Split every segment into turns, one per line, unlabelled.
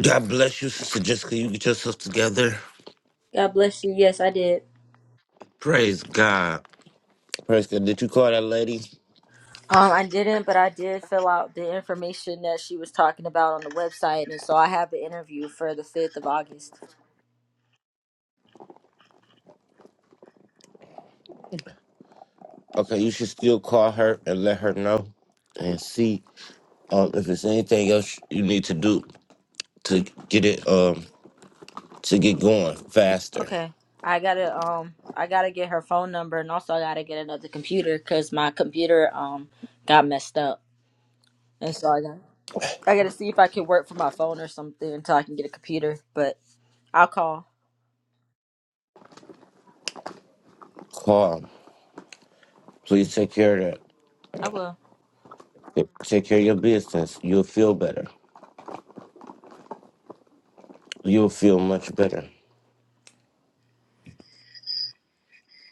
God bless you, Sister Jessica. You get yourself together.
God bless you. Yes, I did.
Praise God. Praise God. Did you call that lady?
Um, I didn't, but I did fill out the information that she was talking about on the website, and so I have the interview for the fifth of August.
Okay, you should still call her and let her know and see um, if there's anything else you need to do to get it um to get going faster.
Okay, I gotta um, I gotta get her phone number, and also I gotta get another computer because my computer um got messed up, and so I got I gotta see if I can work for my phone or something until I can get a computer. But I'll call.
Call. Please take care of
I will.
that. Take care of your business. You'll feel better. You'll feel much better.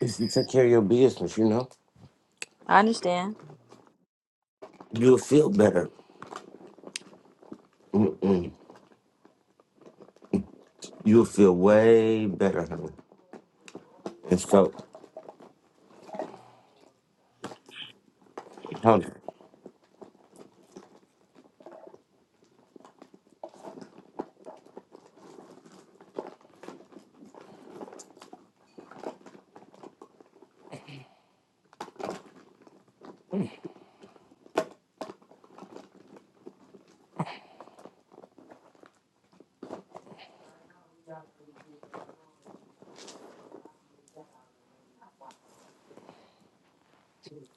If you take care of your business, you know,
I understand.
you'll feel better. You'll feel way better, honey. And so, honey.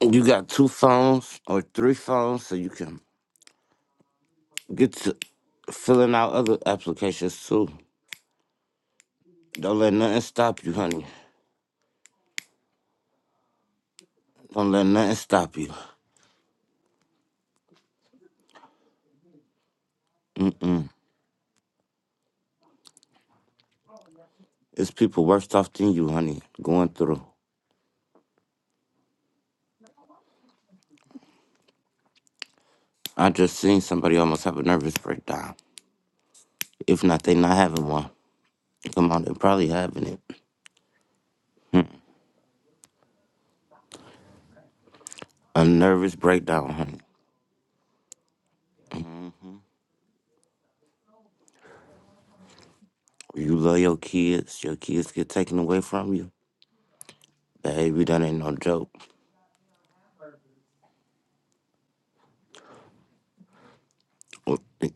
You got two phones or three phones, so you can get to filling out other applications too. Don't let nothing stop you, honey. Don't let nothing stop you. Mm. It's people worse off than you, honey, going through. I just seen somebody almost have a nervous breakdown. If not, they not having one. Come on, they're probably having it. A nervous breakdown, honey. You love your kids. Your kids get taken away from you. Baby, that ain't no joke.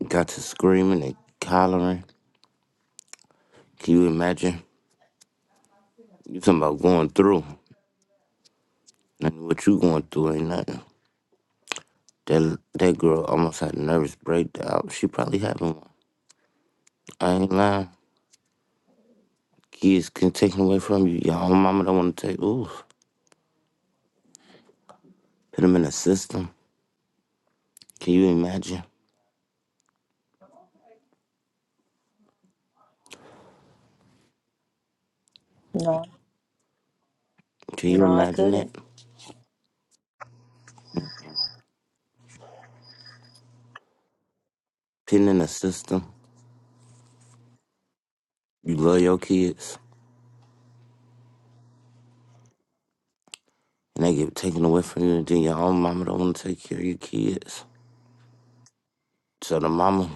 Got to screaming and hollering. Can you imagine? You talking about going through. And what you going through ain't nothing. That that girl almost had a nervous breakdown. She probably having one. I ain't lying. Kids can take them away from you. Your own mama don't want to take. Ooh, put them in a system. Can you imagine?
No,
Can you
no, I
imagine
couldn't.
that? Putting in a system. You love your kids, and they get taken away from you, and then your own mama don't want to take care of your kids. So the mama,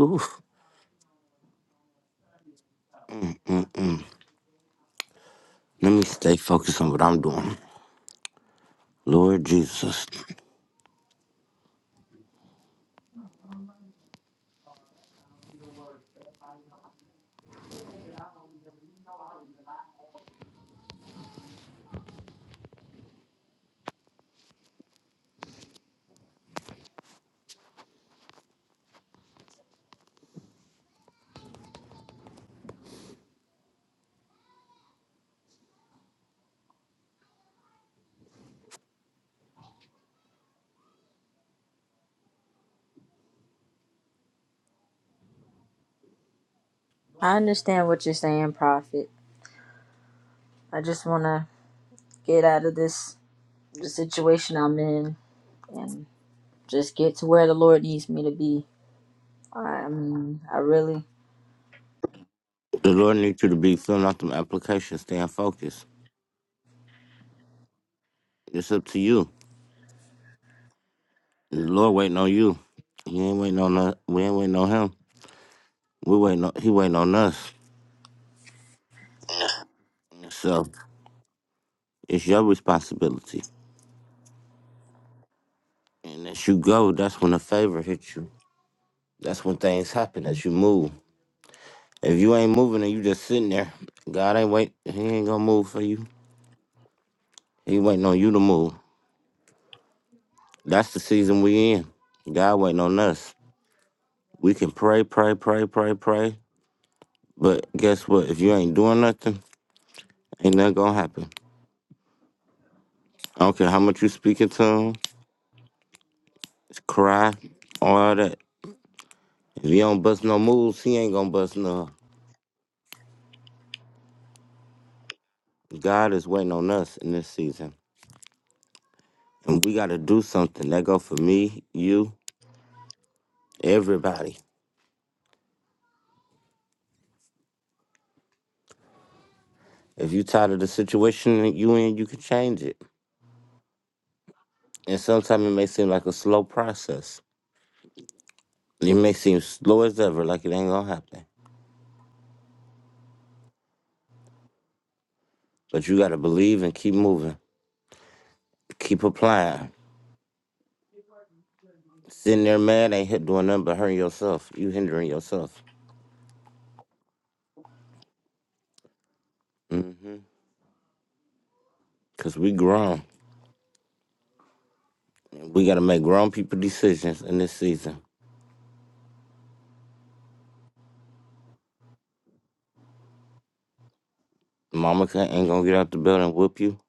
oof. Let me stay focused on what I'm doing. Lord Jesus.
I understand what you're saying, Prophet. I just wanna get out of this the situation I'm in and just get to where the Lord needs me to be. I mean, I really.
The Lord needs you to be filling out them applications, staying focused. It's up to you. The Lord waiting on you. He ain't waiting on us. We ain't waiting on him. We waiting on he waiting on us. So it's your responsibility. And as you go, that's when the favor hits you. That's when things happen as you move. If you ain't moving and you just sitting there, God ain't wait. He ain't gonna move for you. He waiting on you to move. That's the season we in. God waiting on us. We can pray, pray, pray, pray, pray. But guess what? If you ain't doing nothing, Ain't nothing gonna happen. I don't care how much you speaking to him, cry, all that. If he don't bust no moves, he ain't gonna bust none. God is waiting on us in this season. And we gotta do something. That go for me, you, everybody. If you tired of the situation that you in, you can change it. And sometimes it may seem like a slow process. It may seem slow as ever, like it ain't gonna happen. But you gotta believe and keep moving. Keep applying. Sitting there mad ain't hit doing nothing but hurting yourself. You hindering yourself. Mhm. Cause we grown. We gotta make grown people decisions in this season. Mama ca- ain't gonna get out the building and whoop you.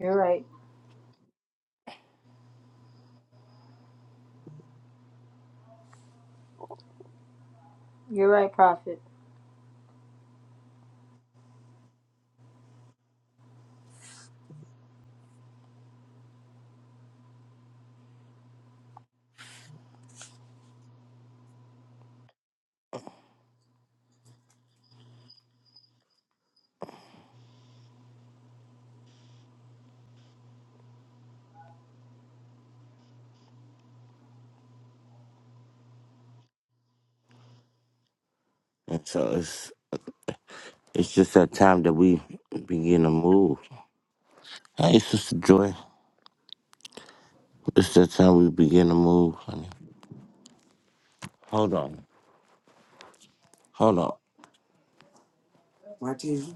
You're right. You're right, Prophet.
And so it's it's just that time that we begin to move. Hey, Sister Joy. It's that time we begin to move, honey. Hold on. Hold on. What is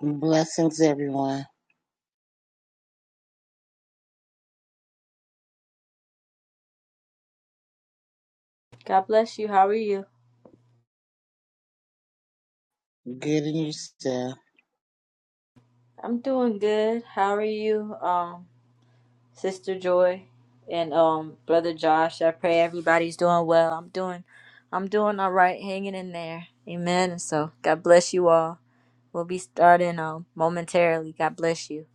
Blessings, everyone.
God bless you. How are you?
Good in yourself.
I'm doing good. How are you, um, Sister Joy and um, Brother Josh? I pray everybody's doing well. I'm doing, I'm doing all right. Hanging in there. Amen. And so, God bless you all. We'll be starting um momentarily. God bless you.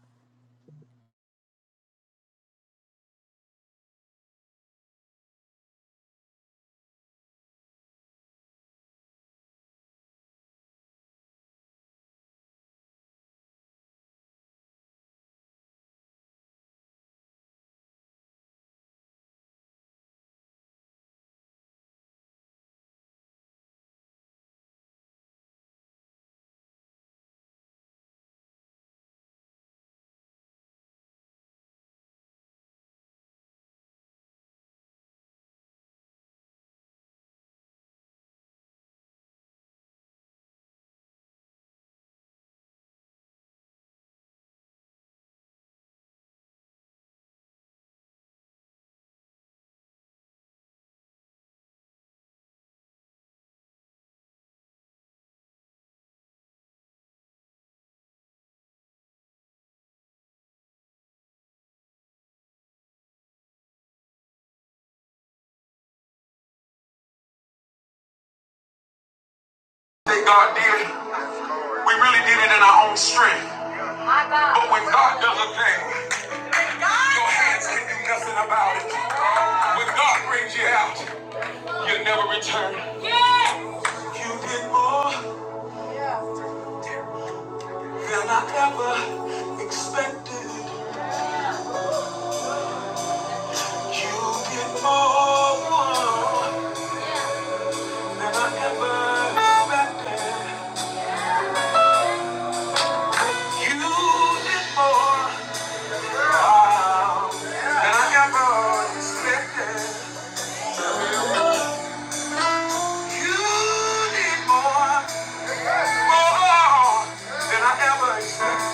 That God did it. We really did it in our own strength. But when God does a thing, your hands can do nothing about it. When God brings you out, you never return. You did more than I ever expected. You did more than I ever expected. You did more wow, than I ever expected. You did more, more than I ever expected.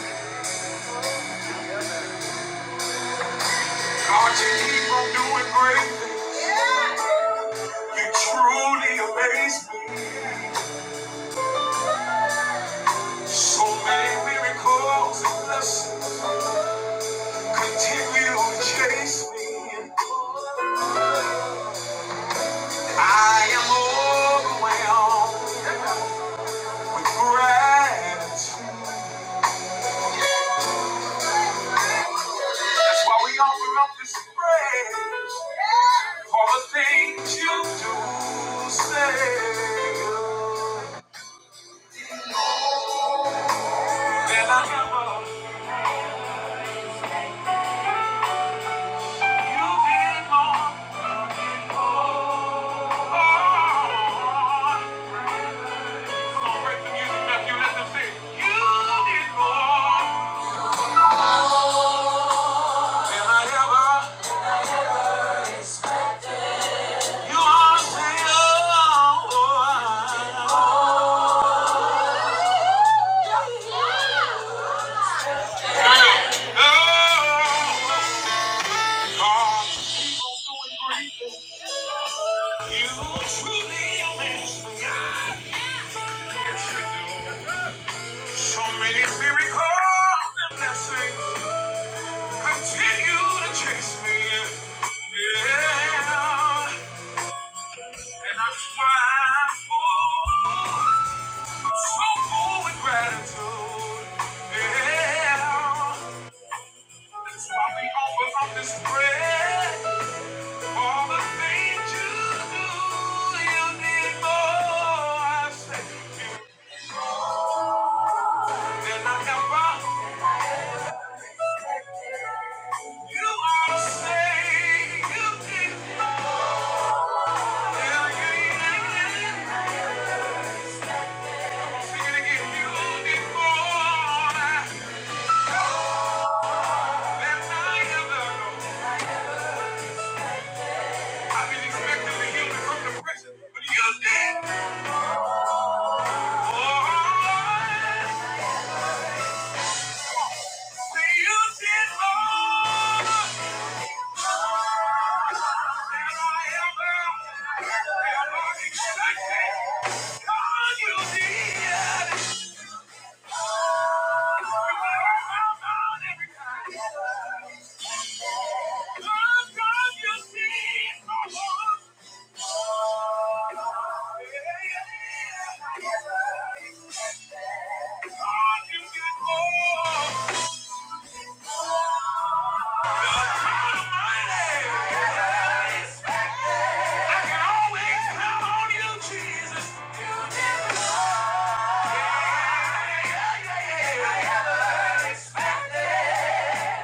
God, you keep on doing great things. You truly amaze me. So many miracles and blessings continue to chase me. I am overwhelmed with gratitude. That's why we offer up this praise for the things you do say. That I ever, you've been more. So many miracles and blessings. Continue to chase me. Yeah. And I strive for so full with gratitude. Yeah. That's why we offer up this prayer. All the things you do, you did more. I say, than I ever. You are say you did. Yeah, you did. Yeah.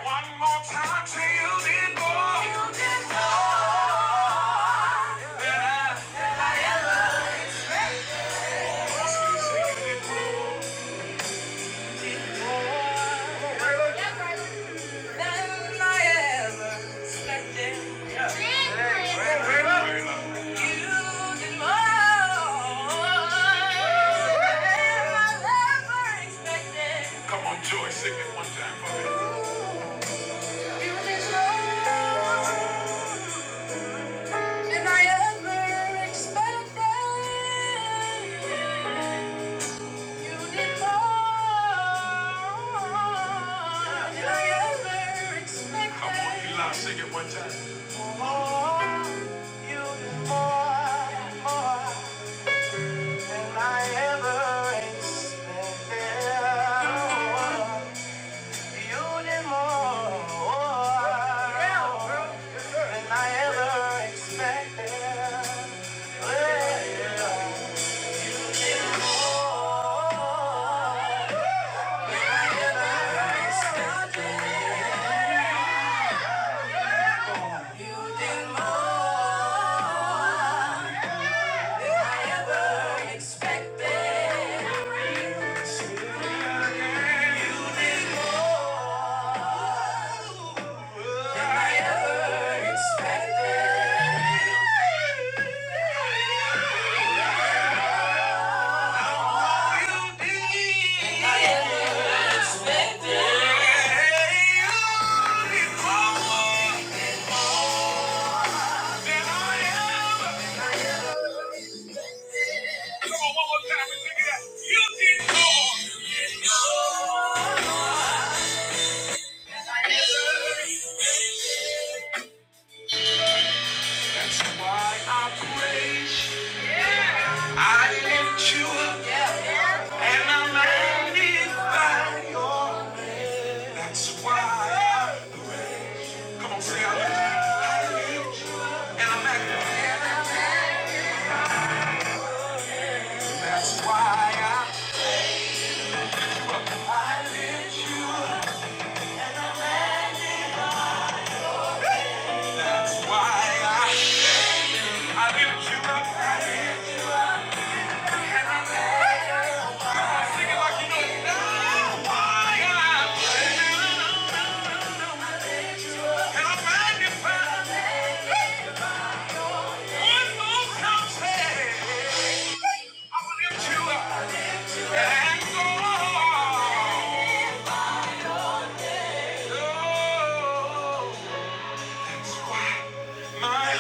One more time till you did more. Come on, Joy, sing it one time for me. than I ever expected. Thank you. did more, more than I ever expected. You did more, more than I ever expected. Oh, you did. I lift you up and I magnify your. That's why. Come on, say I I lift you and I magnify. That's why I, I lift you up. My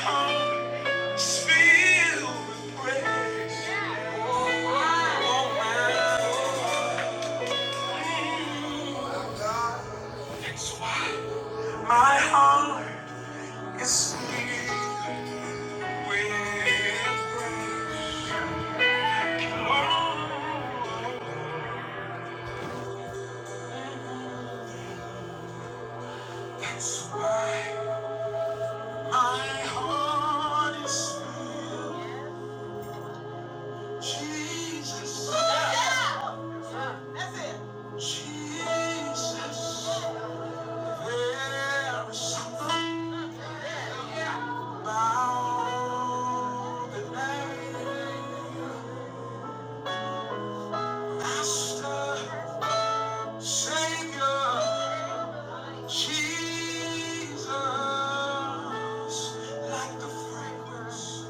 heart is filled with praise. Oh, my Lord. It's why my heart is filled with love. That's why my heart is filled. Jesus, Jesus, there is something about the name, Master, Savior. Jesus, like the fragrance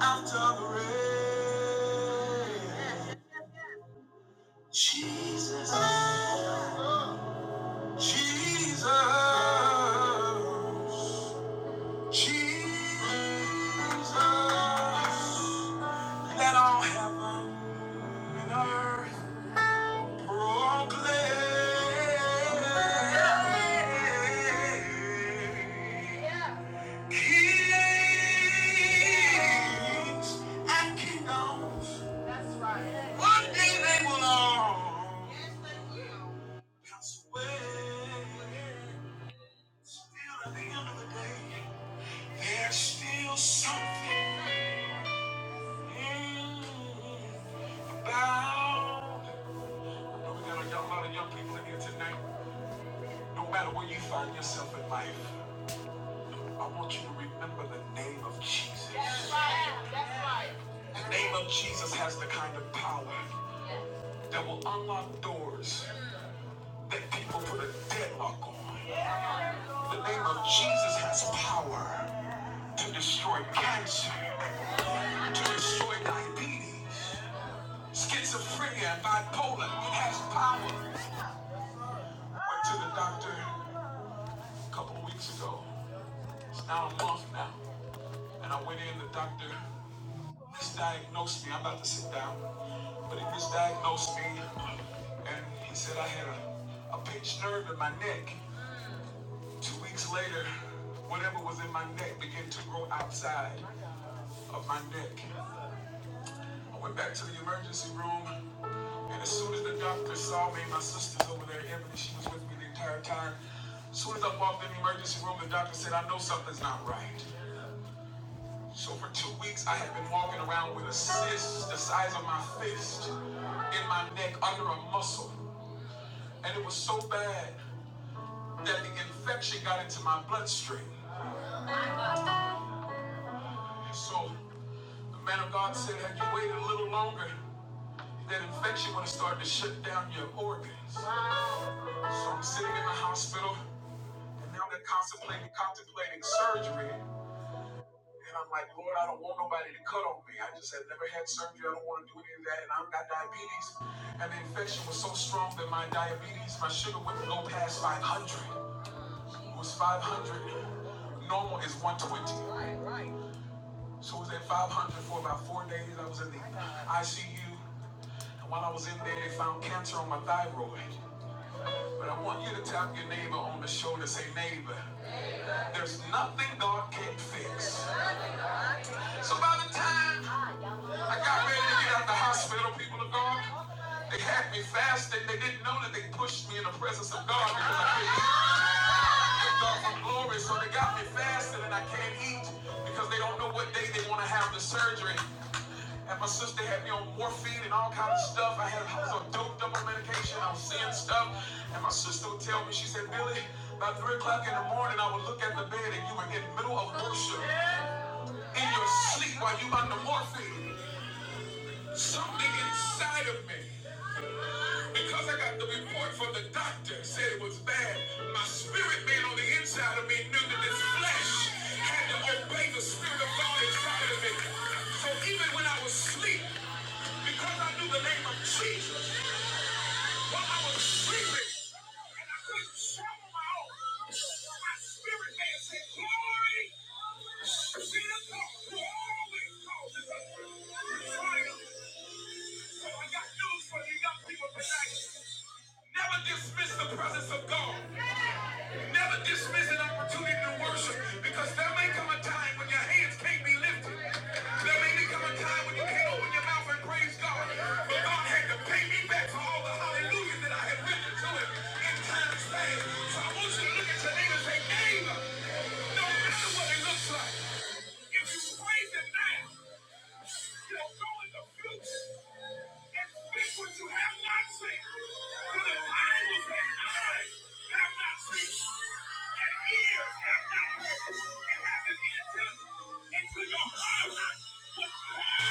after the rain. Jesus, Jesus, Jesus. Let all heaven and earth proclaim. Kings and kingdoms, one day they will all pass away. Still, at the end of the day, there's still something mm, about. But we got a young- lot of young people in here tonight. No matter where you find yourself in life, I want you to remember the name of Jesus. The name of Jesus has the kind of power. that will unlock doors that people put a deadlock on. The name of Jesus has power to destroy cancer, to destroy diabetes. Schizophrenia and bipolar has power. Went to the doctor a couple of weeks ago. It's now a month now. And I went in, the doctor misdiagnosed me. I'm about to sit down. But he misdiagnosed me and he said I had a, a pinched nerve in my neck. Two weeks later, whatever was in my neck began to grow outside of my neck. I went back to the emergency room, and as soon as the doctor saw me, my sister's over there, Emily, she was with me the entire time. As soon as I walked in the emergency room, the doctor said, I know something's not right. So for two weeks, I had been walking around with a cyst the size of my fist in my neck under a muscle. And it was so bad that the infection got into my bloodstream. So Man of God said, had you waited a little longer, that infection would have started to shut down your organs. So I'm sitting in the hospital, and now they're contemplating, contemplating surgery. And I'm like, Lord, I don't want nobody to cut on me. I just have never had surgery. I don't want to do any of that. And I've got diabetes. And the infection was so strong that my diabetes, my sugar wouldn't go past 500. It was 500. Normal is 120. So it was at 500 for about four days. I was in the ICU. While I was in there, they found cancer on my thyroid. But I want you to tap your neighbor on the shoulder, say, neighbor, there's nothing God can't fix. So by the time I got ready to get out the hospital, people of God, they had me fasting. They didn't know that they pushed me in the presence of God because I couldn't eat God for glory. So they got me fasting and I can't eat because they don't know what day they want to have the surgery. Ever since they had me on morphine and all kind of stuff, I had I was on dope double medication. I was seeing stuff, and my sister would tell me, she said, Billy, by three o'clock in the morning, I would look at the bed and you were in the middle of worship in your sleep while you under morphine. Something inside of me. Because I got the report from the doctor, said it was bad. My spirit man on the inside of me knew that this flesh had to obey the spirit of God inside of me. So even when I was asleep, because I knew the name of Jesus, while I was sleeping, and I couldn't swallow my own, my spirit man said, Glory be to God, who always causes us to triumph. So I got news for you young people tonight. Never dismiss the presence of God. Never dismiss an opportunity to worship because there may come a time when your hands can't be lifted. There may become a time when you can't open your mouth and praise God. But God had to pay me back for all the hallelujahs that I had written to him in times past. So I want you to look at your neighbor and say, neighbor, no matter what it looks like, if you praise him now. You do go in the future and speak what you have not seen. For the Bible said, eyes have not seen, and ears have not heard, and haven't entered into your heart what God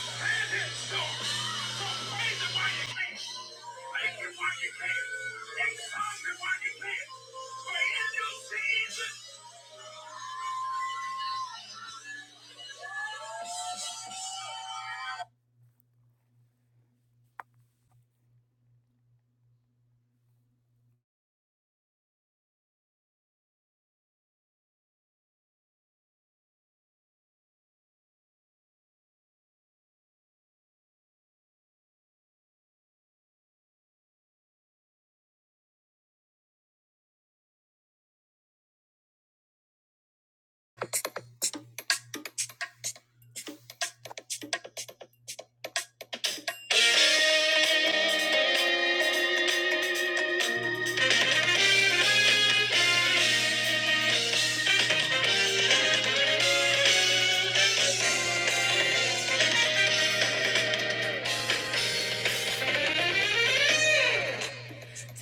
has in store. So praise Him while you can. Thank Him while you can. Exalt Him while you can. For in due season,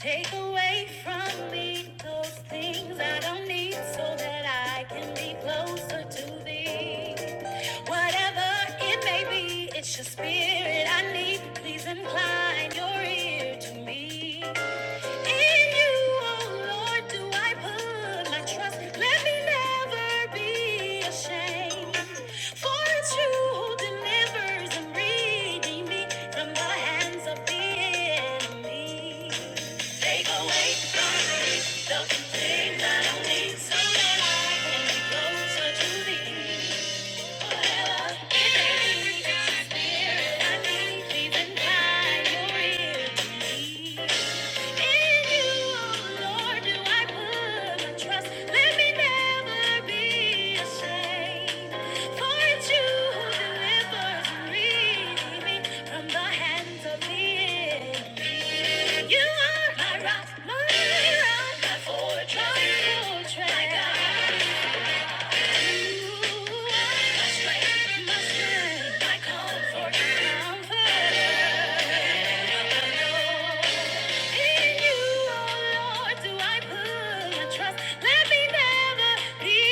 Take away from me those things I don't need so that I can be closer to thee. Whatever it may be, it's your spirit I need. Please incline your ear to me. In you, oh Lord, do I put my trust. Let me never be ashamed. For it's you who delivers and redeems me from the hands of the enemy. Take away from me the thing that need, so I can be closer to thee. Forever in spirit, I need even by your me. In you, oh Lord, do I put my trust. Let me never be ashamed. For it's you who delivers me from the hands of the enemy. You are my rock, my rock, my fortress, my fortress. My God. You are my strength, my strength, my comfort, comfort. In you, oh Lord, do I put my trust? Let me never be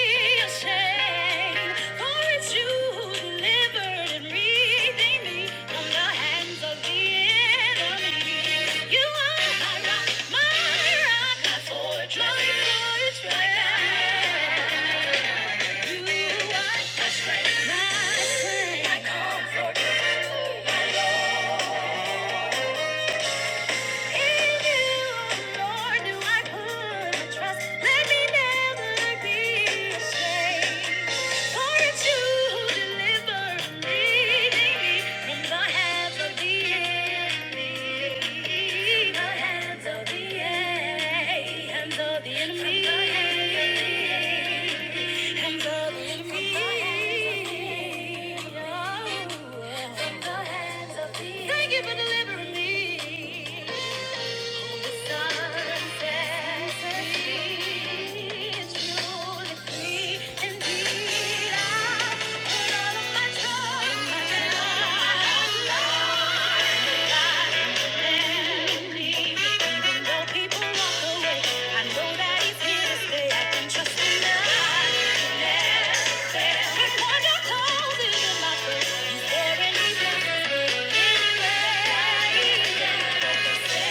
ashamed, for it's you who delivered and redeemed me from the hands of the enemy. You are my rock, my fortress, my fortress. Thank you for delivering me. Yeah.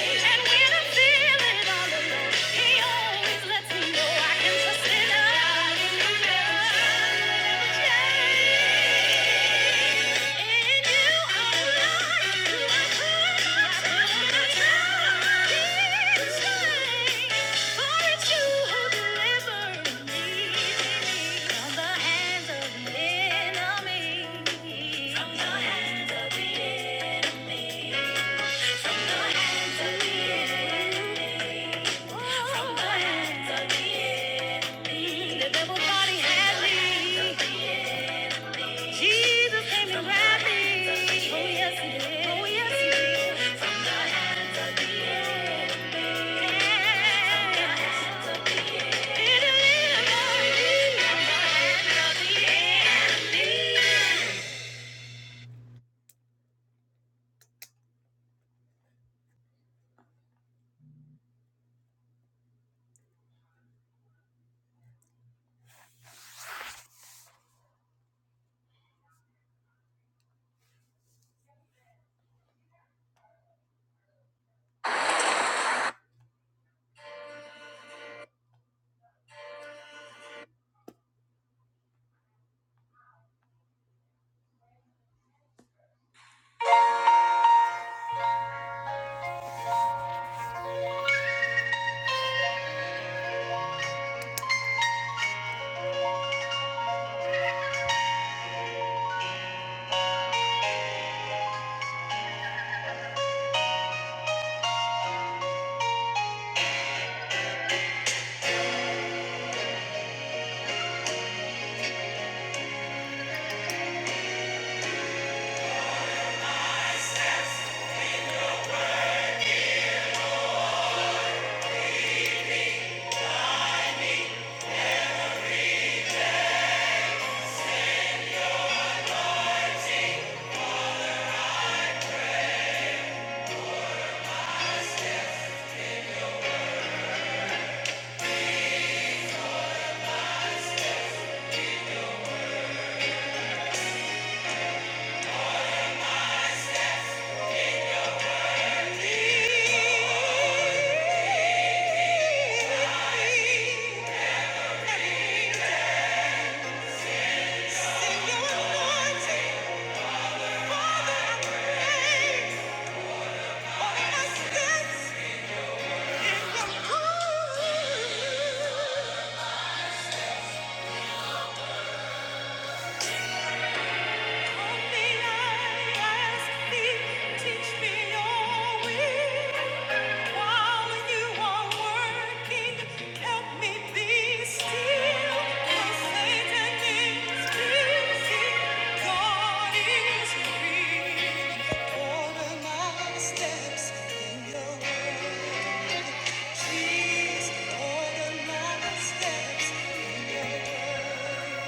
And when I'm feeling all alone, he always lets me know I can trust in love. The devil thought he had me. Jesus came and grabbed me. Oh yes, he did. Oh yes, he did. From the hands of the enemy. Did He delivered me from the hands of the enemy. Sing your anointing, Father, I pray. Order my steps in your word. Steps in your word. Please order my steps in your word.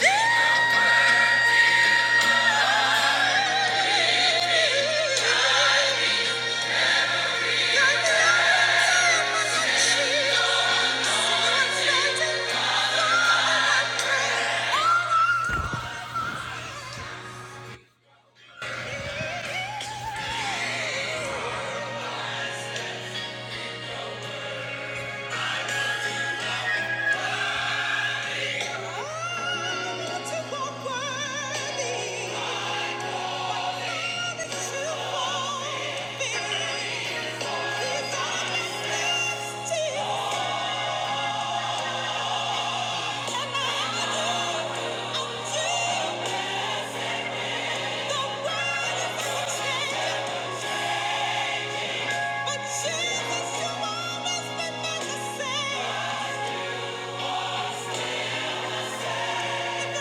Yeah. Jesus, you always been my same. Thank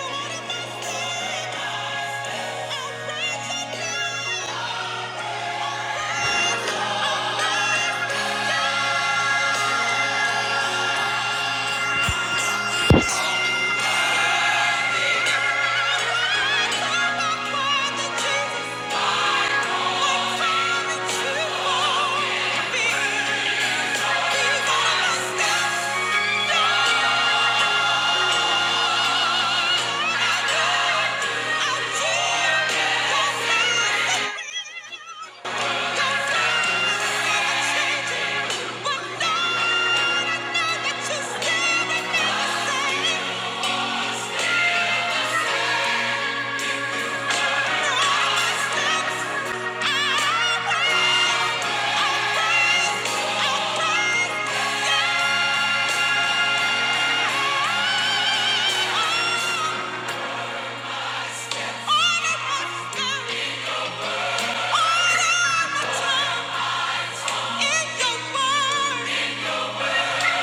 you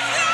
Yeah.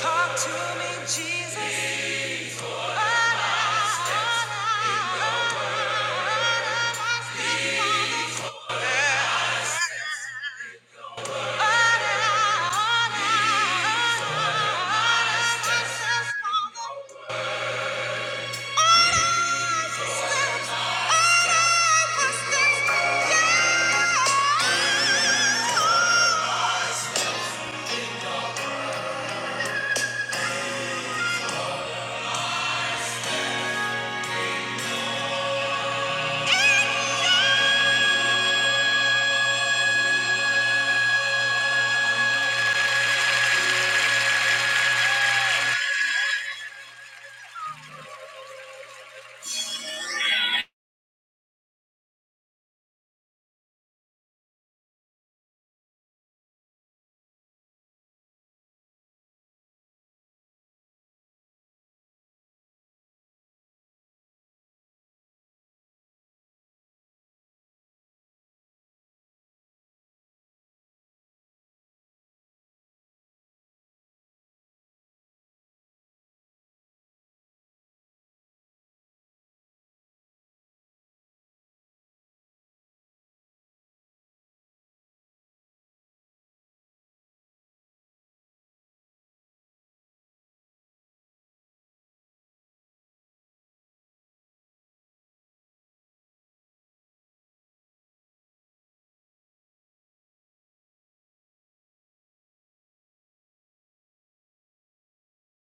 Talk to me, Jesus.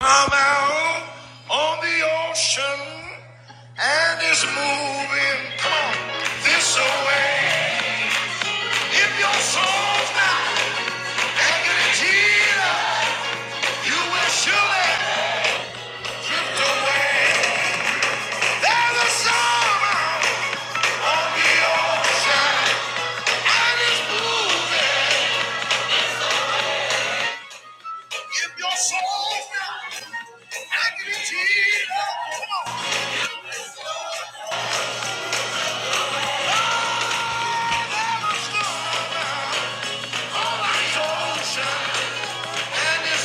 Come out on the ocean and is moving. Come on, this away. If your soul's not anchored in Jesus, you will surely drift away. There's a summer on the ocean and it's moving. If your soul's not anchored in Jesus, come on. There's a summer. You will surely oh there's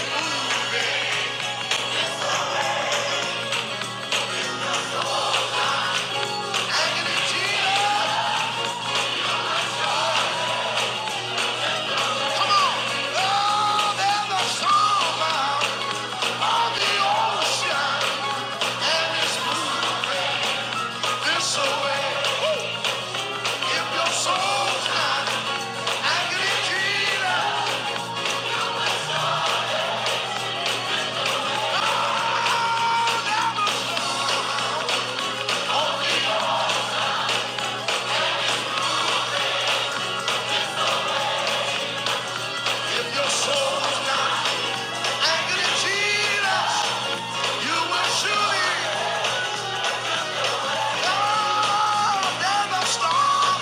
a storm out on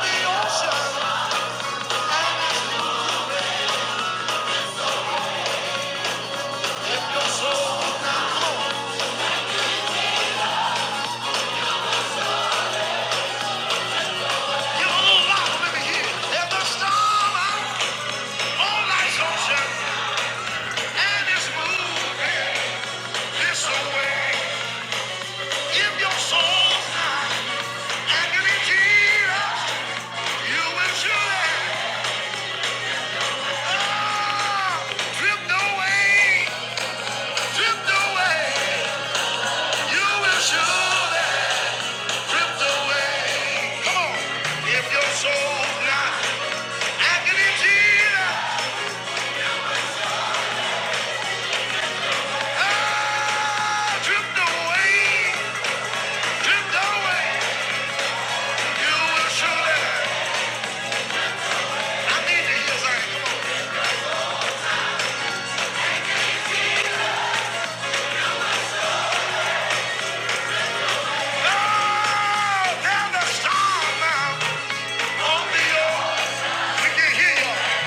the ocean. If your soul's not anchored you will surely, ah, drift away, drift away. You will surely drift away. Come on. If your soul's not anchored Jesus, Ah, Drift away, drift away, you will surely. I need to hear something. Come on. Oh, down the storm now, on We can hear you.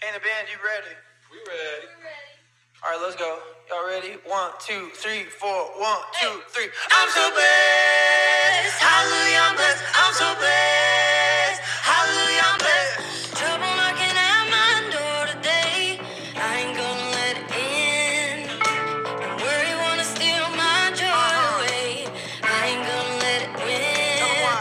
Can the band, you ready? All right, let's go. Y'all ready? One, two, three, four. One, two, three. I'm so bad. Hallelujah, I'm blessed. I'm so blessed. Hallelujah, I'm blessed. Trouble knocking at my door today. I ain't gonna let it in. Worry wanna steal my joy Uh-uh. away. I ain't gonna let it win. on.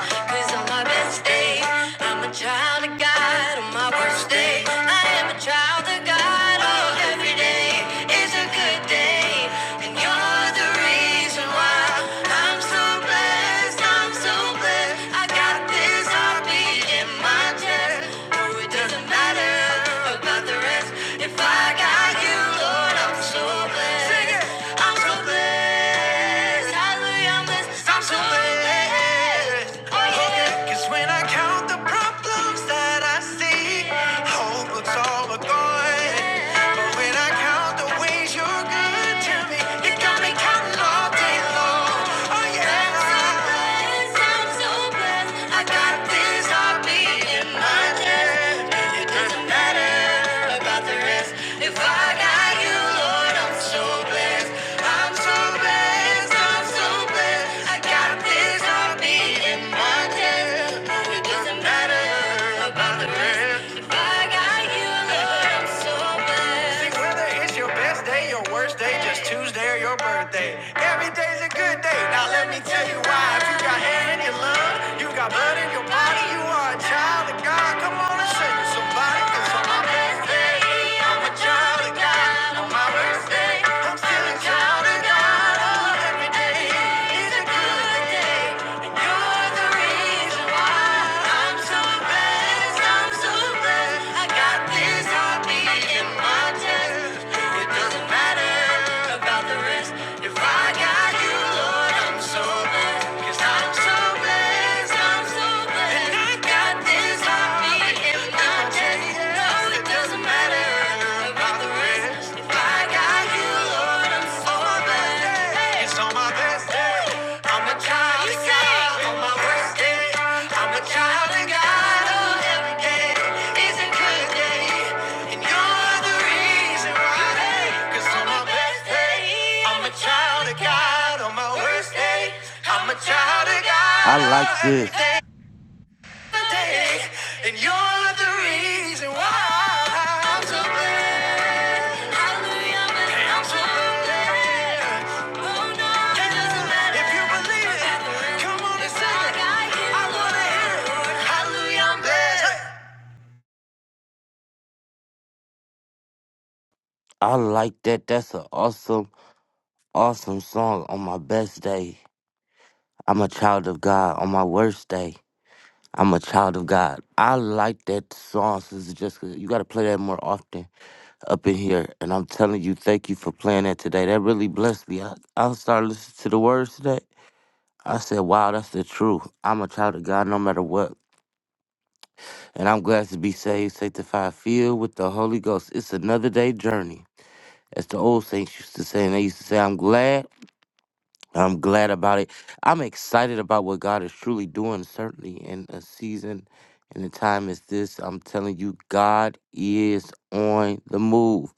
my best day, I'm a child of God. On my worst day, I am a child of God. Oh, every day is a good day. And you're the reason why I'm so blessed. I'm so blessed. I got this heartbeat in my chest. Oh, it doesn't matter love about the rest. If I got you, Lord, I'm so blessed. Sing it. I'm so blessed. Hallelujah, I'm blessed. I'm so blessed. Oh, yeah. Cause when I count the problems that I see, hope looks all but gone. But when I count the ways you're good to me, you got me counting all day long. Oh, yeah. I got this heartbeat in my chest. It doesn't matter about the rest. If I got you, Lord, I'm so blessed. I'm so blessed. I'm so blessed. I got this heartbeat in my chest. Oh, it doesn't matter about the rest. If I got you, Lord, I'm so blessed your best day, your worst day, just Tuesday or your birthday. Every day's a good day. Now let me tell you why. If you got air in your lungs, you got blood in your body, you are a child of God. Come on and say to somebody, cause on my best day, I'm a child of God. On my worst day, I'm still a child of God. Oh, every day is a good day, and you're the reason. If I got you, Lord, I'm so blessed. i I'm so blessed, I'm so blessed. I got this heartbeat in my chest. No, it doesn't matter about the rest. I got you looking for me. It's on my best day. I'm a child of God on my worst day. I'm a child of God on every day. It's a good day. And you're the reason why. on my best day, I'm a child of God on my worst day. I'm a child of
I
God on
like
every
this.
day day, and you're the reason why. so so Oh, no,
I like that. That's an awesome, awesome song on my best day. I'm a child of God on my worst day. I'm a child of God. I like that song, Sister Jessica. You gotta play that more often. up in here. And I'm telling you, thank you for playing that today. That really blessed me. I, I started listening to the words today. I said, wow, that's the truth. I'm a child of God no matter what. And I'm glad to be saved, sanctified, filled with the Holy Ghost. It's another day journey. As the old saints used to say, and they used to say, I'm glad I'm glad about it. I'm excited about what God is truly doing, certainly in a season and a time as this. I'm telling you, God is on the move.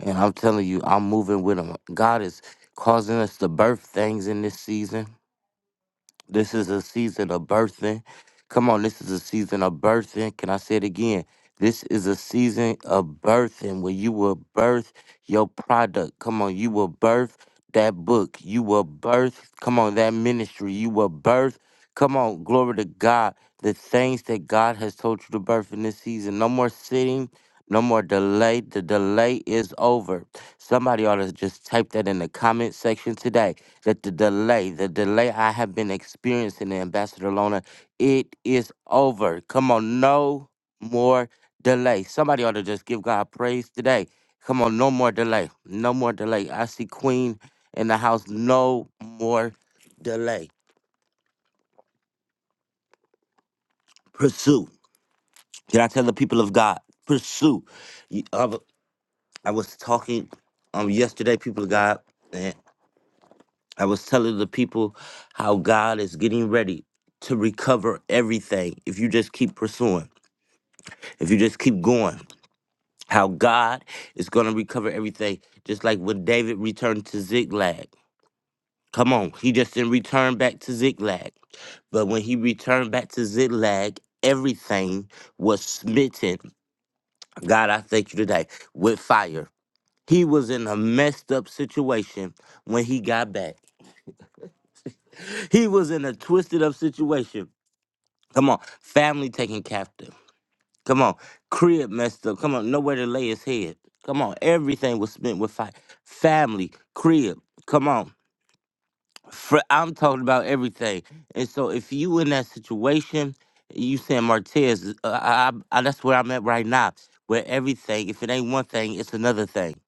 And I'm telling you, I'm moving with him. God is causing us to birth things in this season. This is a season of birthing. Come on, this is a season of birthing. Can I say it again? This is a season of birthing where you will birth your product. Come on, you will birth that book. You will birth, come on, that ministry. You will birth, come on, glory to God, the things that God has told you to birth in this season. No more sitting. No more delay. The delay is over. Somebody ought to just type that in the comment section today. That the delay, the delay I have been experiencing Ambassador Lona, it is over. Come on, no more delay. Somebody ought to just give God praise today. Come on, no more delay. No more delay. I see Queen in the house. No more delay. Pursue. Did I tell the people of God? Pursue. I was talking um yesterday, people of God, and I was telling the people how God is getting ready to recover everything if you just keep pursuing, if you just keep going. How God is gonna recover everything, just like when David returned to Ziklag. Come on, he just didn't return back to Ziklag. But when he returned back to Ziklag, everything was smitten. God, I thank you today with fire. He was in a messed up situation when he got back. He was in a twisted up situation. Come on, family taken captive. Come on, crib messed up. Come on, nowhere to lay his head. Come on, everything was spent with fight. Family, crib. Come on. For I'm talking about everything. And so if you in that situation, you saying Martez, uh, I, I, that's where I'm at right now. Where everything, if it ain't one thing, it's another thing.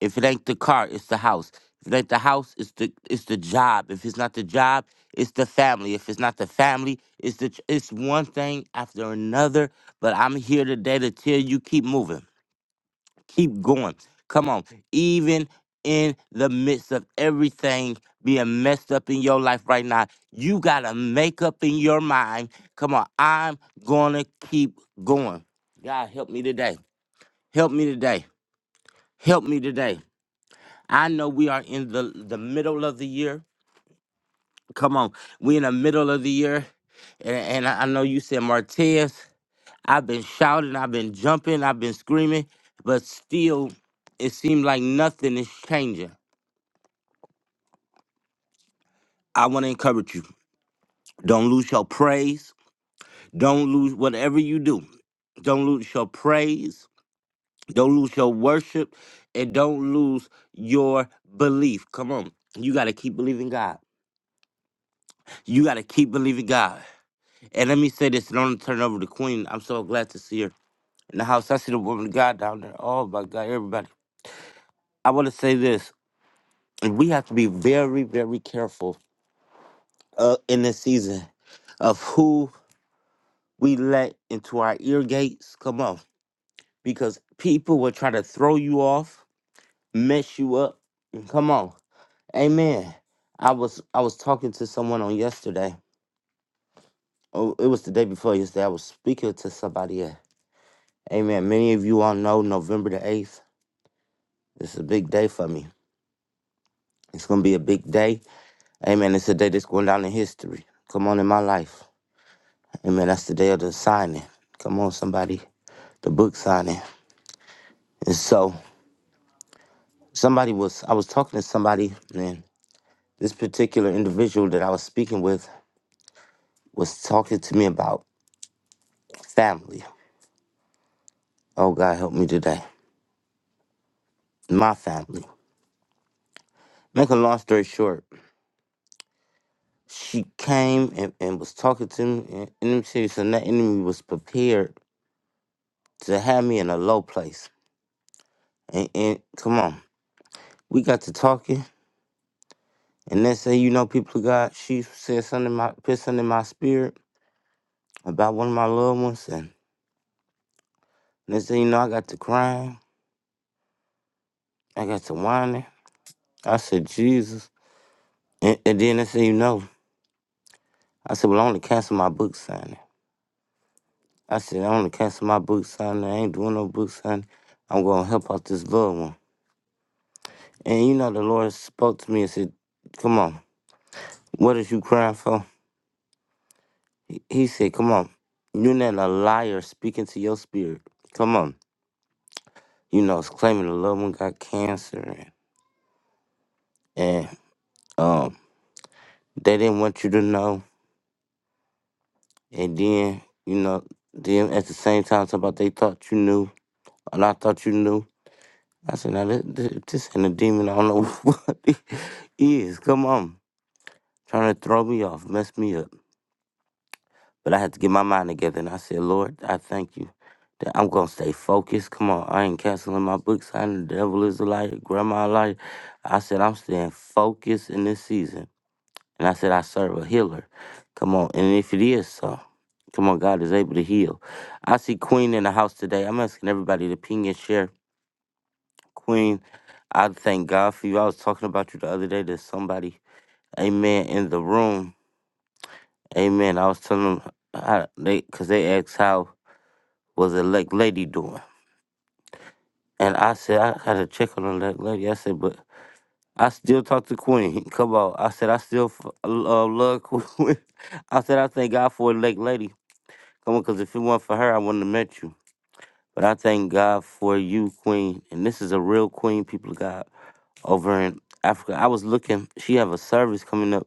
If it ain't the car, it's the house. If it ain't the house, it's the it's the job. If it's not the job, it's the family. If it's not the family, it's the ch- it's one thing after another. But I'm here today to tell you keep moving Keep going. Come on. Even in the midst of everything being messed up in your life right now, you got to make up in your mind. Come on. I'm going to keep going. God, help me today. Help me today. Help me today. I know we are in the, the middle of the year. Come on. we in the middle of the year. And, and I I know you said, Martez, I've been shouting, I've been jumping, I've been screaming, but still, it seems like nothing is changing. I want to encourage you. Don't lose your praise. Don't lose whatever you do. Don't lose your praise. Don't lose your worship. And don't lose your belief. Come on. You got to keep believing God. You got to keep believing God. And let me say this, and I'm going to turn it over to Queen. I'm so glad to see her in the house. I see the woman of God down there. Oh, my God, everybody. I want to say this. and We have to be very, very careful uh, in this season of who we let into our ear gates. Come on because people will try to throw you off, mess you up. And Come on, Amen. I was I was talking to someone on yesterday. Oh, it was the day before yesterday. I was speaking to somebody. uh, Amen. Many of you all know November the eighth. This is a big day for me. It's gonna be a big day. Amen. It's a day that's going down in history. Come on, in my life. Amen. That's the day of the signing. Come on, somebody. The book signing. And so somebody was I was talking to somebody, and. This particular individual that I was speaking with was talking to me about family. Oh, God, help me today. My family. Make a long story short, she came and, and was talking to me, and, and she said that enemy was prepared to have me in a low place. And, and come on, we got to talking, and then say, you know, people of God, she said something in my, put something in my spirit about one of my loved ones, and they say, you know, I got to crying, I got to whining. I said, Jesus. And, and then they said, you know, I said, well, I only cancel my book signing. I said, I only cancel my book signing. I ain't doing no book signing. I'm going to help out this loved one. And you know, the Lord spoke to me and said, come on, what is you crying for? He, he said, come on, you're not a liar speaking to your spirit. Come on. You know, it's claiming the loved one got cancer and, and um, they didn't want you to know. And then, you know, then at the same time, talking about they thought you knew and I thought you knew. I said, now this, this, this ain't a demon. I don't know what it is. Come on. Trying to throw me off, mess me up. But I had to get my mind together. And I said, Lord, I thank you that I'm going to stay focused. Come on. I ain't canceling my books. I know the devil is a liar. Grandma a liar. I said, I'm staying focused in this season. And I said, I serve a healer. Come on. And if it is so, come on, God is able to heal. I see Queen in the house today. I'm asking everybody to ping and share. Queen, I thank God for you. I was talking about you the other day to somebody, amen, in the room. Amen. I was telling them, how they, because they asked how was elect lady doing. And I said, I had to check on elect lady. I said, but I still talk to Queen. Come on. I said, I still f- uh, love Queen. I said, I thank God for elect lady. Come on, because if it weren't for her, I wouldn't have met you. But I thank God for you, Queen. And this is a real Queen, people of God. over in Africa. I was looking, she have a service coming up,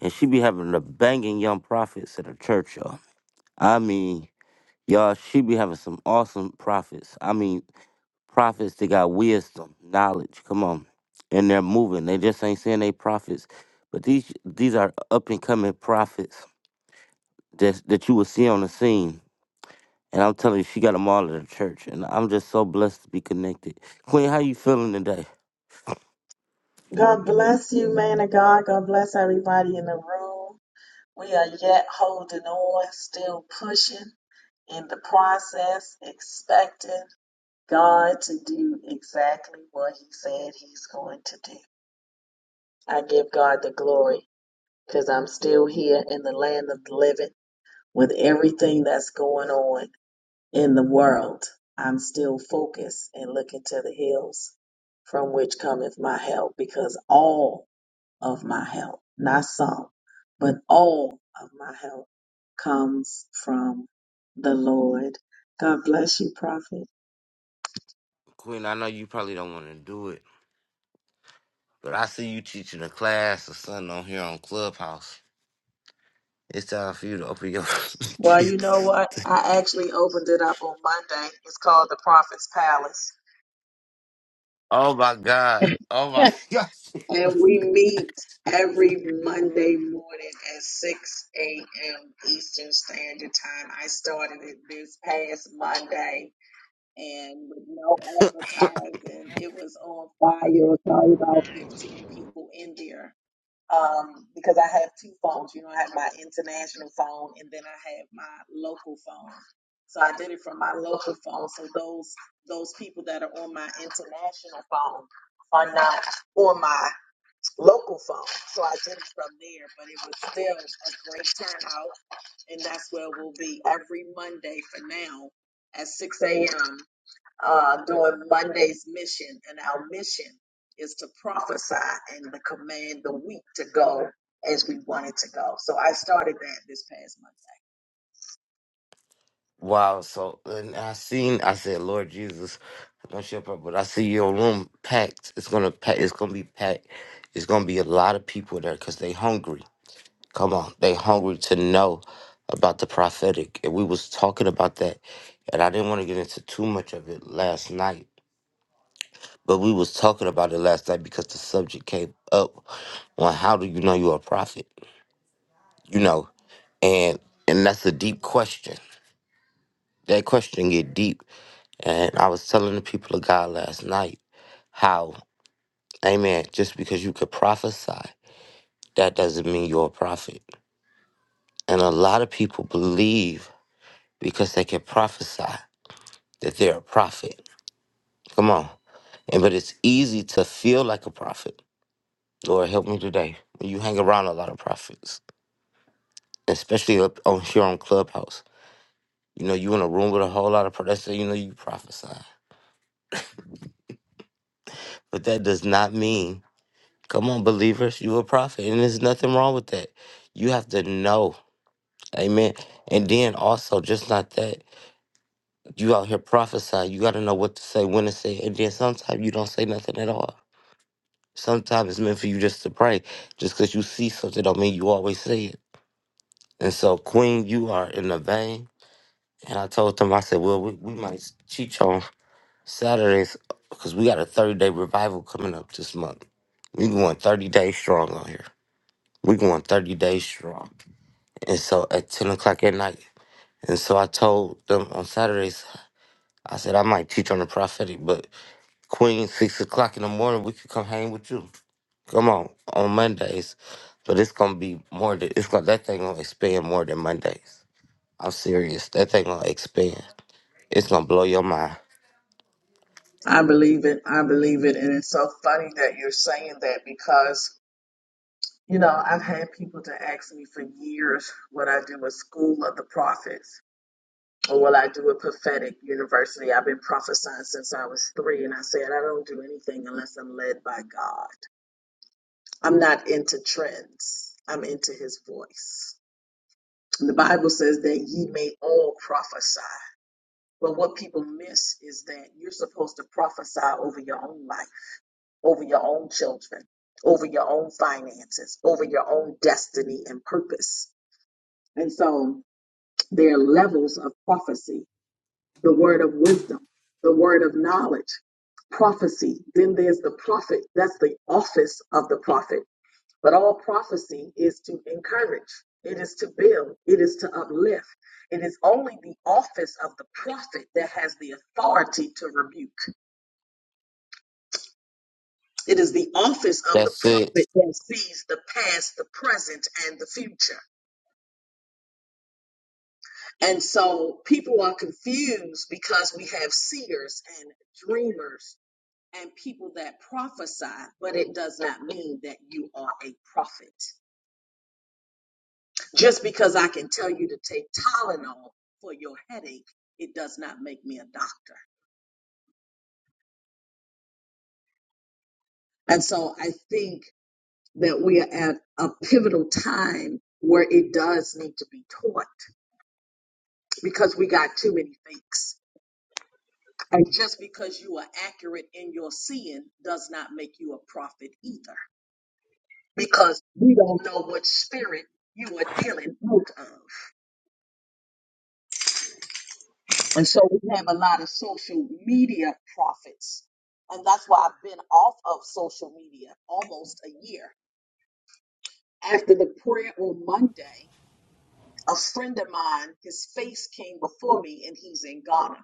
and she be having the banging young prophets at her church, y'all. I mean, y'all, she be having some awesome prophets. I mean, prophets that got wisdom, knowledge. Come on, and they're moving. They just ain't saying they prophets, but these these are up and coming prophets that that you will see on the scene. And I'm telling you, she got them all at her church, and I'm just so blessed to be connected. Queen, how you feeling today?
God bless you, man of God. God bless everybody in the room. We are yet holding on, still pushing in the process, expecting God to do exactly what He said He's going to do. I give God the glory because I'm still here in the land of the living with everything that's going on in the world. I'm still focused and looking to the hills from which cometh my help because all of my help, not some, but all of my help comes from the Lord. God bless you, Prophet.
Queen, I know you probably don't want to do it, But I see you teaching a class or something on here on Clubhouse. It's time for you to open your.
Well, you know what? I actually opened it up on Monday. It's called the Prophet's Palace.
oh my God! Oh my
And we meet every Monday morning at 6 a.m. Eastern Standard Time. I started it this past Monday and with no
God!
advertising, it was on fire. It was probably about 15 people in there. um, because I have two phones. You know, I have my international phone and then I have my local phone. So I did it from my local phone. So those those people that are on my international phone are not on my local phone. So I did it from there, but it was still a great turnout, and that's where we'll be every Monday for now at 6 a.m uh, during Monday's mission, and our mission is to prophesy and to command the week to go as we want it to go. So I started that this past month.
wow! So and I seen. I said, Lord Jesus, I don't shut up, but I see your room packed. It's gonna pack. It's gonna be packed. It's gonna be a lot of people there because they hungry. Come on, they hungry to know about the prophetic, and we was talking about that, and I didn't want to get into too much of it last night But we was talking about it last night because the subject came up on how do you know you're a prophet? You know, and and that's a deep question. That question get deep. And I was telling the people of God last night how, Amen, just because you could prophesy, that doesn't mean you're a prophet. And a lot of people believe because they can prophesy that they're a prophet. Come on. And but it's easy to feel like a prophet. Lord help me today. When you hang around a lot of prophets. especially up on here on Clubhouse. You know, you in a room with a whole lot of pro- that's you know you prophesy, but that does not mean come on believers, you a prophet, and there's nothing wrong with that. You have to know, amen. And then also, just not that you out here prophesy, you got to know what to say, when to say, and then sometimes you don't say nothing at all. Sometimes it's meant for you just to pray, just because you see something don't mean you always say it. And so, Queen, you are in the vein. And I told them, I said, well, we, we might cheat on. Saturdays, because we got a 30 day revival coming up this month. We going 30 days strong on here. We going 30 days strong. And so at 10 o'clock at night. And so I told them on Saturdays, I said, I might teach on the prophetic, but Queen, 6 o'clock in the morning, we could come hang with you. Come on, on Mondays. But it's going to be more than, it's gonna, that thing going to expand more than Mondays. I'm serious. That thing going to expand. It's going to blow your mind.
I believe it. I believe it, and it's so funny that you're saying that because you know I've had people to ask me for years what I do with School of the Prophets. Or what I do at Prophetic University. I've been prophesying since I was three, and I said I don't do anything unless I'm led by God. I'm not into trends. I'm into his voice. And The Bible says that ye may all prophesy. But what people miss is that you're supposed to prophesy over your own life, over your own children, over your own finances, over your own destiny and purpose. And so there are levels of prophecy the word of wisdom, the word of knowledge, prophecy. Then there's the prophet. That's the office of the prophet But all prophecy is to encourage, it is to build, it is to uplift. It is only the office of the prophet that has the authority to rebuke. It is the office of the
That's it.
prophet that sees the past, the present, and the future. And so people are confused because we have seers and dreamers and people that prophesy, but it does not mean that you are a prophet. Just because I can tell you to take Tylenol for your headache, it does not make me a doctor. And so I think that we are at a pivotal time where it does need to be taught because we got too many fakes. And just because you are accurate in your seeing does not make you a prophet either because we don't know what spirit you are dealing with. of. And so we have a lot of social media profits. And that's why I've been off of social media almost a year. After the prayer on Monday, a friend of mine, his face came before me and he's in Ghana.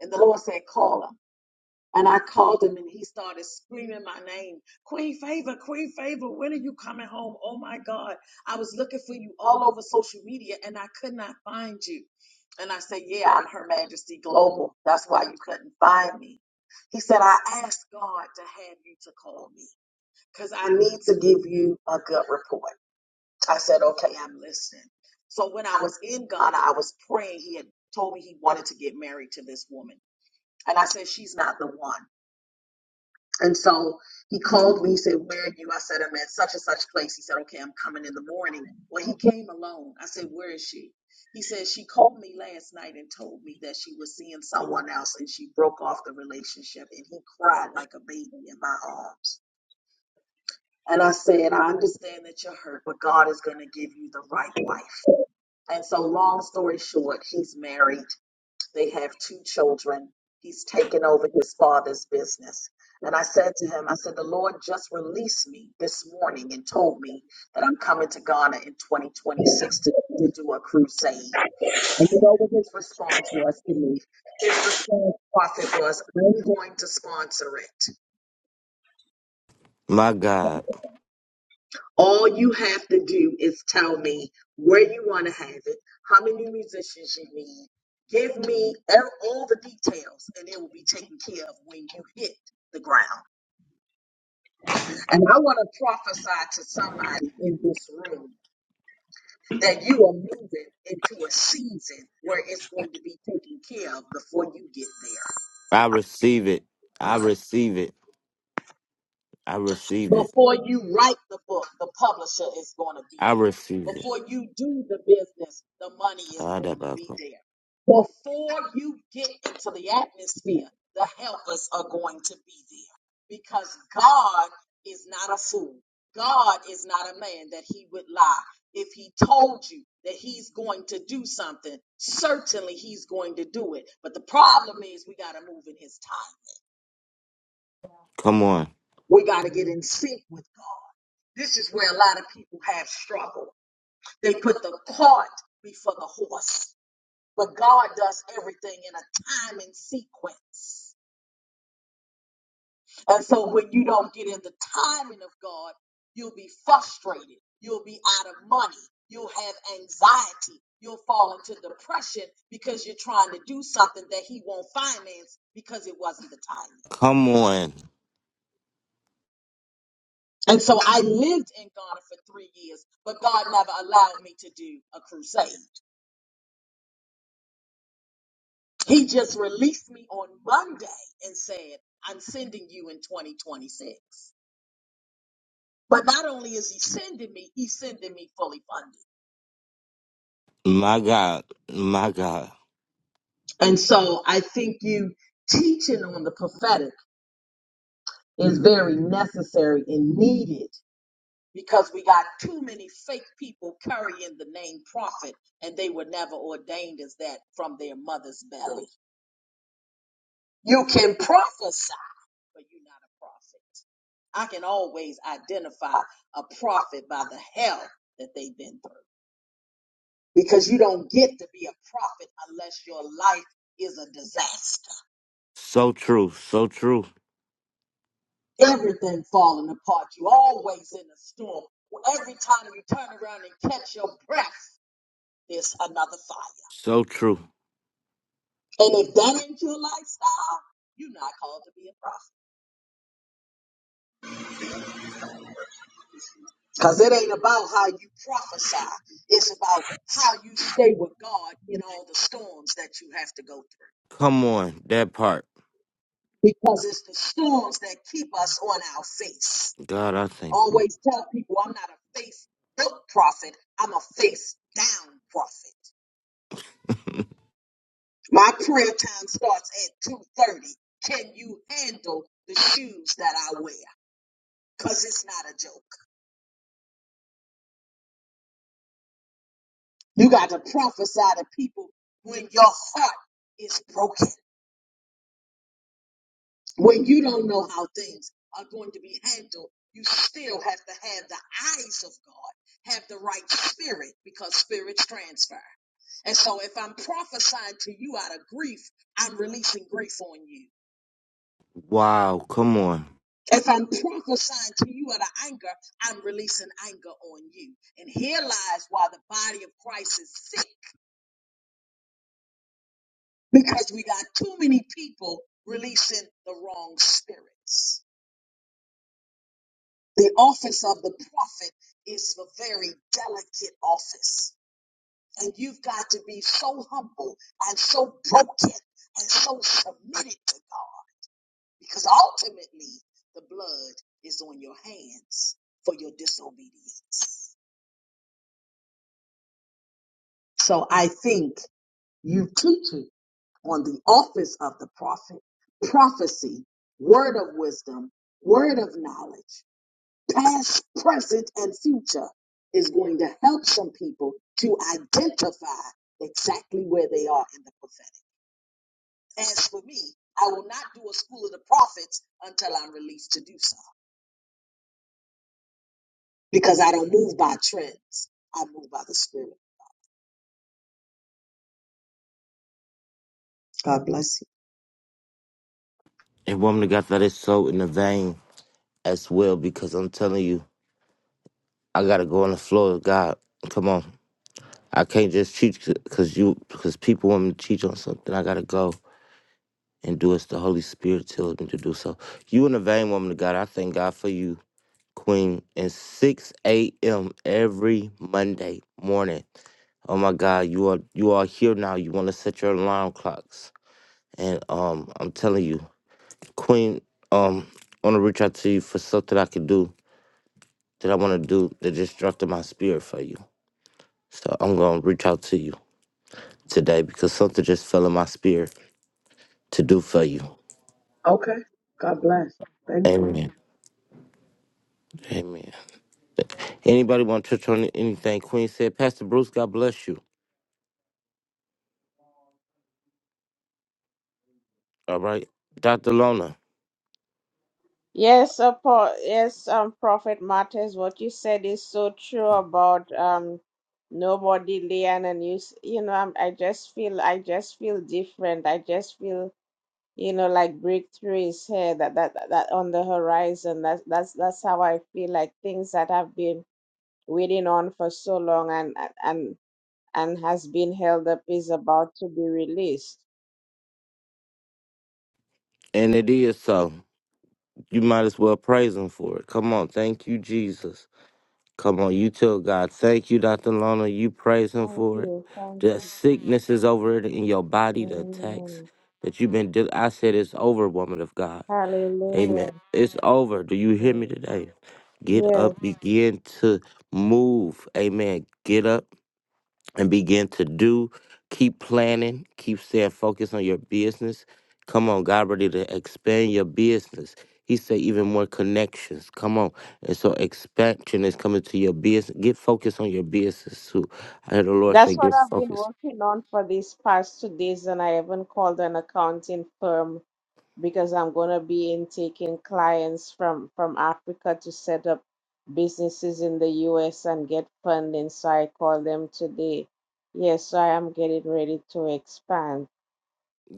And the Lord said, Call him. And I called him and he started screaming my name. Queen Favor, Queen Favor, when are you coming home? Oh my God. I was looking for you all over social media and I could not find you. And I said, Yeah, I'm Her Majesty Global. That's why you couldn't find me. He said, I asked God to have you to call me because I need to give you a good report. I said, Okay, I'm listening. So when I was in Ghana, I was praying. He had told me he wanted to get married to this woman. And I said, She's not the one. And so he called me. He said, Where are you? I said, I'm at such and such place. He said, Okay, I'm coming in the morning. Well, he came alone. I said, Where is she? He said, She called me last night and told me that she was seeing someone else and she broke off the relationship. And he cried like a baby in my arms. And I said, I understand that you're hurt, but God is going to give you the right wife. And so, long story short, he's married. They have two children. He's taken over his father's business. And I said to him, I said, the Lord just released me this morning and told me that I'm coming to Ghana in 2026 to, to do a crusade. And you know what his response was to me? His response, prophet, was, I'm going to sponsor it.
My God.
All you have to do is tell me where you want to have it, how many musicians you need, give me ev- all the details, and it will be taken care of when you hit the ground. And I want to prophesy to somebody in this room that you are moving into a season where it's going to be taken care of before you get there.
I receive it. I receive it. I receive it.
Before you write the book, the publisher is going to be
I
there.
receive it.
Before you do the business, the money is
Ah, that
going to
bad
be
boy.
there. Before you get into the atmosphere, the helpers are going to be there. Because God is not a fool. God is not a man that he would lie. If he told you that he's going to do something, certainly he's going to do it. But the problem is we got to move in his time.
Come on.
We got to get in sync with God. This is where a lot of people have struggled. They put the cart before the horse, but God does everything in a time and sequence. And so when you don't get in the timing of God, you'll be frustrated. You'll be out of money. You'll have anxiety. You'll fall into depression because you're trying to do something that He won't finance because it wasn't the timing.
Come on.
And so I lived in Ghana for three years, but God never allowed me to do a crusade. He just released me on Monday and said, I'm sending you in 2026. But not only is he sending me, he's sending me fully funded.
My God. My God.
And so I think you teaching on the prophetic is very necessary and needed because we got too many fake people carrying the name prophet and they were never ordained as that from their mother's belly. You can prophesy, but you're not a prophet. I can always identify a prophet by the hell that they've been through. Because you don't get to be a prophet unless your life is a disaster.
So true. So true.
Everything falling apart. You always in a storm. Every time you turn around and catch your breath, there's another fire.
So true.
And if that ain't your lifestyle, you're not called to be a prophet. Because it ain't about how you prophesy. It's about how you stay with God in all the storms that you have to go through.
Come on. That part.
because it's the storms that keep us on our face.
God, I thank you.
always tell people I'm not a face built prophet, I'm a face down prophet. My prayer time starts at 2:30. Can you handle the shoes that I wear? Cause it's not a joke. You got to prophesy to people when your heart is broken. when you don't know how things are going to be handled, you still have to have the eyes of God, have the right spirit because spirits transfer. And so if I'm prophesying to you out of grief, I'm releasing grief on you.
Wow. Come on.
If I'm prophesying to you out of anger, I'm releasing anger on you. And here lies why the body of Christ is sick because we got too many people releasing the wrong spirits. The office of the prophet is a very delicate office. And you've got to be so humble and so broken and so submitted to God because ultimately the blood is on your hands for your disobedience. So I think you teaching on the office of the prophet, prophecy, word of wisdom, word of knowledge. past, present, and future is going to help some people to identify exactly where they are in the prophetic. As for me, I will not do a school of the prophets until I'm released to do so because I don't move by trends. I move by the spirit. God bless you.
And woman of God, that is so in the vein as well because I'm telling you, I got to go on the floor of God. Come on. I can't just teach because you because people want me to teach on something. I gotta go. and do as the Holy Spirit tells me to do. So you and the vain woman of God, I thank God for you, Queen. And 6 a.m. every Monday morning. Oh my God, you are you are here now. You want to set your alarm clocks. And um I'm telling you, Queen, um, I wanna reach out to you for something I could do that I wanna do that just dropped in my spirit for you. So I'm gonna reach out to you today because something just fell in my spirit to do for you.
Okay. God bless. Thank you.
Amen. Amen. Anybody want to touch on anything Queen said? Pastor Bruce, God bless you. All right. Dr. Lona.
Yes, apo- yes, um, Prophet Matters, what you said is so true about um nobody laying and you s- you know I'm, I just feel I just feel different. I just feel you know like breakthrough is here that that that that on the horizon. That's that's that's how I feel like things that have been waiting on for so long and and and has been held up is about to be released.
And it is so. You might as well praise him for it. Come on. Thank you, Jesus. Come on. You tell God, thank you, Dr. Lona. You praise him
Thank
for it.
you, thank
The
you.
sickness is over it in your body, the attacks
Amen.
that you've been dealing. I said it's over, woman of God. Amen.
Hallelujah.
It's over. Do you hear
Amen.
me today? Get
Yes,
up, begin to move. Amen. Get up and begin to do. Keep planning. Keep staying focused on your business. Come on, God ready to expand your business. He said even more connections. Come on. And so expansion is coming to your business. Get focused on your business too. I heard the Lord say,
that's what
get
I've been
focused.
working on for these past two days, and I haven't called an accounting firm because I'm going to be in taking clients from from Africa to set up businesses in the US and get funding. So I called them today. Yes, so I am getting ready to expand.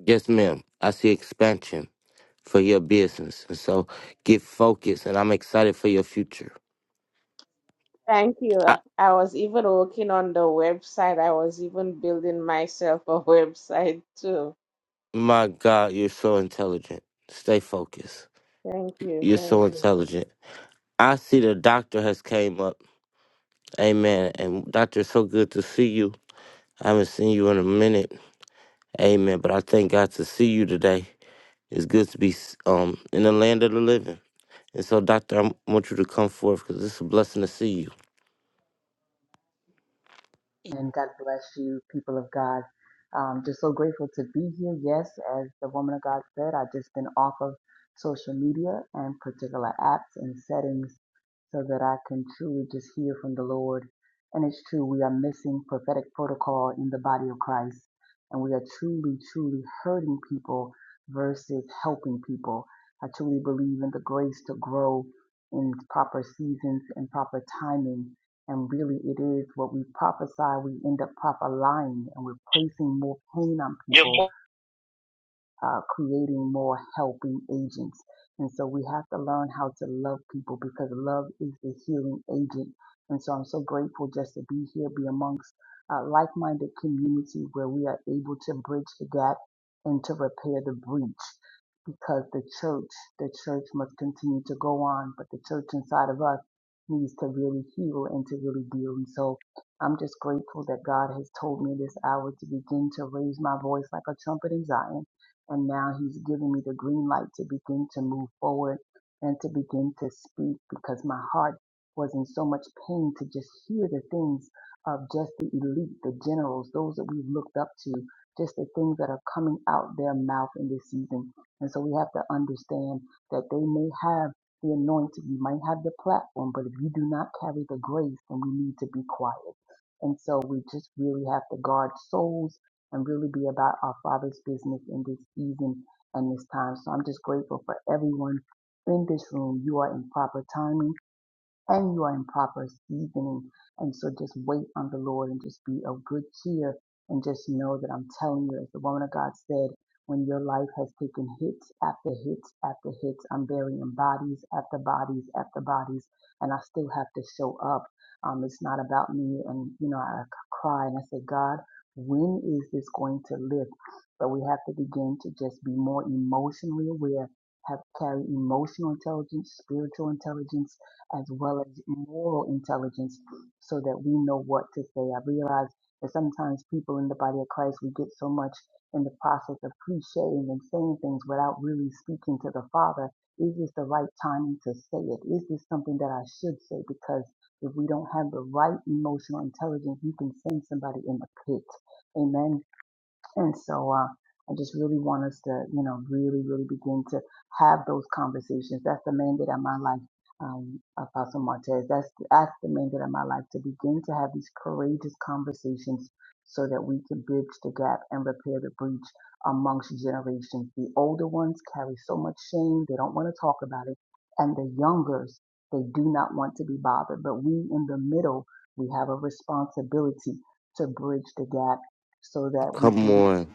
Yes, ma'am. I see expansion for your business. And so get focused. And I'm excited for your future.
Thank you.
I,
I I was even working on the website. I was even building myself a website too.
my God, you're so intelligent. Stay focused.
Thank you.
You're
Thank
so
you.
intelligent. I see the doctor has came up. Amen. And doctor, it's so good to see you. I haven't seen you in a minute. Amen. But I thank God to see you today. It's good to be um in the land of the living. And so, doctor, I want you to come forth because it's a blessing to see you.
And God bless you, people of God. Um, just so grateful to be here. Yes, as the woman of God said, I've just been off of social media and particular apps and settings so that I can truly just hear from the Lord. And it's true, we are missing prophetic protocol in the body of Christ. And we are truly, truly hurting people versus helping people. I truly believe in the grace to grow in proper seasons and proper timing and really, it is what we prophesy, we end up prophesying and we're placing more pain on
Your
people
fo-
uh, creating more helping agents. And so we have to learn how to love people because love is the healing agent. And so I'm so grateful just to be here, be amongst a like minded community where we are able to bridge the gap and to repair the breach because the church, the church must continue to go on, but the church inside of us needs to really heal and to really deal. And so I'm just grateful that God has told me this hour to begin to raise my voice like a trumpet in Zion and now he's giving me the green light to begin to move forward and to begin to speak because my heart was in so much pain to just hear the things of just the elite, the generals, those that we've looked up to, just the things that are coming out their mouth in this season. And so we have to understand that they may have the anointing, you might have the platform, but if you do not carry the grace, then we need to be quiet. And so we just really have to guard souls and really be about our Father's business in this season and this time. So I'm just grateful for everyone in this room. You are in proper timing and you are in proper seasoning. And so just wait on the Lord and just be of good cheer and just know that I'm telling you, as the woman of God said, when your life has taken hits after hits after hits, I'm burying bodies after bodies after bodies, and I still have to show up. Um, it's not about me. And, you know, I cry and I say, God, when is this going to lift? But we have to begin to just be more emotionally aware, have carry emotional intelligence, spiritual intelligence, as well as moral intelligence so that we know what to say. I realize that sometimes people in the body of Christ, we get so much in the process of clichéing and saying things without really speaking to the Father. Is this the right timing to say it? Is this something that I should say? Because if we don't have the right emotional intelligence, you can send somebody in the pit. Amen and so uh, I just really want us to, you know, really, really begin to have those conversations. That's the mandate of my life, um, Apostle Martez. That's, that's the mandate of my life to begin to have these courageous conversations so that we can bridge the gap and repair the breach amongst generations. The older ones carry so much shame, they don't want to talk about it. And the youngers, they do not want to be bothered. But we in the middle, we have a responsibility to bridge the gap so that we
Come
can be
on.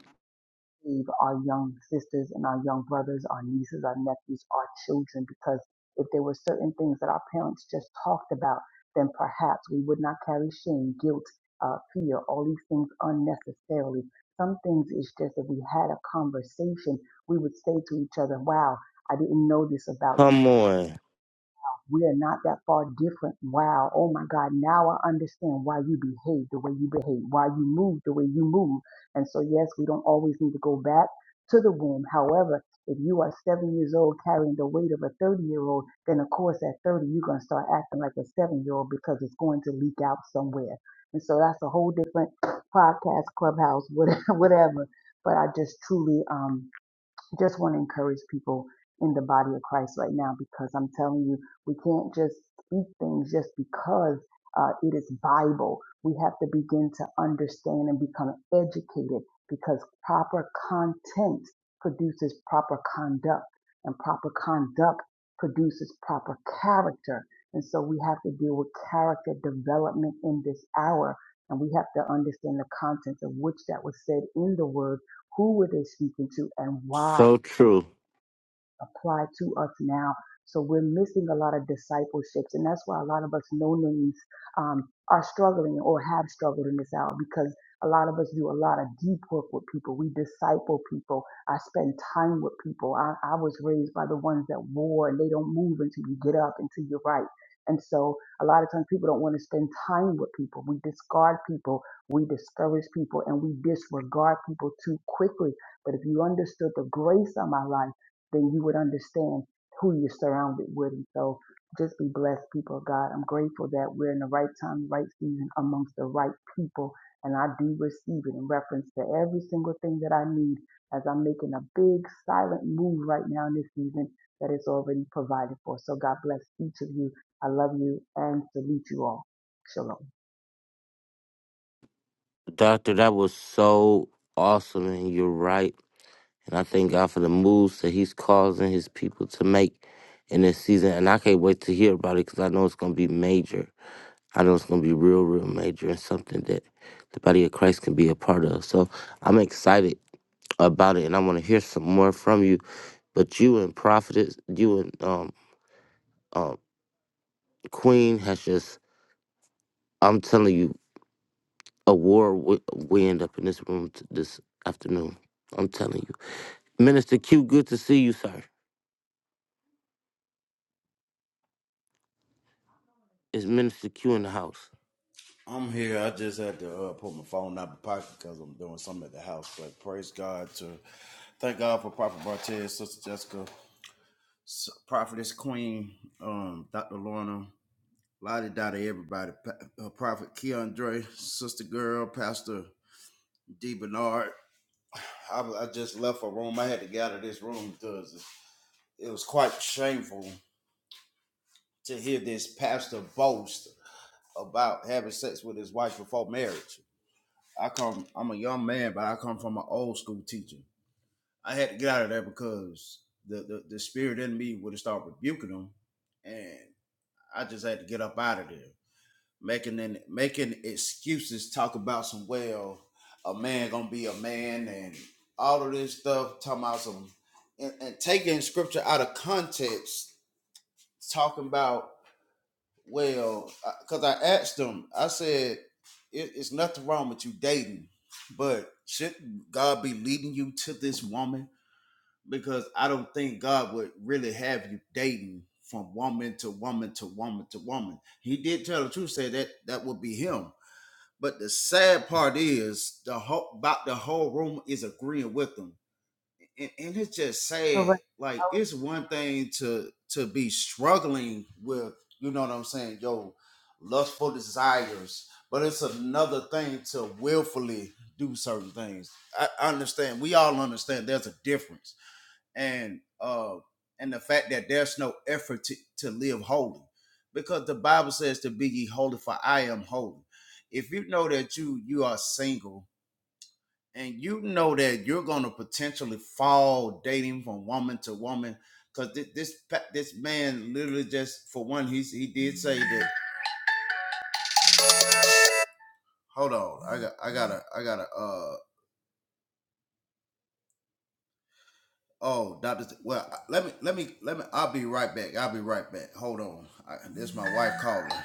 save our young sisters and our young brothers, our nieces, our nephews, our children, because if there were certain things that our parents just talked about, then perhaps we would not carry shame, guilt, uh, fear, all these things unnecessarily. Some things is just if we had a conversation, we would say to each other, wow, I didn't know this about you.
Come on.
We are not that far different. Wow. Oh my God. Now I understand why you behave the way you behave, why you move the way you move. And so, yes, we don't always need to go back to the womb. However, if you are seven years old carrying the weight of a 30 year old, then of course at 30, you're going to start acting like a seven year old because it's going to leak out somewhere. And so that's a whole different podcast, clubhouse, whatever. whatever. But I just truly, um, just want to encourage people in the body of Christ right now because I'm telling you, we can't just speak things just because uh, it is Bible. We have to begin to understand and become educated because proper content produces proper conduct, and proper conduct produces proper character. And so we have to deal with character development in this hour. And we have to understand the contents of which that was said in the word, who were they speaking to, and why
So
and
true.
apply to us now. So we're missing a lot of discipleships, and that's why a lot of us no names um, are struggling or have struggled in this hour because a lot of us do a lot of deep work with people. We disciple people. I spend time with people. I, I was raised by the ones that war and they don't move until you get up, until you're right. And so a lot of times people don't want to spend time with people. We discard people, we discourage people, and we disregard people too quickly. But if you understood the grace of my life, then you would understand who you're surrounded with. And so just be blessed, people of God. I'm grateful that we're in the right time, right season amongst the right people. And I do receive it in reference to every single thing that I need as I'm making a big silent move right now in this season that is already provided for. So God bless each of you. I love you and salute you all. Shalom.
Doctor, that was so awesome. And you're right. And I thank God for the moves that he's causing his people to make in this season. And I can't wait to hear about it because I know it's going to be major. I know it's going to be real, real major and something that the body of Christ can be a part of. So I'm excited about it, and I want to hear some more from you. But you and Prophetess, you and um, um, Queen has just, I'm telling you, award wi- wind up in this room t- this afternoon. I'm telling you. Minister Q, good to see you, sir. Is Minister Q in the house?
I'm here. I just had to uh, put my phone out of my pocket because I'm doing something at the house. But praise God to thank God for Prophet Bartez, Sister Jessica, Prophetess Queen, um, Dr. Lorna, Lottie Dottie, everybody, Pa- uh, Prophet Keandre, Sister Girl, Pastor D Bernard. I, I just left a room. I had to get out of this room because it was quite shameful to hear this pastor boast about having sex with his wife before marriage. I come. I'm a young man, but I come from an old school teacher. I had to get out of there because the the, the spirit in me would have started rebuking them, and I just had to get up out of there, making an, making excuses, talk about some well, a man gonna be a man, and all of this stuff, talking about some, and, and taking scripture out of context, talking about well, because I, 'cause I asked them, I said, it, it's nothing wrong with you dating, but should not God be leading you to this woman? Because I don't think God would really have you dating from woman to woman to woman to woman. He did tell the truth, say that that would be him. But the sad part is the whole about the whole room is agreeing with him and, and it's just
All right.
sad. Like it's one thing to to be struggling with, you know what I'm saying, yo, lustful desires, but it's another thing to willfully do certain things. I, I understand. We all understand there's a difference, and uh, and the fact that there's no effort to to live holy, because the Bible says to be ye holy, for I am holy. If you know that you you are single and you know that you're going to potentially fall dating from woman to woman because this, this this man literally just for one he he did say that hold on i got i gotta i gotta uh oh doctor well let me let me let me i'll be right back i'll be right back hold on I, this is my wife calling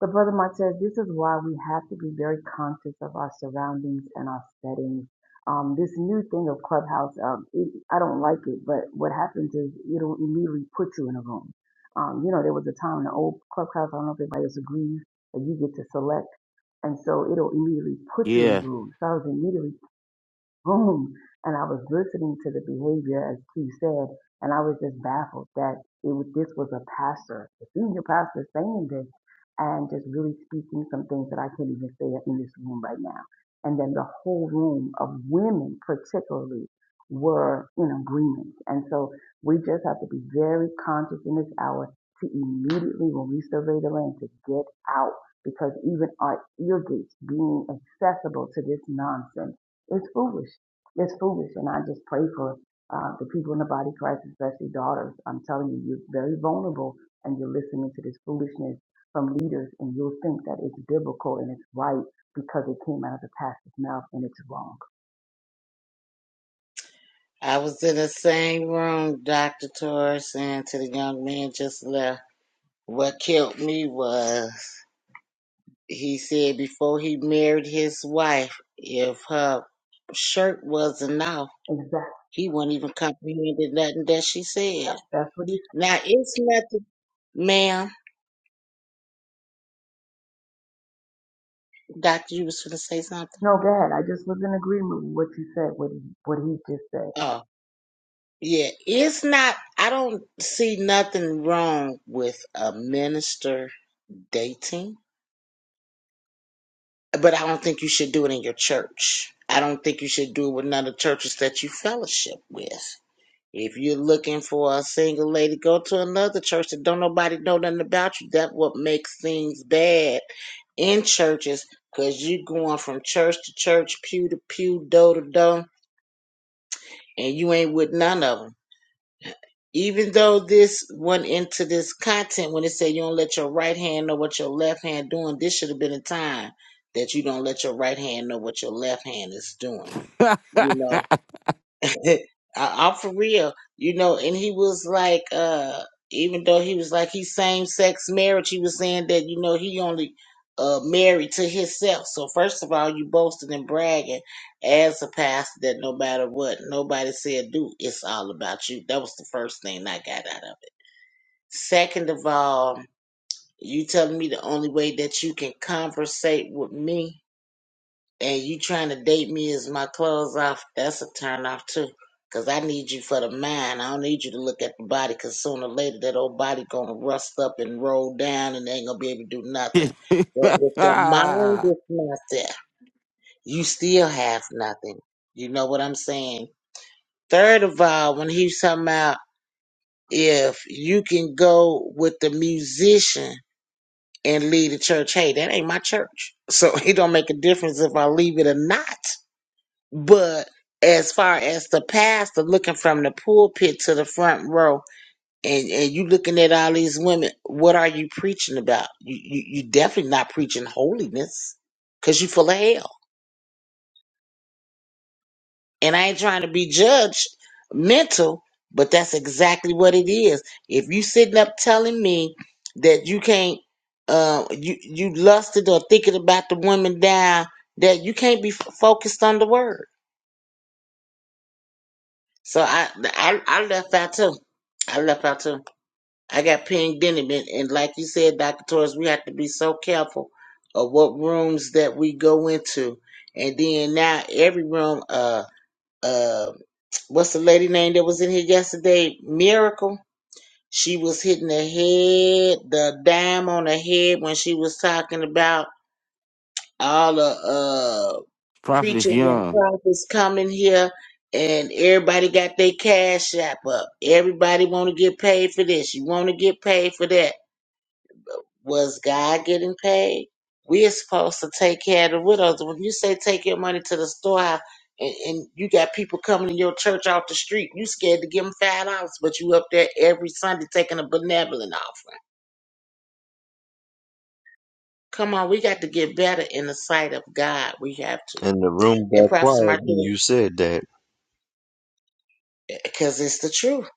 But Brother Mark says this is why we have to be very conscious of our surroundings and our settings. Um, this new thing of Clubhouse, um, it, I don't like it, but what happens is it'll immediately put you in a room. Um, you know, there was a time in the old Clubhouse, I don't know if everybody else agrees, that you get to select, and so it'll immediately put you in a
Yeah.
room. So I was immediately room and I was listening to the behavior as Q said, and I was just baffled that it was, this was a pastor, a senior pastor saying this and just really speaking some things that I can't even say in this room right now. And then the whole room of women particularly were in agreement. And so we just have to be very conscious in this hour to immediately when we survey the land to get out because even our ear gates being accessible to this nonsense it's foolish. It's foolish. And I just pray for uh, the people in the body of Christ, especially daughters. I'm telling you, you're very vulnerable and you're listening to this foolishness from leaders and you'll think that it's biblical and it's right because it came out of the pastor's mouth and it's wrong.
I was in the same room, Dr. Torres, and to the young man just left. What killed me was he said before he married his wife, if her shirt wasn't off,
Exactly.
he wouldn't even comprehend nothing that she said.
Yep, That's what he said.
Now, it's nothing, ma'am. Doctor, you was going to say something?
No, go ahead. I just was in agreement with what you said, what he, what he just said.
Oh, yeah. It's not, I don't see nothing wrong with a minister dating. but I don't think you should do it in your church. I don't think you should do it with none of the churches that you fellowship with. If you're looking for a single lady, go to another church that don't nobody know nothing about you. That's what makes things bad in churches, cause you going from church to church, pew to pew, door to door, and you ain't with none of them. Even though this went into this content when it said you don't let your right hand know what your left hand doing, this should have been a time that you don't let your right hand know what your left hand is doing. You know, I, I'm for real. You know, and he was like, uh, even though he was like he's same sex marriage, he was saying that you know he only uh married to himself. So first of all, you boasting and bragging as a pastor that no matter what nobody said do, it's all about you. That was the first thing I got out of. it. Second of all, you telling me the only way that you can conversate with me and you trying to date me is my clothes off. That's a turn off too. Cause I need you for the mind. I don't need you to look at the body. Cause sooner or later that old body gonna rust up and roll down, and they ain't gonna be able to do nothing. But if the mind is not there, you still have nothing. You know what I'm saying? Third of all, when he's talking about if you can go with the musician and leave the church. Hey, that ain't my church. So it don't make a difference if I leave it or not. But as far as the pastor looking from the pulpit to the front row and, and you looking at all these women, what are you preaching about? You, you, you definitely not preaching holiness because you full of hell. And I ain't trying to be judged mental, but that's exactly what it is. If you sitting up telling me that you can't, uh, you you lusted or thinking about the woman down, that you can't be f- focused on the word. So I, I I left out too. I left out too. I got pinged in it, and, and like you said, Doctor Torres, we have to be so careful of what rooms that we go into, and then now every room, uh uh, what's the lady name that was in here yesterday? Miracle. She was hitting the head, the dime on the head when she was talking about all the uh
Prophetess
preachers and
Young.
prophets coming here and everybody got their cash app up. Everybody wanna get paid for this. You wanna get paid for that. Was God getting paid? We are supposed to take care of the widows. When you say take your money to the storehouse and, and you got people coming to your church off the street, you scared to give them five dollars, but you up there every Sunday taking a benevolent offering. Come on, we got to get better in the sight of God. We have to.
And the room
And
got
Prophet
quiet when
Martin,
you said that.
because it's the truth.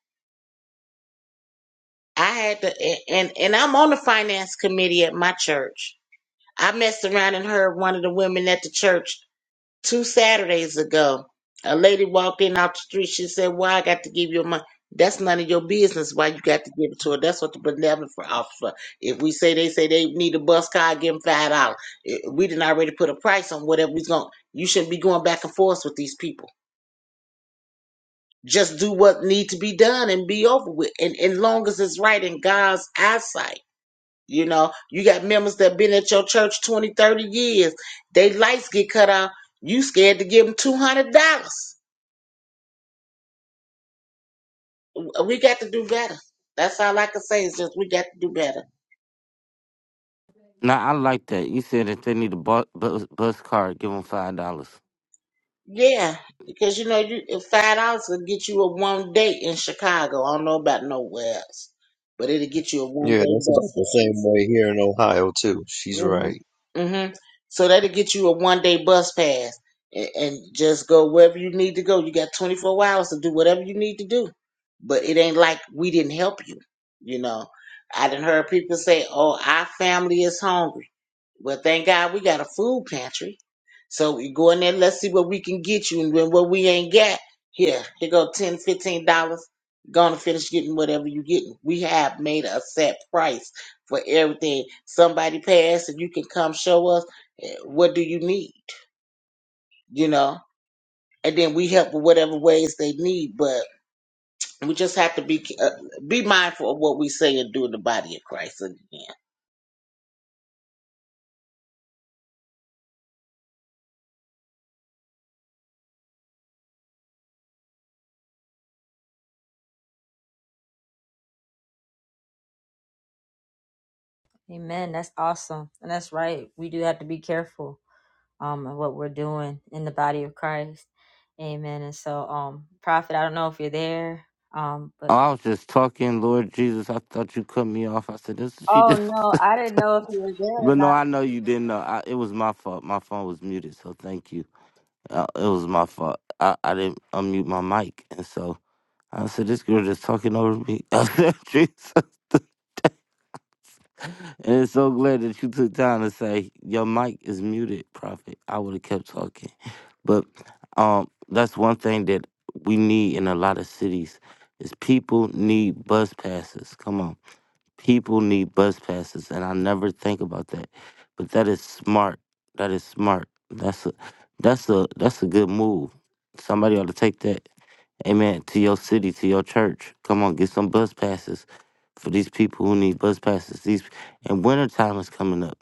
I had to, and, and and I'm on the finance committee at my church. I messed around and heard one of the women at the church two Saturdays ago, a lady walked in out the street. She said, Why I got to give you money? That's none of your business why you got to give it to her. That's what the benevolent for officer. If we say they say they need a bus car, give them five dollars. Eh, We didn't already put a price on whatever we's going you shouldn't be going back and forth with these people. Just do what need to be done and be over with. And and long as it's right in God's eyesight. You know, you got members that been at your church 20, 30 years. They lights get cut off. You scared to give them two hundred dollars we got to do better. That's all I can say is just we got to do better.
Now I like that. You said if they need a bus, bus, bus card, give them five dollars.
Yeah, because you know, you if five dollars will get you a one day in Chicago. I don't know about nowhere else, but it'll get you a one
Yeah,
day
that's about
bus
the
pass.
same way here in Ohio too. She's right.
Mm-hmm. Mm-hmm. So that'll get you a one day bus pass and, and just go wherever you need to go. You got twenty four hours to do whatever you need to do, but it ain't like we didn't help you. You know, I didn't heard people say, "Oh, our family is hungry." Well, thank God we got a food pantry. So we go in there, let's see what we can get you. And when what we ain't got, here, here go ten, fifteen dollars. Gonna finish getting whatever you getting. We have made a set price for everything. Somebody passed and you can come show us eh, what do you need, you know? And then we help with whatever ways they need, but we just have to be uh, be mindful of what we say and do in the body of Christ again.
Amen. That's awesome. And that's right. We do have to be careful um of what we're doing in the body of Christ. Amen. And so um Prophet, I don't know if you're there. Um
Oh,
but
I was just talking, Lord Jesus. I thought you cut me off. I said this. She
Oh
just,
no, I didn't know if you were there or
but
not.
no, I know you didn't know. I, it was my fault. My phone was muted, so thank you. Uh, it was my fault. I, I didn't unmute my mic, and so I said this girl just talking over me. I said Jesus. And it's so glad that you took time to say your mic is muted, Prophet. I would have kept talking. But um that's one thing that we need in a lot of cities is people need bus passes. Come on. People need bus passes and I never think about that. But that is smart. That is smart. That's a that's a that's a good move. Somebody ought to take that Amen. To your city, to your church. Come on, get some bus passes for these people who need bus passes. These and wintertime is coming up.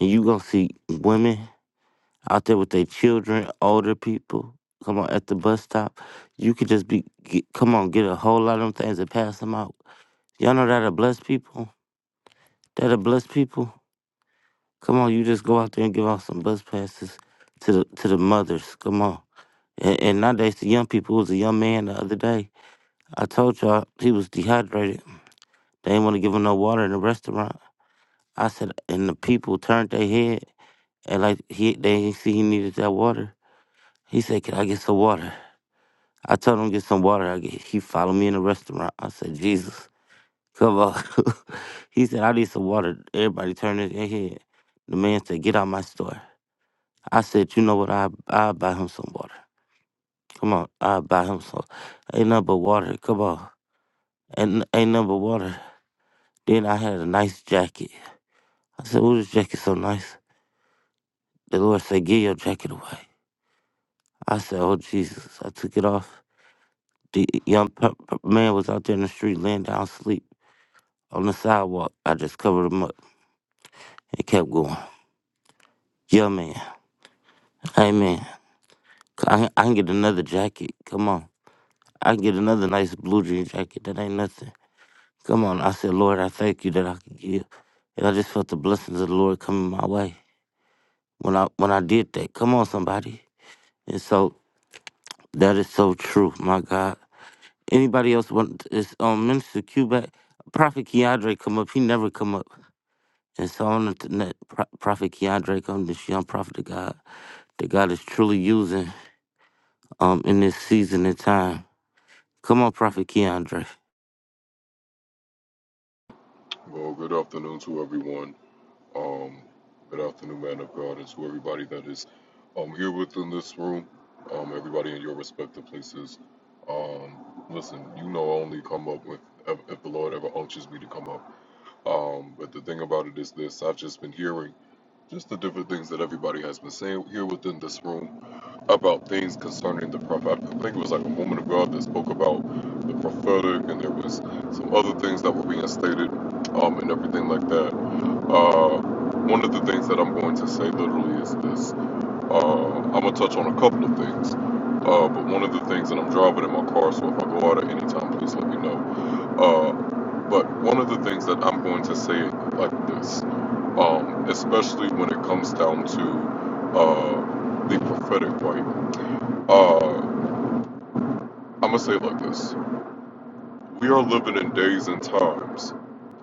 And you gonna see women out there with their children, older people. Come on, at the bus stop. You could just be get, come on, get a whole lot of them things and pass them out. Y'all know that'll bless people. That'll bless people. Come on, you just go out there and give out some bus passes to the to the mothers. Come on. And, and nowadays the young people it was a young man the other day. I told y'all he was dehydrated They didn't want to give him no water in the restaurant. I said, and the people turned their head and like he they didn't see he needed that water. He said, "Can I get some water?" I told him get some water. I get, he followed me in the restaurant. I said, "Jesus, come on." he said, "I need some water." Everybody turned their head. The man said, "Get out my store." I said, "You know what? I I buy him some water. Come on, I buy him some. Ain't nothing but water. Come on, ain't ain't nothing but water." Then I had a nice jacket. I said, "Oh, this jacket so nice." The Lord said, Get your jacket away. I said, Oh, Jesus. I took it off. The young pe- pe- man was out there in the street laying down asleep on the sidewalk. I just covered him up and kept going. Yeah, man. Hey, man. I, can- I can get another jacket. Come on. I can get another nice blue jean jacket. That ain't nothing. Come on. I said, Lord, I thank you that I can give. And I just felt the blessings of the Lord coming my way when I when I did that. Come on, somebody. And so that is so true, my God. Anybody else want is um Minister Q back? Prophet Keandre come up. He never come up. And so I want to Pro- Prophet Keandre come this young prophet of God that God is truly using um in this season and time. Come on, Prophet Keandre.
Well, good afternoon to everyone. Um, good afternoon, man of God, and to everybody that is um, here within this room, um, everybody in your respective places. Um, listen, you know, I only come up with if, if the Lord ever unctions me to come up. Um, but the thing about it is this I've just been hearing just the different things that everybody has been saying here within this room about things concerning the prophet. I think it was like a woman of God that spoke about the prophetic, and there was some other things that were being stated, um, and everything like that. Uh, one of the things that I'm going to say literally is this. Uh, I'm gonna touch on a couple of things, uh, but one of the things and I'm driving in my car, so if I go out at any time, please let me know. Uh, but one of the things that I'm going to say like this, um, especially when it comes down to uh, the prophetic, right? Uh, I'm gonna say it like this: We are living in days and times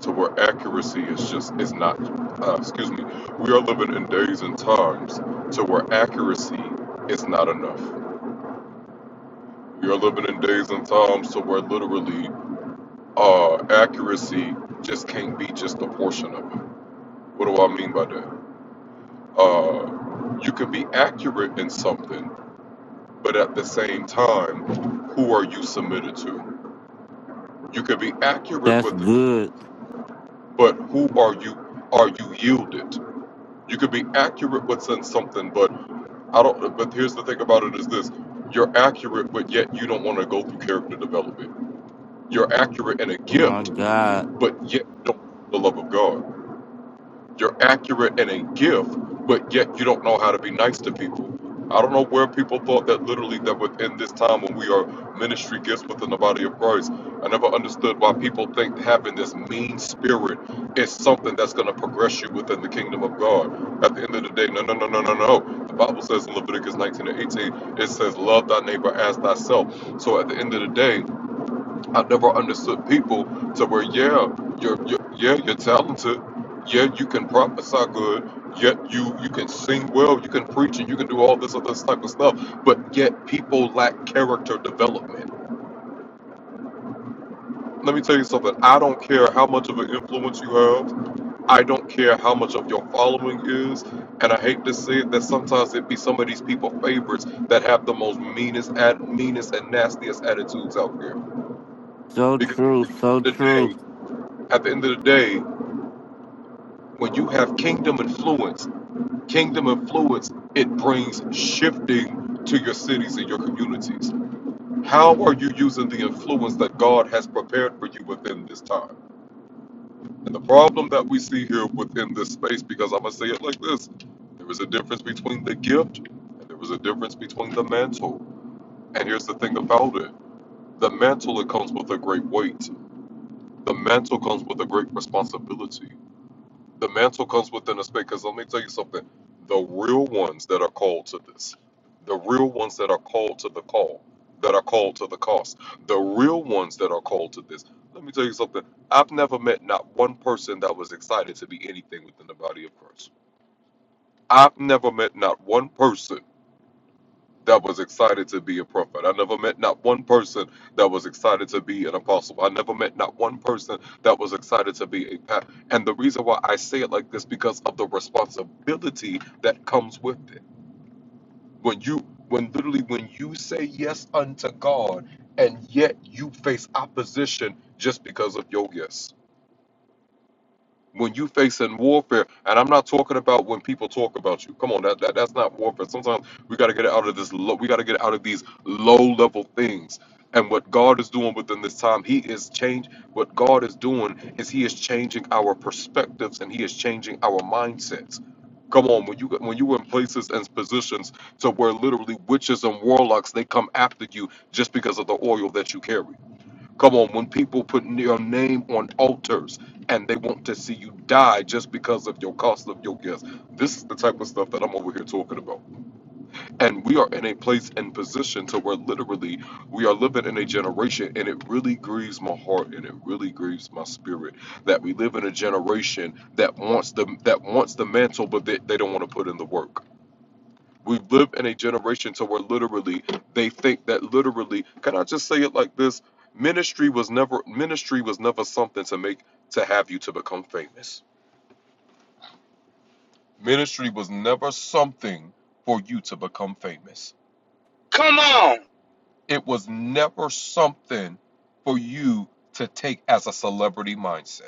to where accuracy is just is not. Uh, excuse me. We are living in days and times to where accuracy is not enough. We are living in days and times to where literally uh, accuracy just can't be just a portion of it What do I mean by that? Uh, you can be accurate in something, but at the same time, who are you submitted to? You can be accurate
That's
with it,
good.
but who are you? Are you yielded? You could be accurate with something, but I don't. But here's the thing about it: is this you're accurate, but yet you don't want to go through character development. You're accurate in a
My
gift,
God.
but yet don't the love of God. You're accurate and a gift, but yet you don't know how to be nice to people. I don't know where people thought that literally that within this time when we are ministry gifts within the body of Christ. I never understood why people think having this mean spirit is something that's going to progress you within the kingdom of God. At the end of the day, no, no, no, no, no, no. The Bible says in Leviticus 19 and 18, it says, Love thy neighbor as thyself. So at the end of the day, I never understood people to where yeah, you're, you're yeah you're talented, yeah you can prophesy good, yet you you can sing well, you can preach and you can do all this other type of stuff, but yet people lack character development. Let me tell you something. I don't care how much of an influence you have. I don't care how much of your following is. And I hate to say it that sometimes it be some of these people favorites that have the most meanest at meanest and nastiest attitudes out there.
So
Because
true, so
at the end of the
true.
day, at the end of the day, When you have kingdom influence, kingdom influence, it brings shifting to your cities and your communities. How are you using the influence that God has prepared for you within this time? And the problem that we see here within this space, because I'm going to say it like this there is a difference between the gift and there is a difference between the mantle. And here's the thing about it the mantle, it comes with a great weight, the mantle comes with a great responsibility. The mantle comes within a space. Because let me tell you something: the real ones that are called to this, the real ones that are called to the call, that are called to the cost, the real ones that are called to this. Let me tell you something: I've never met not one person that was excited to be anything within the body of Christ. I've never met not one person that was excited to be a prophet. I never met not one person that was excited to be an apostle. I never met not one person that was excited to be a pastor. And the reason why I say it like this because of the responsibility that comes with it. When you when literally when you say yes unto God and yet you face opposition just because of your yes when you face in warfare, and I'm not talking about when people talk about you. Come on, that, that that's not warfare. Sometimes we got to get out of this. Low, we got to get out of these low level things. And what God is doing within this time, He is change. What God is doing is He is changing our perspectives and He is changing our mindsets. Come on, when you when you were in places and positions to where literally witches and warlocks they come after you just because of the oil that you carry. Come on, when people put your name on altars and they want to see you die just because of your cost of your gifts, this is the type of stuff that I'm over here talking about. And we are in a place and position to where literally we are living in a generation, and it really grieves my heart and it really grieves my spirit that we live in a generation that wants the that wants the mantle, but they, they don't want to put in the work we live in a generation to where literally they think that literally, can I just say it like this? Ministry was never ministry was never something to make to have you to become famous. Ministry was never something for you to become famous.
Come on,
It was never something for you to take as a celebrity mindset.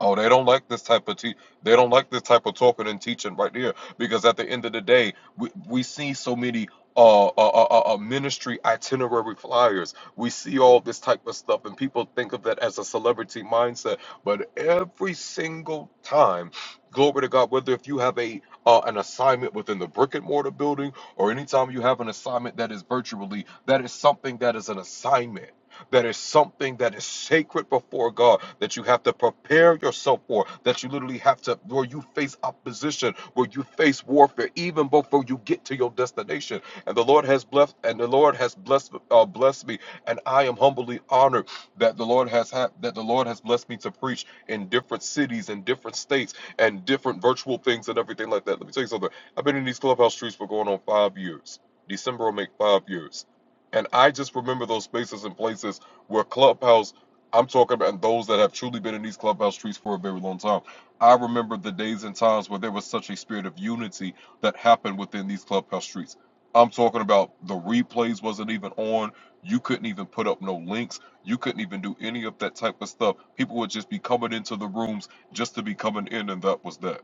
Oh, they don't like this type of te- they don't like this type of talking and teaching right here because at the end of the day, we we see so many uh, uh, uh, uh uh, ministry itinerary flyers. We see all this type of stuff, and people think of that as a celebrity mindset. But every single time, glory to God, whether if you have a uh, an assignment within the brick and mortar building, or anytime you have an assignment that is virtually, that is something that is an assignment that is something that is sacred before God that you have to prepare yourself for, that you literally have to, where you face opposition, where you face warfare, even before you get to your destination. And the Lord has blessed, and the Lord has blessed, uh, blessed me, and I am humbly honored that the Lord has had, that the Lord has blessed me to preach in different cities, in different states, and different virtual things and everything like that. Let me tell you something. I've been in these clubhouse streets for going on five years. December will make five years. And I just remember those spaces and places where Clubhouse, I'm talking about those that have truly been in these Clubhouse streets for a very long time. I remember the days and times where there was such a spirit of unity that happened within these Clubhouse streets. I'm talking about the replays wasn't even on. You couldn't even put up no links. You couldn't even do any of that type of stuff. People would just be coming into the rooms just to be coming in, and that was that.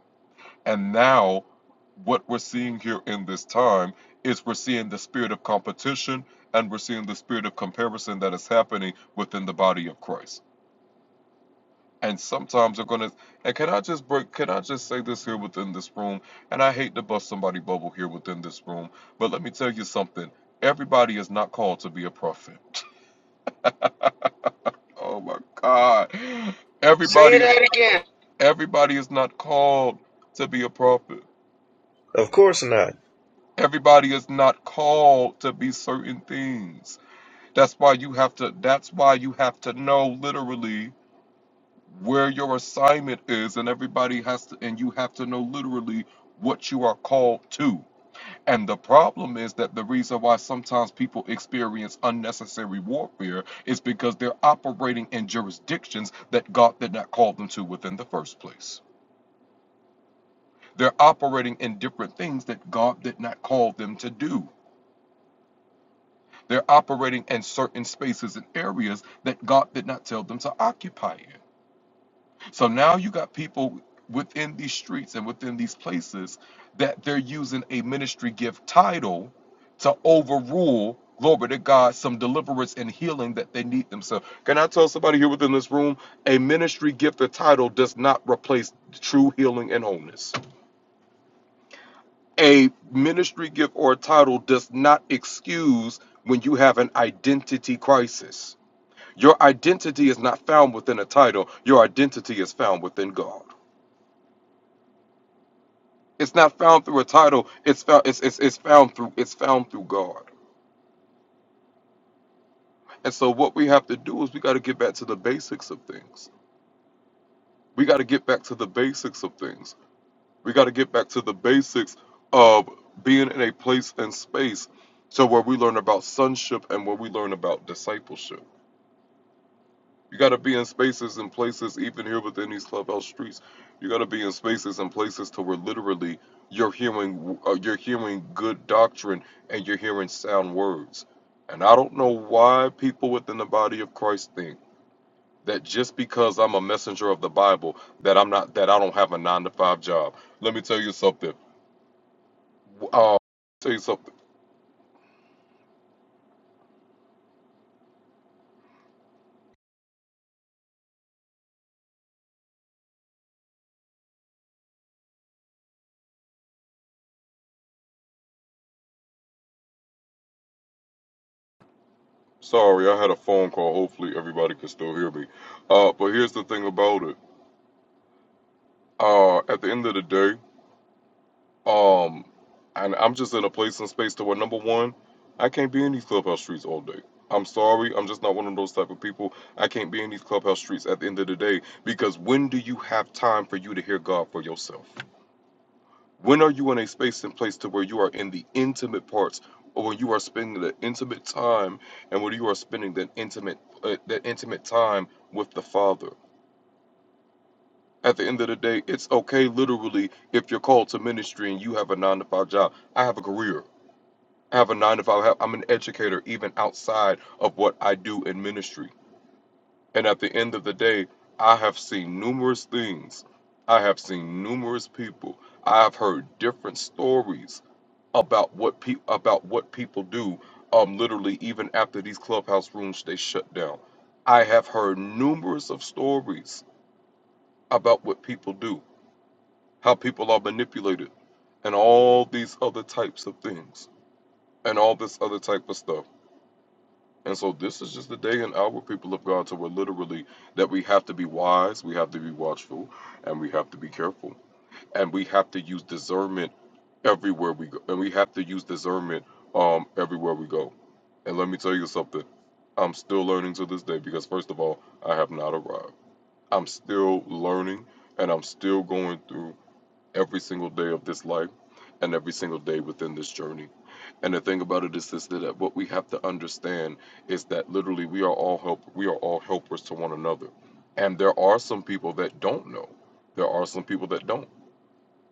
And now, what we're seeing here in this time is we're seeing the spirit of competition and we're seeing the spirit of comparison that is happening within the body of Christ. And sometimes they're gonna. And can I just break? Can I just say this here within this room? And I hate to bust somebody's bubble here within this room, but let me tell you something. Everybody is not called to be a prophet. Oh my God.
say
Everybody,
that again.
everybody is not called to be a prophet.
Of course. And
Everybody is not called to be certain things. That's why you have to that's why you have to know literally where your assignment is and everybody has to and you have to know literally what you are called to. And the problem is that the reason why sometimes people experience unnecessary warfare is because they're operating in jurisdictions that God did not call them to within the first place. They're operating in different things that God did not call them to do. They're operating in certain spaces and areas that God did not tell them to occupy in. So now you got people within these streets and within these places that they're using a ministry gift title to overrule, glory to God, some deliverance and healing that they need themselves. Can I tell somebody here within this room a ministry gift or title does not replace true healing and wholeness? A ministry gift or title does not excuse when you have an identity crisis Your identity is not found within a title. Your identity is found within God. It's not found through a title. It's found. It's it's, it's found through. It's found through God. And so what we have to do is we got to get back to the basics of things. We got to get back to the basics of things. We got to get back to the basics of being in a place and space, so where we learn about sonship and where we learn about discipleship. You got to be in spaces and places, even here within these clubhouse streets. You got to be in spaces and places to where literally you're hearing uh, you're hearing good doctrine and you're hearing sound words. And I don't know why people within the body of Christ think that just because I'm a messenger of the Bible that I'm not that I don't have a nine to five job. Let me tell you something. Uh, tell you something. Sorry, I had a phone call. Hopefully everybody can still hear me. Uh, but here's the thing about it. Uh, at the end of the day. Um, and I'm just in a place and space to where number one, I can't be in these clubhouse streets all day. I'm sorry, I'm just not one of those type of people. I can't be in these clubhouse streets at the end of the day because when do you have time for you to hear God for yourself? When are you in a space and place to where you are in the intimate parts, or when you are spending the intimate time, and when you are spending that intimate uh, that intimate time with the Father? At the end of the day, it's okay, literally, if you're called to ministry and you have a nine to five job. I have a career. I have a nine to five. I am an educator even outside of what I do in ministry. And at the end of the day, I have seen numerous things. I have seen numerous people. I have heard different stories about what pe- about what people do. Um, literally, even after these clubhouse rooms they shut down, I have heard numerous of stories about what people do, how people are manipulated, and all these other types of things, and all this other type of stuff. And so this is just the day and hour, people of God, to where literally that we have to be wise, we have to be watchful, and we have to be careful. And we have to use discernment everywhere we go. And we have to use discernment um everywhere we go. And let me tell you something. I'm still learning to this day because first of all, I have not arrived. I'm still learning and I'm still going through every single day of this life and every single day within this journey. And the thing about it is this that what we have to understand is that literally we are all help we are all helpers to one another. And there are some people that don't know. There are some people that don't.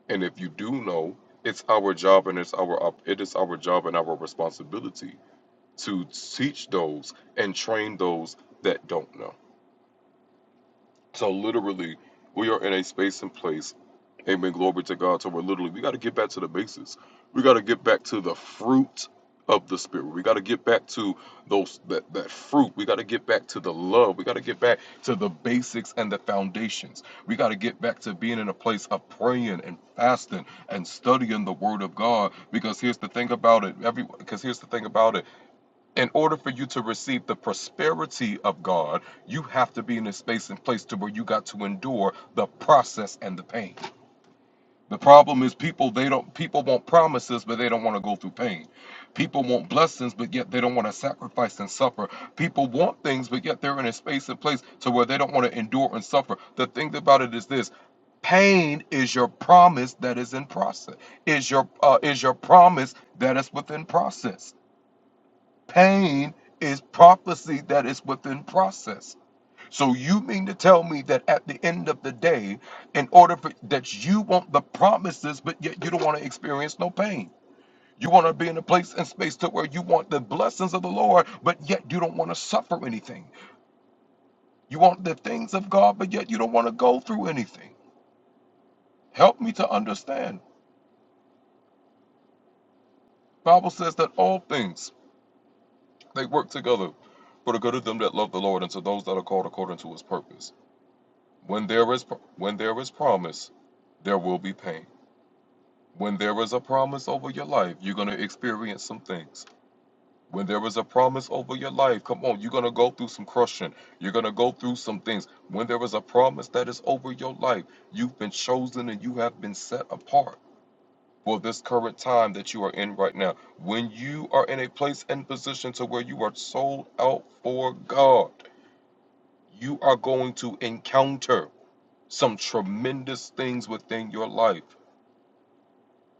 And if you do know, it's our job and it's our it is our job and our responsibility to teach those and train those that don't know. So literally, we are in a space and place. Amen. Glory to God. So we're literally, we got to get back to the basics. We got to get back to the fruit of the spirit. We got to get back to those that, that fruit. We got to get back to the love. We got to get back to the basics and the foundations. We got to get back to being in a place of praying and fasting and studying the word of God. Because here's the thing about it. Every because here's the thing about it in order for you to receive the prosperity of God, you have to be in a space and place to where you got to endure the process and the pain. The problem is people they don't people want promises but they don't want to go through pain. People want blessings but yet they don't want to sacrifice and suffer. People want things but yet they're in a space and place to where they don't want to endure and suffer. The thing about it is this pain is your promise that is in process is your uh, is your promise that is within process Pain is prophecy that is within process. So you mean to tell me that at the end of the day, in order for that you want the promises, but yet you don't want to experience no pain. You want to be in a place and space to where you want the blessings of the Lord, but yet you don't want to suffer anything. You want the things of God, but yet you don't want to go through anything. Help me to understand. Bible says that all things they work together for the good of them that love the Lord and to those that are called according to his purpose. When there is when there is promise, there will be pain. When there is a promise over your life, you're gonna experience some things. When there is a promise over your life, come on, you're gonna go through some crushing. You're gonna go through some things. When there is a promise that is over your life, you've been chosen and you have been set apart for this current time that you are in right now. When you are in a place and position to where you are sold out for God, you are going to encounter. some tremendous things within your life.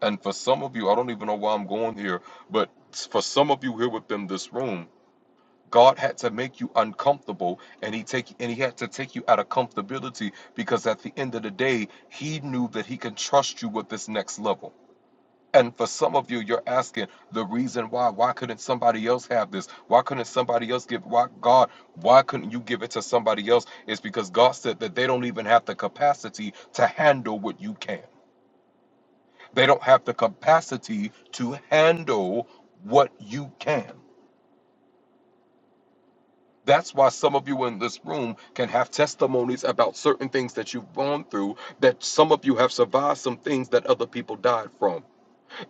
And for some of you, I don't even know why I'm going here, but for some of you here within this room, God had to make you uncomfortable and he take and he had to take you out of comfortability because at the end of the day, he knew that he can trust you with this next level. And for some of you, you're asking the reason why. Why couldn't somebody else have this? Why couldn't somebody else give why God, why couldn't you give it to somebody else? It's because God said that they don't even have the capacity to handle what you can. They don't have the capacity to handle what you can. That's why some of you in this room can have testimonies about certain things that you've gone through, that some of you have survived some things that other people died from.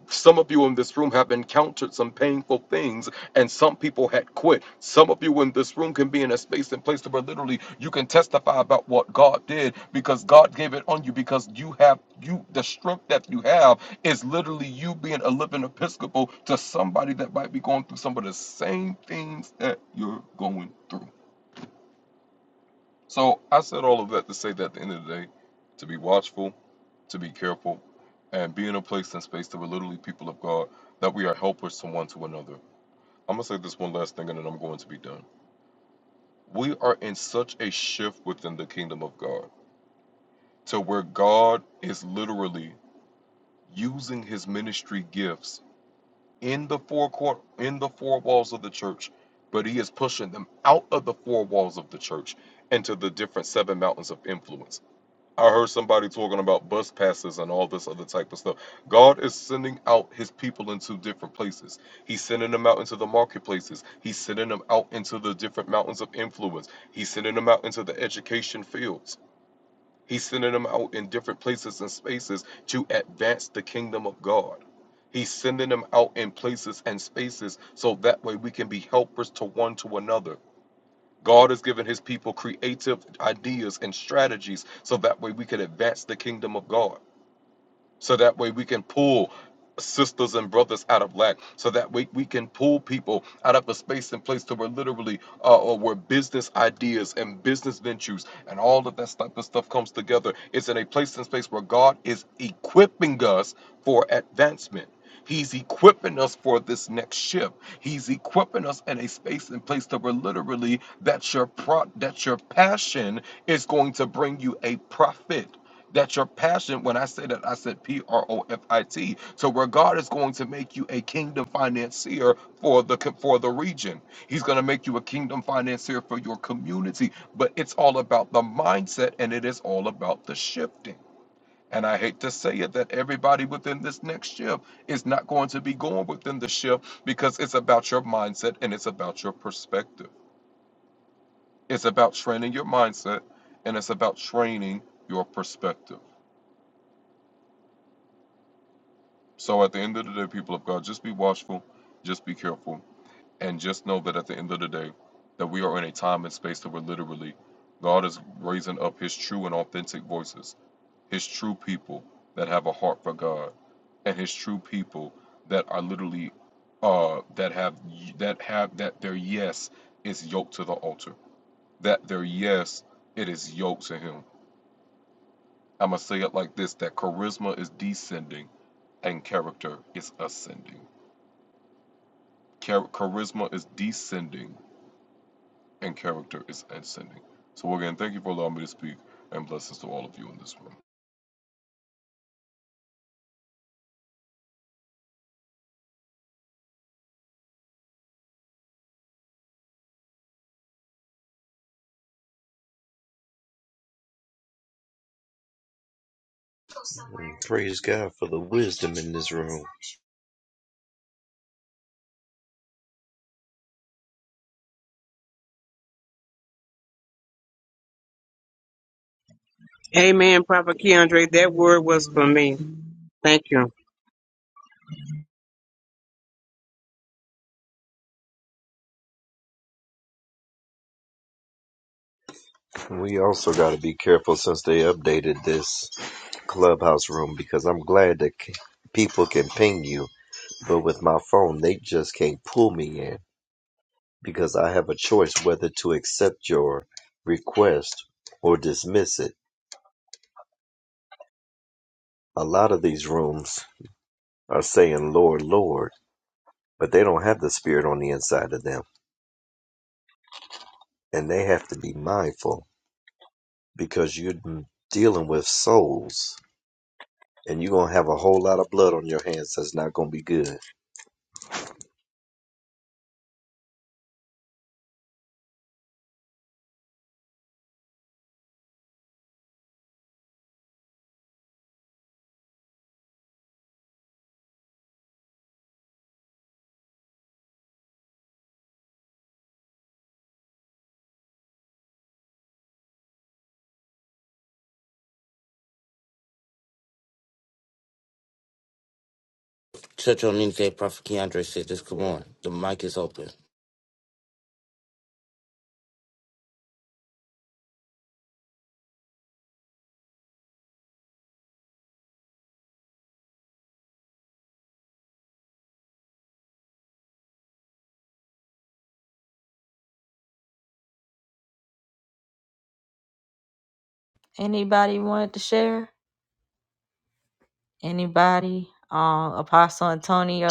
Some of you in this room have encountered some painful things, and some people had quit. Some of you in this room can be in a space and place where literally you can testify about what God did because God gave it on you because you have you the strength that you have is literally you being a living episcopal to somebody that might be going through some of the same things that you're going through. So I said all of that to say that at the end of the day, to be watchful, to be careful and be in a place and space that we're literally people of God, that we are helpers to one to another. I'm going to say this one last thing and then I'm going to be done. We are in such a shift within the kingdom of God to where God is literally using his ministry gifts in the four court in the four walls of the church, but he is pushing them out of the four walls of the church into the different seven mountains of influence. I heard somebody talking about bus passes and all this other type of stuff. God is sending out his people into different places. He's sending them out into the marketplaces. He's sending them out into the different mountains of influence. He's sending them out into the education fields. He's sending them out in different places and spaces to advance the kingdom of God. He's sending them out in places and spaces so that way we can be helpers to one to another. God has given his people creative ideas and strategies so that way we can advance the kingdom of God so that way we can pull sisters and brothers out of lack so that way we can pull people out of a space and place to where literally uh, or where business ideas and business ventures and all of that type of stuff comes together it's in a place and space where god is equipping us for advancement He's equipping us for this next shift. He's equipping us in a space and place to where literally that your pro- that your passion is going to bring you a profit that's your passion. When I say that, I said P R O F I T. So where God is going to make you a kingdom financier for the for the region. He's going to make you a kingdom financier for your community. But it's all about the mindset, and it is all about the shifting. And I hate to say it that everybody within this next shift is not going to be going within the shift because it's about your mindset and it's about your perspective. It's about training your mindset and it's about training your perspective. So at the end of the day, people of God, just be watchful, just be careful, and just know that at the end of the day, that we are in a time and space that we're literally, God is raising up His true and authentic voices, His true people that have a heart for God, and His true people that are literally, uh, that have that have that their yes is yoked to the altar, that their yes it is yoked to Him. I'm gonna say it like this: that charisma is descending and character is ascending. Char- charisma is descending and character is ascending. So, again, thank you for allowing me to speak and blessings to all of you in this room.
Praise God for the wisdom in this room.
Amen, Prophet Keandre. That word was for me. Thank you.
We also got to be careful since they updated this clubhouse room because I'm glad that c- people can ping you, but with my phone, they just can't pull me in because I have a choice whether to accept your request or dismiss it. A lot of these rooms are saying, Lord, Lord but they don't have the spirit on the inside of them and they have to be mindful because you're dealing with souls and you're going to have a whole lot of blood on your hands that's not going to be good
Church on Wednesday, Prophet Keandre said "Just Come on. The mic is open.
Anybody wanted to share? Anybody? Um, Apostle Antonio.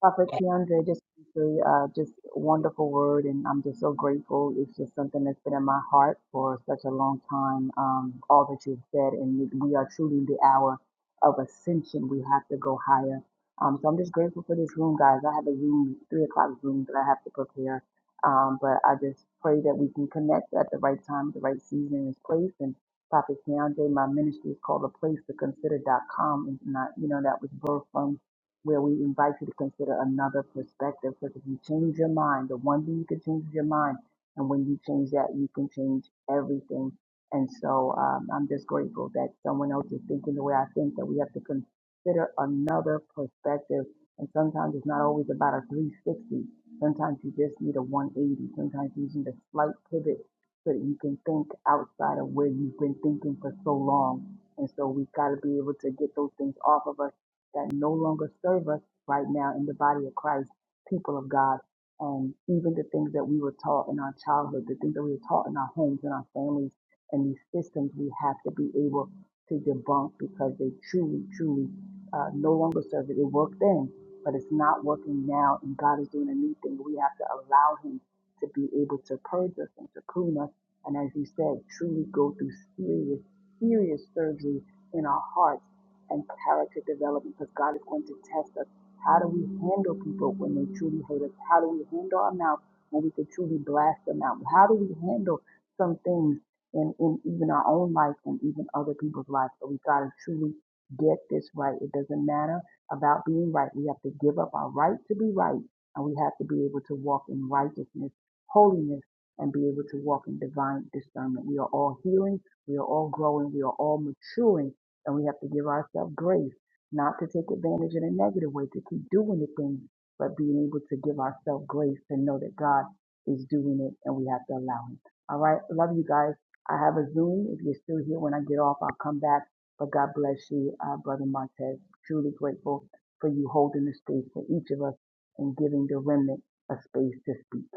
Prophet Keandre, just briefly, uh, just wonderful word, and I'm just so grateful. It's just something that's been in my heart for such a long time. Um, all that you've said, and we are truly in the hour of ascension. We have to go higher. Um, so I'm just grateful for this room, guys. I have a room, three o'clock room that I have to prepare. Um, but I just pray that we can connect at the right time, the right season, and place. And Prophet Keandre, my ministry is called a place to Consider dot com, and not you know that was birthed from where we invite you to consider another perspective because if you change your mind, the one thing you can change is your mind. And when you change that, you can change everything. And so um, I'm just grateful that someone else is thinking the way I think, that we have to consider another perspective. And sometimes it's not always about a 360. Sometimes you just need a 180. Sometimes you need a slight pivot so that you can think outside of where you've been thinking for so long. And so we've got to be able to get those things off of us that no longer serve us right now in the body of Christ, people of God, and even the things that we were taught in our childhood, the things that we were taught in our homes and our families and these systems, we have to be able to debunk because they truly, truly uh, no longer serve it. It worked then, but it's not working now, and God is doing a new thing. We have to allow Him to be able to purge us and to prune us, and as you said, truly go through serious, serious surgery in our hearts and character development because God is going to test us. How do we handle people when they truly hurt us? How do we handle our mouth when we could truly blast them out? How do we handle some things in, in even our own life and even other people's lives? So we got to truly get this right. It doesn't matter about being right. We have to give up our right to be right and we have to be able to walk in righteousness, holiness, and be able to walk in divine discernment. We are all healing. We are all growing. We are all maturing and we have to give ourselves grace, not to take advantage in a negative way, to keep doing the things, but being able to give ourselves grace to know that God is doing it and we have to allow Him. All right. Love you guys. I have a Zoom. If you're still here when I get off, I'll come back. But God bless you, uh, Brother Montez. Truly grateful for you holding the space for each of us and giving the remnant a space to speak.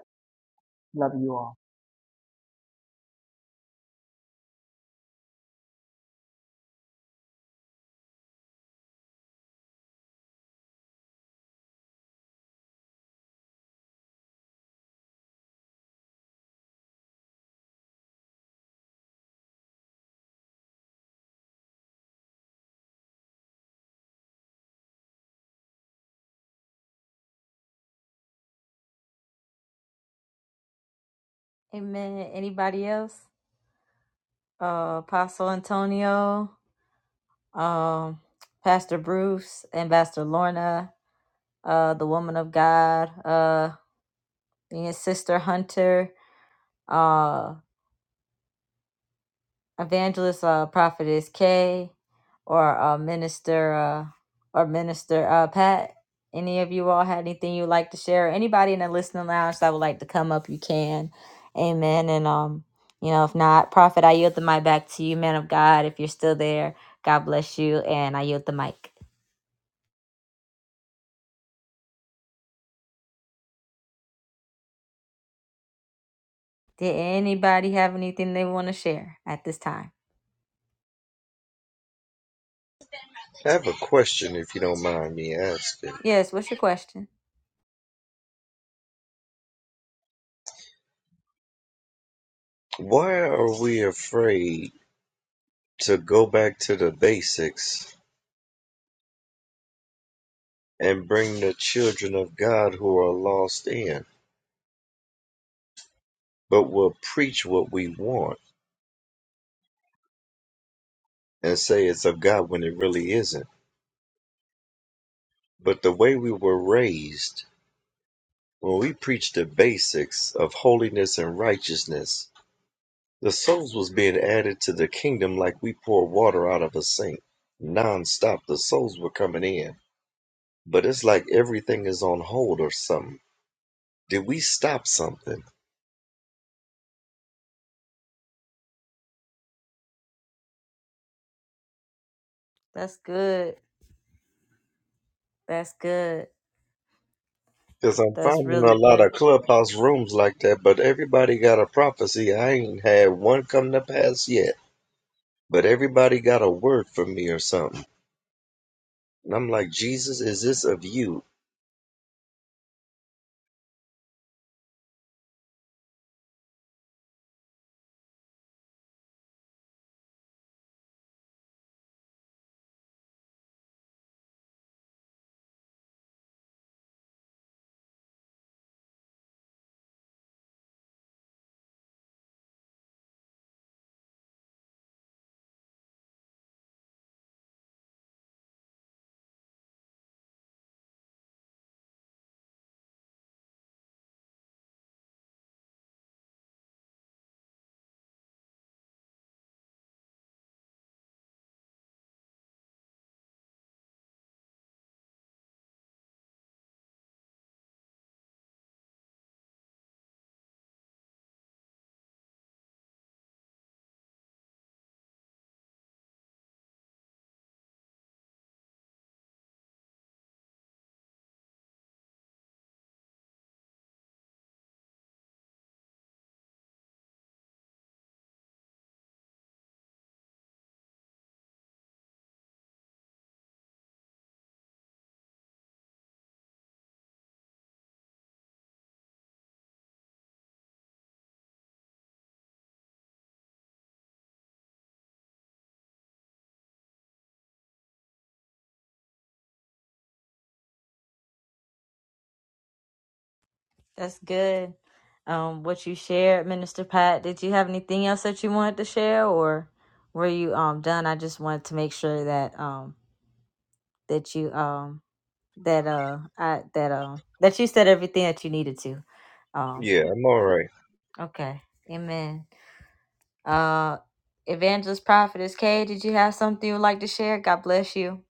Love you all.
Amen. Anybody else? Uh, Apostle Antonio. Um, Pastor Bruce, Ambassador Lorna. Uh, the woman of God. Uh. Then your sister Hunter, uh, evangelist, uh, prophetess Kay, or uh, minister, uh, or minister uh, Pat. Any of you all had anything you'd like to share? Anybody in the listening lounge that would like to come up, you can. Amen. And um, you know, if not, prophet, I yield the mic back to you, man of God. If you're still there, God bless you, and I yield the mic. Did anybody have anything they want to share at this time?
i have a question if you don't mind me asking
Yes. What's your question?
why are we afraid to go back to the basics and bring the children of god who are lost in but we'll preach what we want and say it's of god when it really isn't but the way we were raised When we preached the basics of holiness and righteousness, the souls was being added to the kingdom like we pour water out of a sink. Non-stop, the souls were coming in. But it's like everything is on hold or something. Did we stop something?
That's good. That's good.
Because I'm
That's
finding
really
a lot of
good.
clubhouse rooms like that, but everybody got a prophecy. I ain't had one come to pass yet. But everybody got a word for me or something. And I'm like, Jesus, is this of you?
That's good. Um, what you shared, Minister Pat. Did you have anything else that you wanted to share, or were you um done? I just wanted to make sure that um that you um that uh I that um that you said everything that you needed to. Um.
Yeah, I'm all right.
Okay. Amen. Uh, Evangelist Prophetess Kay. Did you have something you would like to share? God bless you.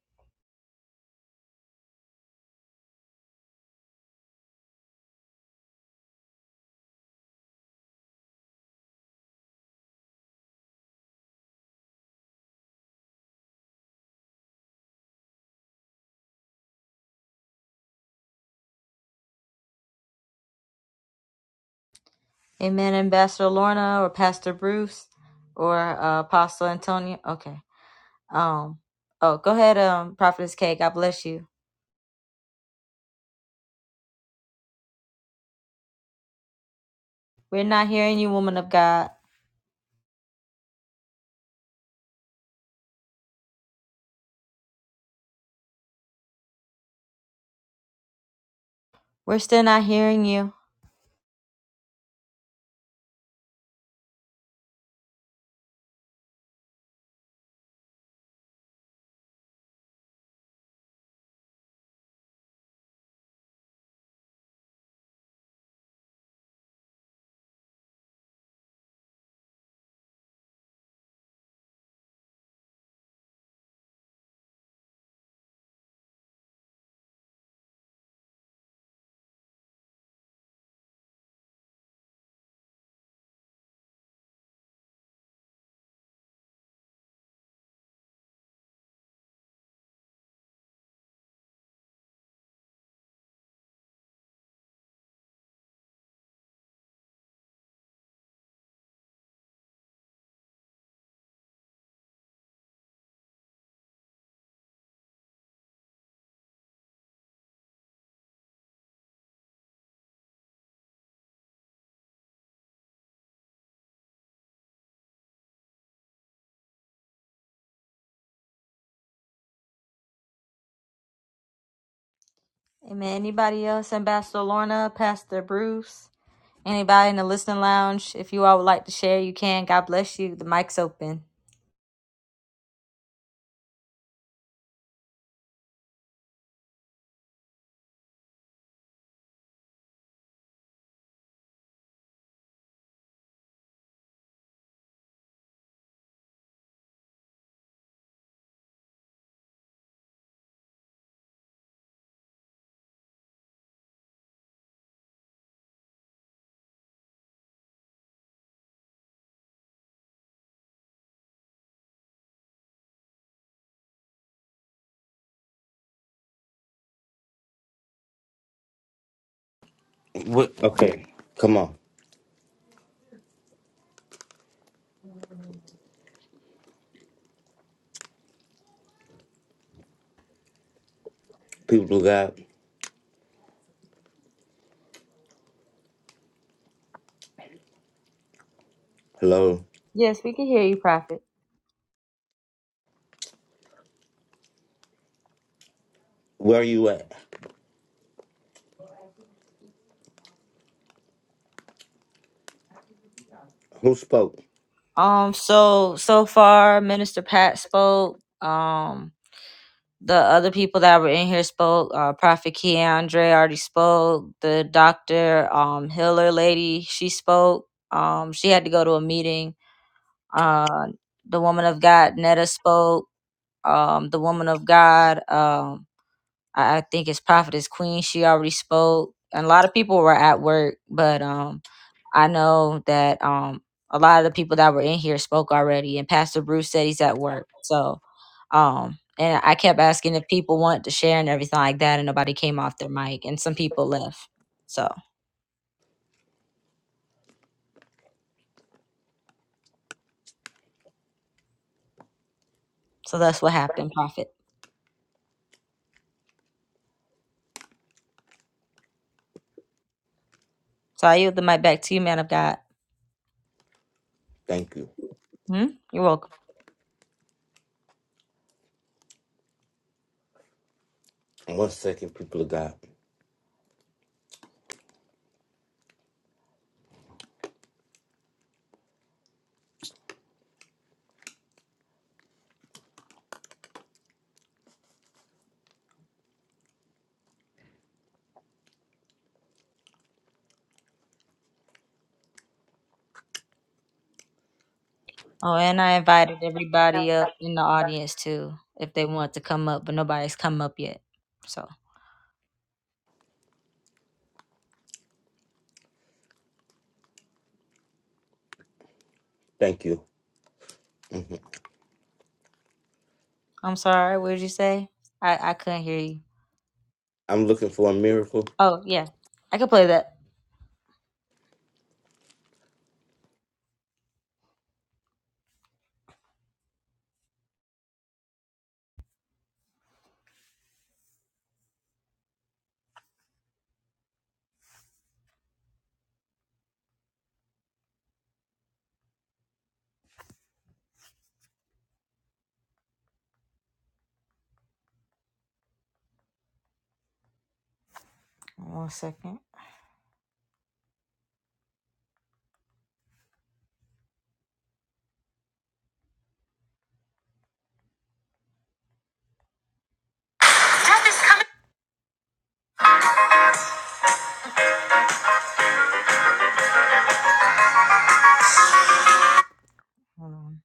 Amen. Ambassador Lorna or Pastor Bruce or uh, Apostle Antonio. Okay. Um, oh, go ahead, um, Prophetess K. God bless you. We're not hearing you, woman of God. We're still not hearing you. Amen. Anybody else? Ambassador Lorna, Pastor Bruce, anybody in the listening lounge? If you all would like to share, you can. God bless you. The mic's open.
What? Okay. Come on. People of God, hello.
Yes, we can hear you, Prophet.
Where are you at? Who spoke?
Um, so so far, Minister Pat spoke. Um, the other people that were in here spoke. Uh, Prophet Keandre already spoke. The doctor, um, Hiller lady, she spoke. Um, she had to go to a meeting. Uh, the woman of God, Netta spoke. Um, the woman of God. Um. I, I think it's Prophetess Queen. She already spoke. And a lot of people were at work, but um, I know that um, a lot of the people that were in here spoke already. And Pastor Bruce said he's at work. So, um, and I kept asking if people wanted to share and everything like that, and nobody came off their mic, and some people left. So, so that's what happened, Prophet. So I yield the mic back to you, man of God.
Thank you.
Hmm? You're welcome.
One second, people of God.
Oh, and I invited everybody up in the audience too, if they want to come up, but nobody's come up yet. So.
Thank you.
I'm sorry. What did you say? I I couldn't hear you.
I'm looking for a miracle.
Oh yeah, I could play that. One second. Hold on.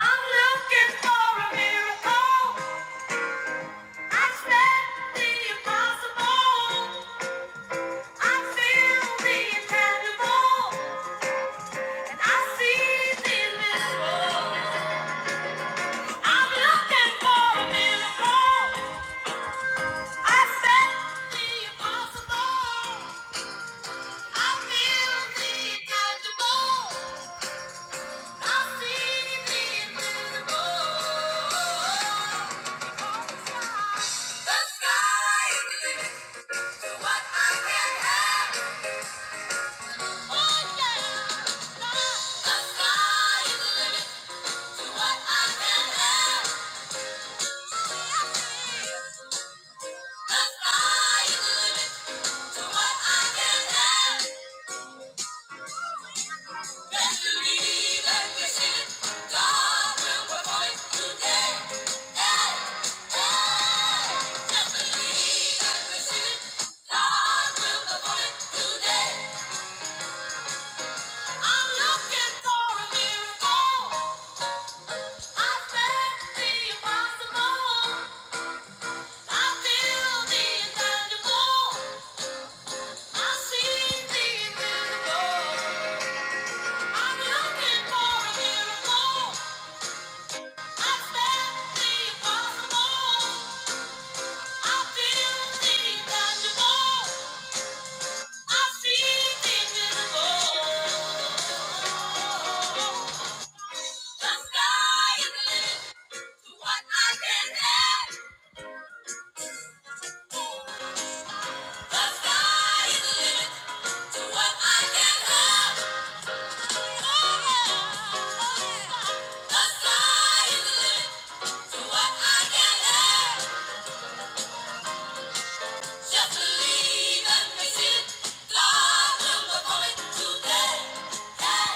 I'm looking for a miracle. I said the impossible. I feel the incredible, and I see the invisible. I'm looking for a miracle. I said the impossible. I feel the incredible. The the sky is the limit to what I can Yeah. I'm looking for a miracle. the the sky isn't limit To what I can have. Just believe and face it. Fly will the moment today. Hey,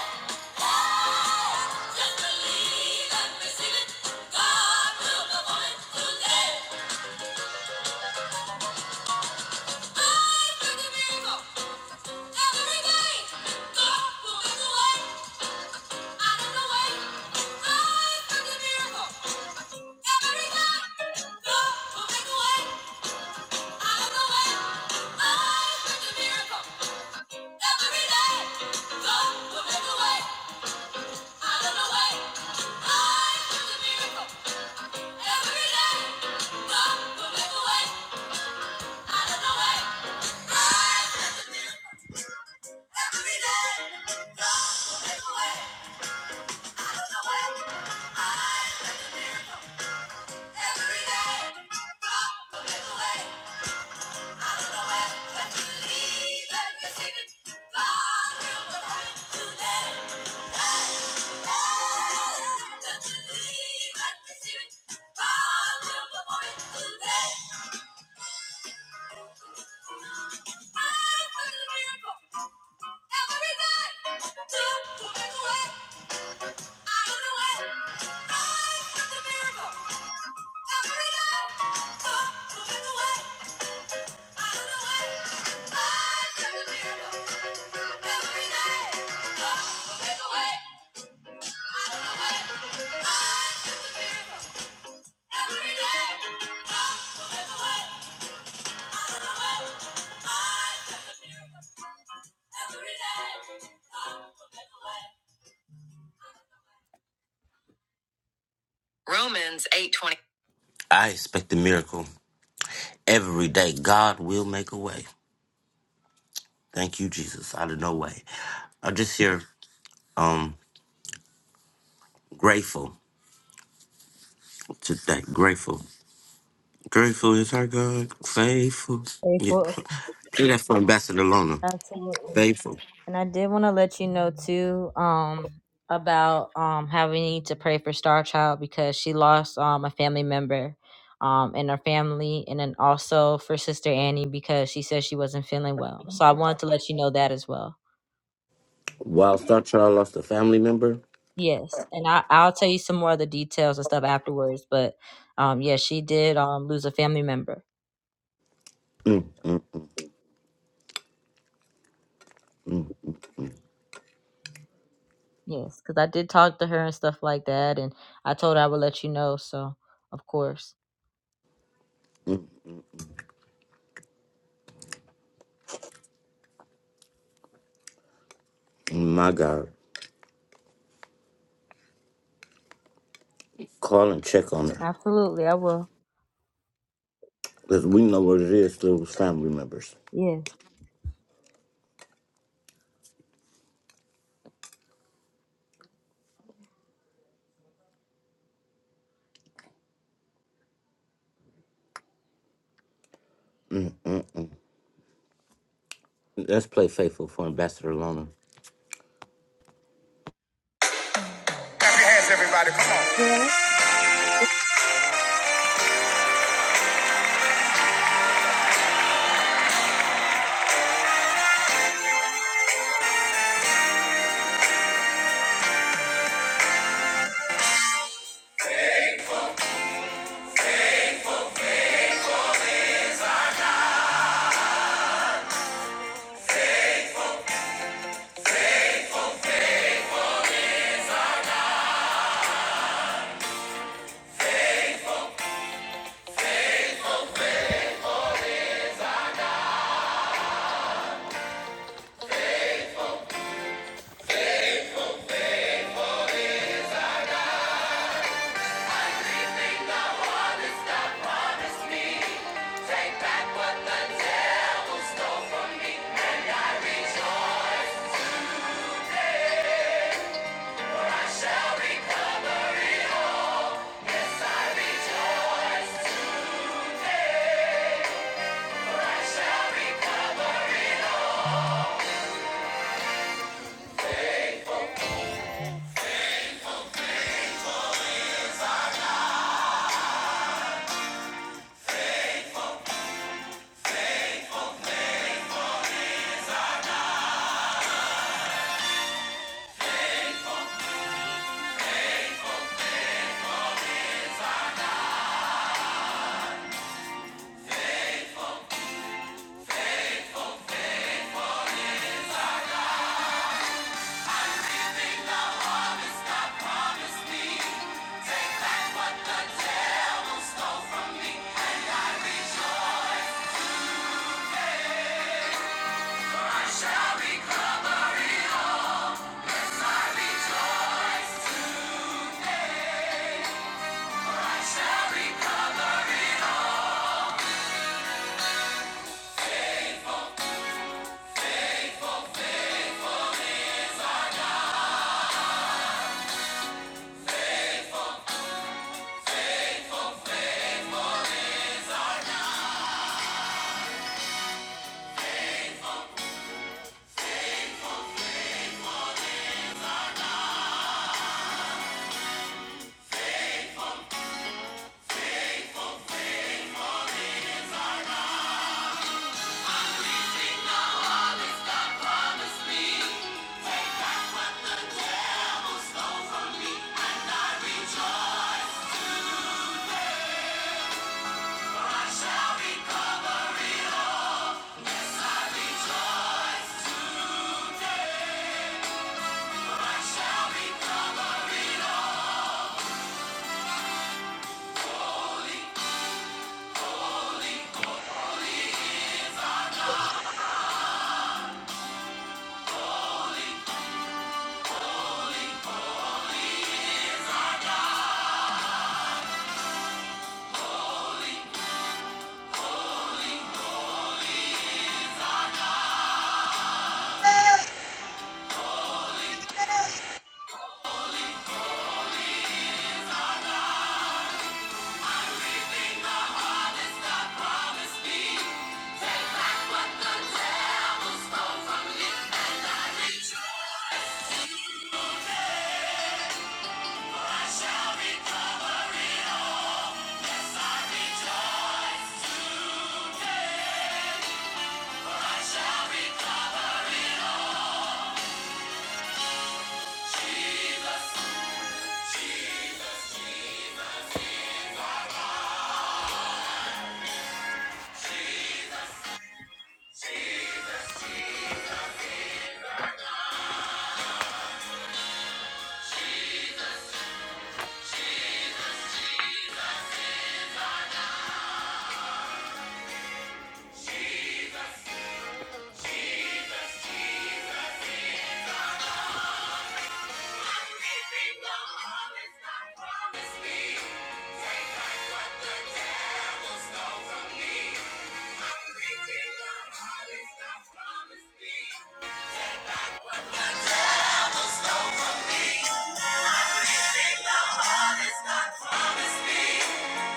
hey. Just believe and receive it. God will perform it today. I will do miracle. Every day. God will make a way out of the way. I will do miracle. Every night. God will make a way. Every day, God will make a way. Every day.
I expect a miracle every day. God will make a way. Thank you, Jesus. Out of no way. I'm just here um grateful today. Grateful. Grateful is our God. Faithful. Yeah.
Faithful.
Play that for Ambassador Lona.
Absolutely.
Faithful.
And I did want to let you know too, um, about um having to pray for Star Child because she lost um a family member um in her family and then also for Sister Annie because she said she wasn't feeling well. So I wanted to let you know that as well.
While Star Child lost a family member,
Yes. And I, I'll tell you some more of the details and stuff afterwards. But um yeah, she did um lose a family member. Yes, because I did talk to her and stuff like that and I told her I would let you know, so of course.
my God. Call and check on her.
Absolutely, I will.
Because we know what it is to lose family members.
Yes.
Let's play Faithful for Ambassador Lona.
Clap your hands, everybody. Come on.
Yeah.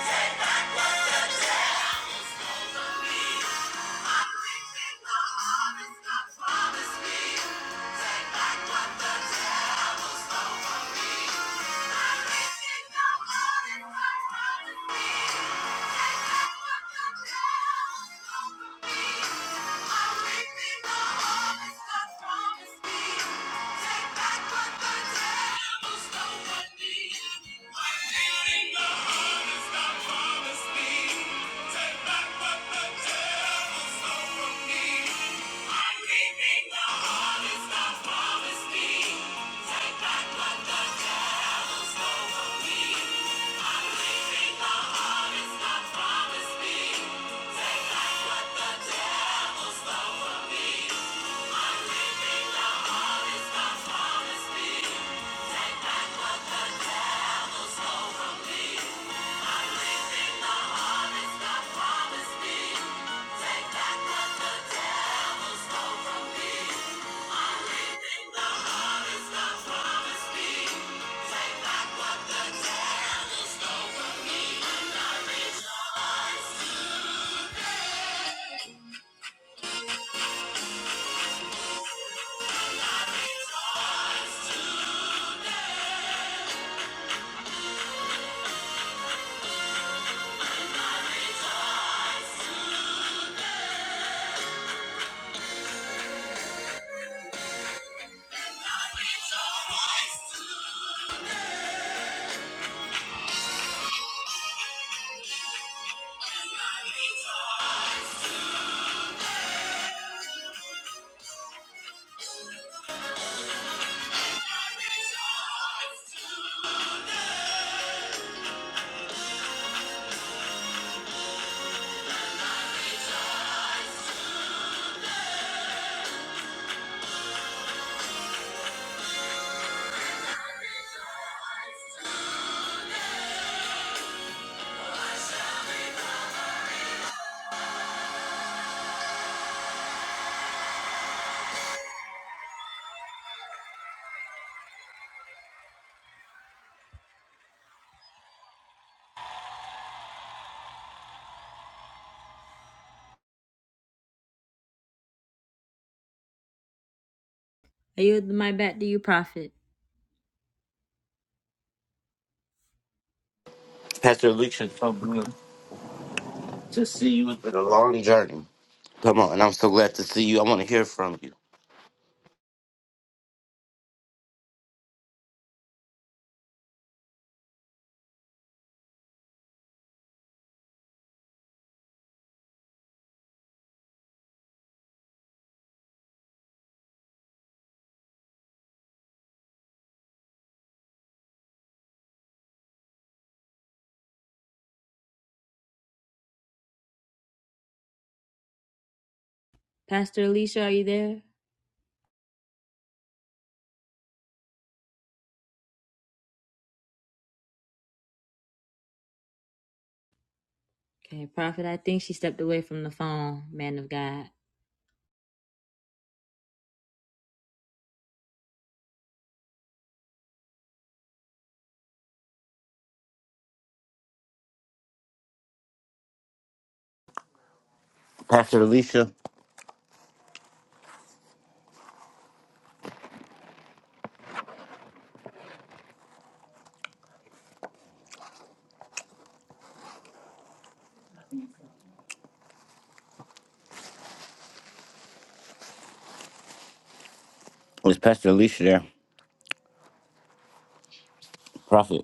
Take back what Yeah. Promise me, take back what the devil stole from me. Rejoice today. I yield my back to you, Prophet.
Pastor Alicia, it's so good to see you. It's been a long journey. Come on, and I'm so glad to see you. I want to hear from you.
Pastor Alicia, are you there? Okay, Prophet, I think she stepped away from the phone, man of God.
Pastor Alicia, is Pastor Alicia there? Prophet,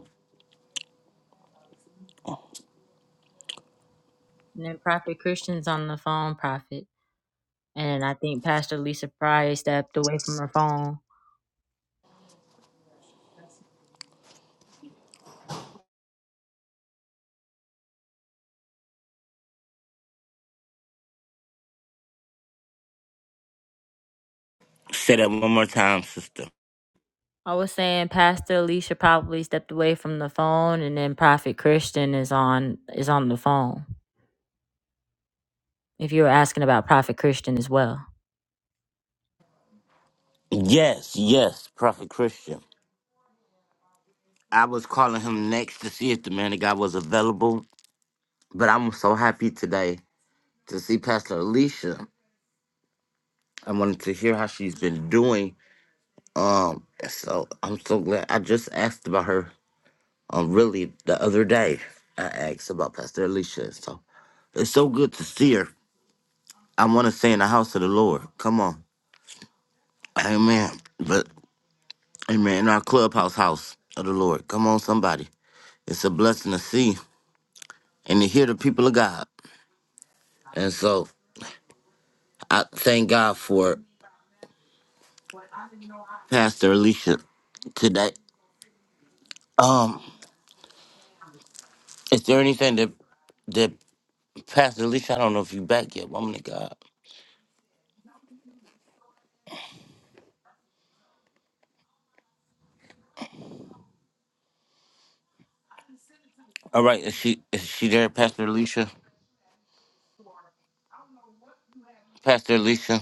And then Prophet Christian's on the phone, Prophet. And I think Pastor Lisa probably stepped away from her phone.
say that one more time, sister.
I was saying Pastor Alicia probably stepped away from the phone and then Prophet Christian is on is on the phone. If you were asking about Prophet Christian as well.
Yes, yes, Prophet Christian. I was calling him next to see if the man of God was available, but I'm so happy today to see Pastor Alicia. I wanted to hear how she's been doing. Um, so I'm so glad. I just asked about her Uh, really, the other day, I asked about Pastor Alicia. So it's so good to see her. I want to stay in the house of the Lord. Come on. Amen. But, amen. In our clubhouse house of the Lord. Come on, somebody. It's a blessing to see and to hear the people of God. And so I thank God for Pastor Alicia today. Um, is there anything that that Pastor Alicia? I don't know if you back yet, woman of God. All right, is she is she there, Pastor Alicia? Pastor Alicia.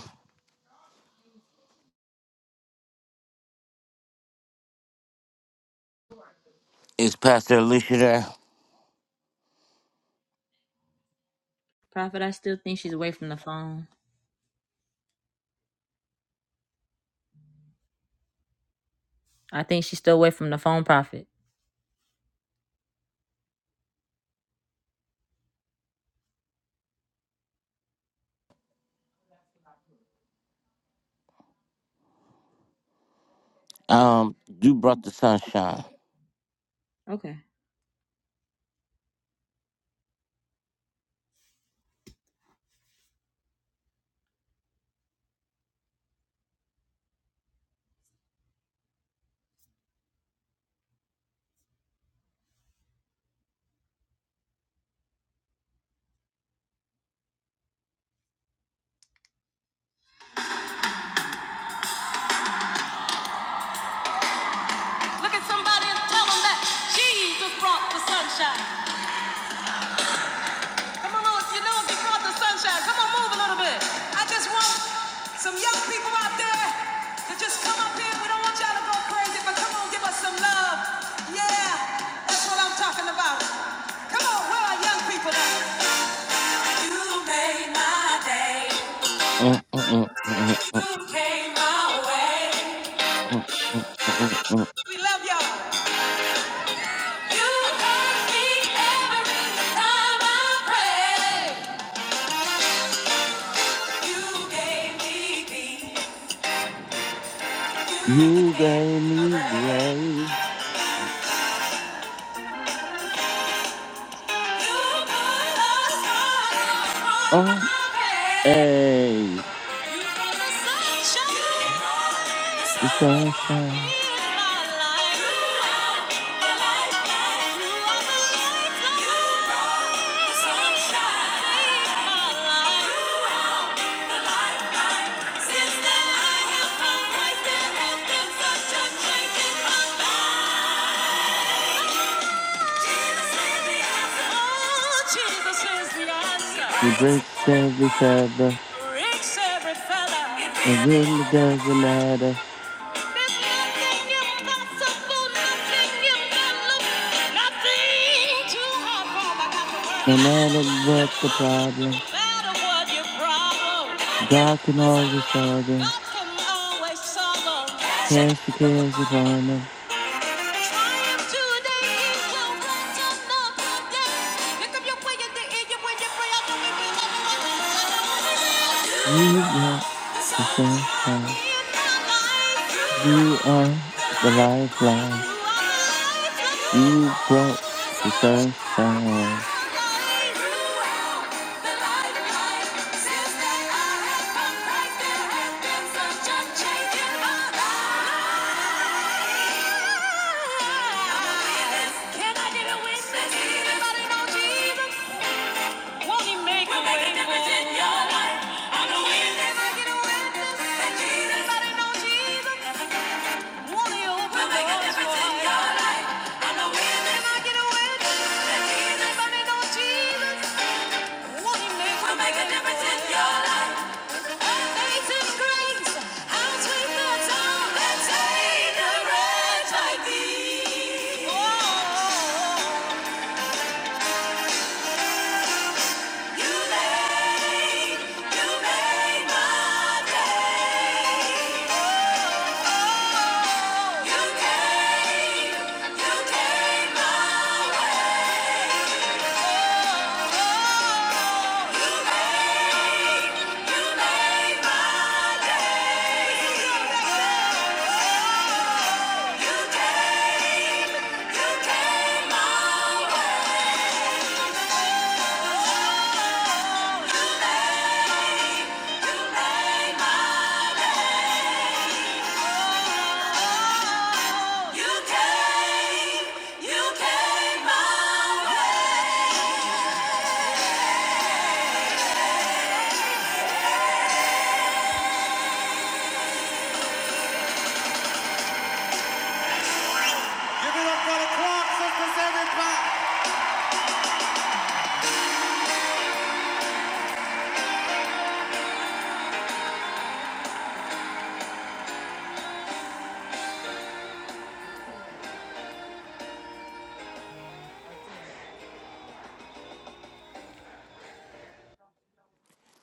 It's Pastor Alicia there.
Prophet, I still think she's away from the phone. I think she's still away from the phone prophet.
Um, you brought the sunshine.
Okay. Look at somebody and tell them that Jesus brought the sunshine. Come on, Lord, you know he brought the sunshine. Come on, move a little bit. I just want some young people out there to just come up here. We don't want y'all to go crazy, but come on, give us some love. Yeah, that's what I'm talking about. Come on, where are young people at? You made my day.
Mm, mm, mm, mm,
You came my way.
mm, mm, mm. mm, mm.
We love y'all. Sunshine.
You gave me grace. Oh, hey, the sunshine. He breaks every feather.
Breaks every fella.
It really doesn't matter.
Pick up your way and
No matter what the problem, God can always solve them. Cast your cares upon them.
the end, you when you pray, I know it will.
You brought
Can I
the sunshine.
get
You are the lifeline. You brought the sunshine.
a witness? Does Anybody know Jesus? Won't he make a way for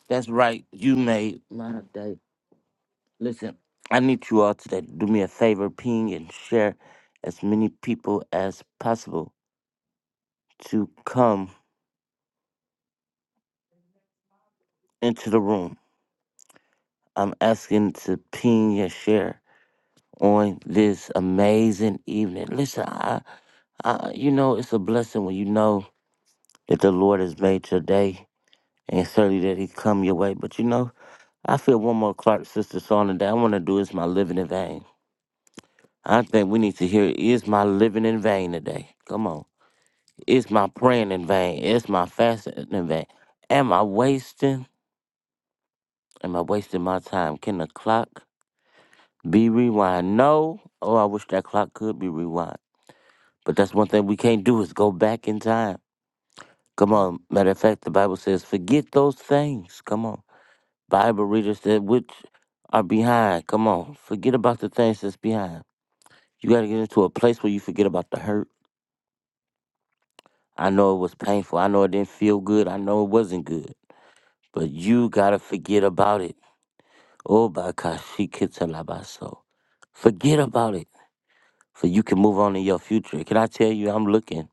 That's right. You made my day. Listen, I need you all today to do me a favor, ping and share as many people as possible to come into the room. I'm asking to ping and share on this amazing evening. Listen, I, I, you know, it's a blessing when you know that the Lord has made your day and certainly that he come your way. But you know, I feel one more Clark sister song today. I want to do is my living in vain. I think we need to hear is my living in vain today. Come on, is my praying in vain? Is my fasting in vain? Am I wasting? Am I wasting my time? Can the clock be rewind? No. Oh, I wish that clock could be rewind. But that's one thing we can't do is go back in time. Come on. Matter of fact, the Bible says, forget those things. Come on Bible readers that which are behind. Come on, forget about the things that's behind. You got to get into a place where you forget about the hurt. I know it was painful. I know it didn't feel good. I know it wasn't good. But you got to forget about it. Oh, Bakashikitalabaso. Forget about it. so you can move on in your future. Can I tell you, I'm looking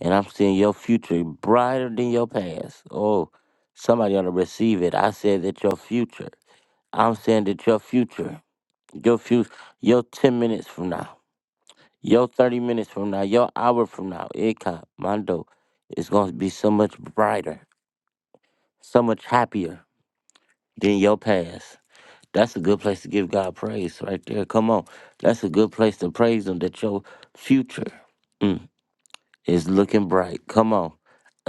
and I'm seeing your future brighter than your past. Oh, somebody ought to receive it. I said that your future. I'm saying that your future. Your few, your ten minutes from now, your thirty minutes from now, your hour from now, Ika Mondo is going to be so much brighter, so much happier than your past. That's a good place to give God praise right there. Come on, that's a good place to praise Him that your future. mm, It's looking bright. Come on.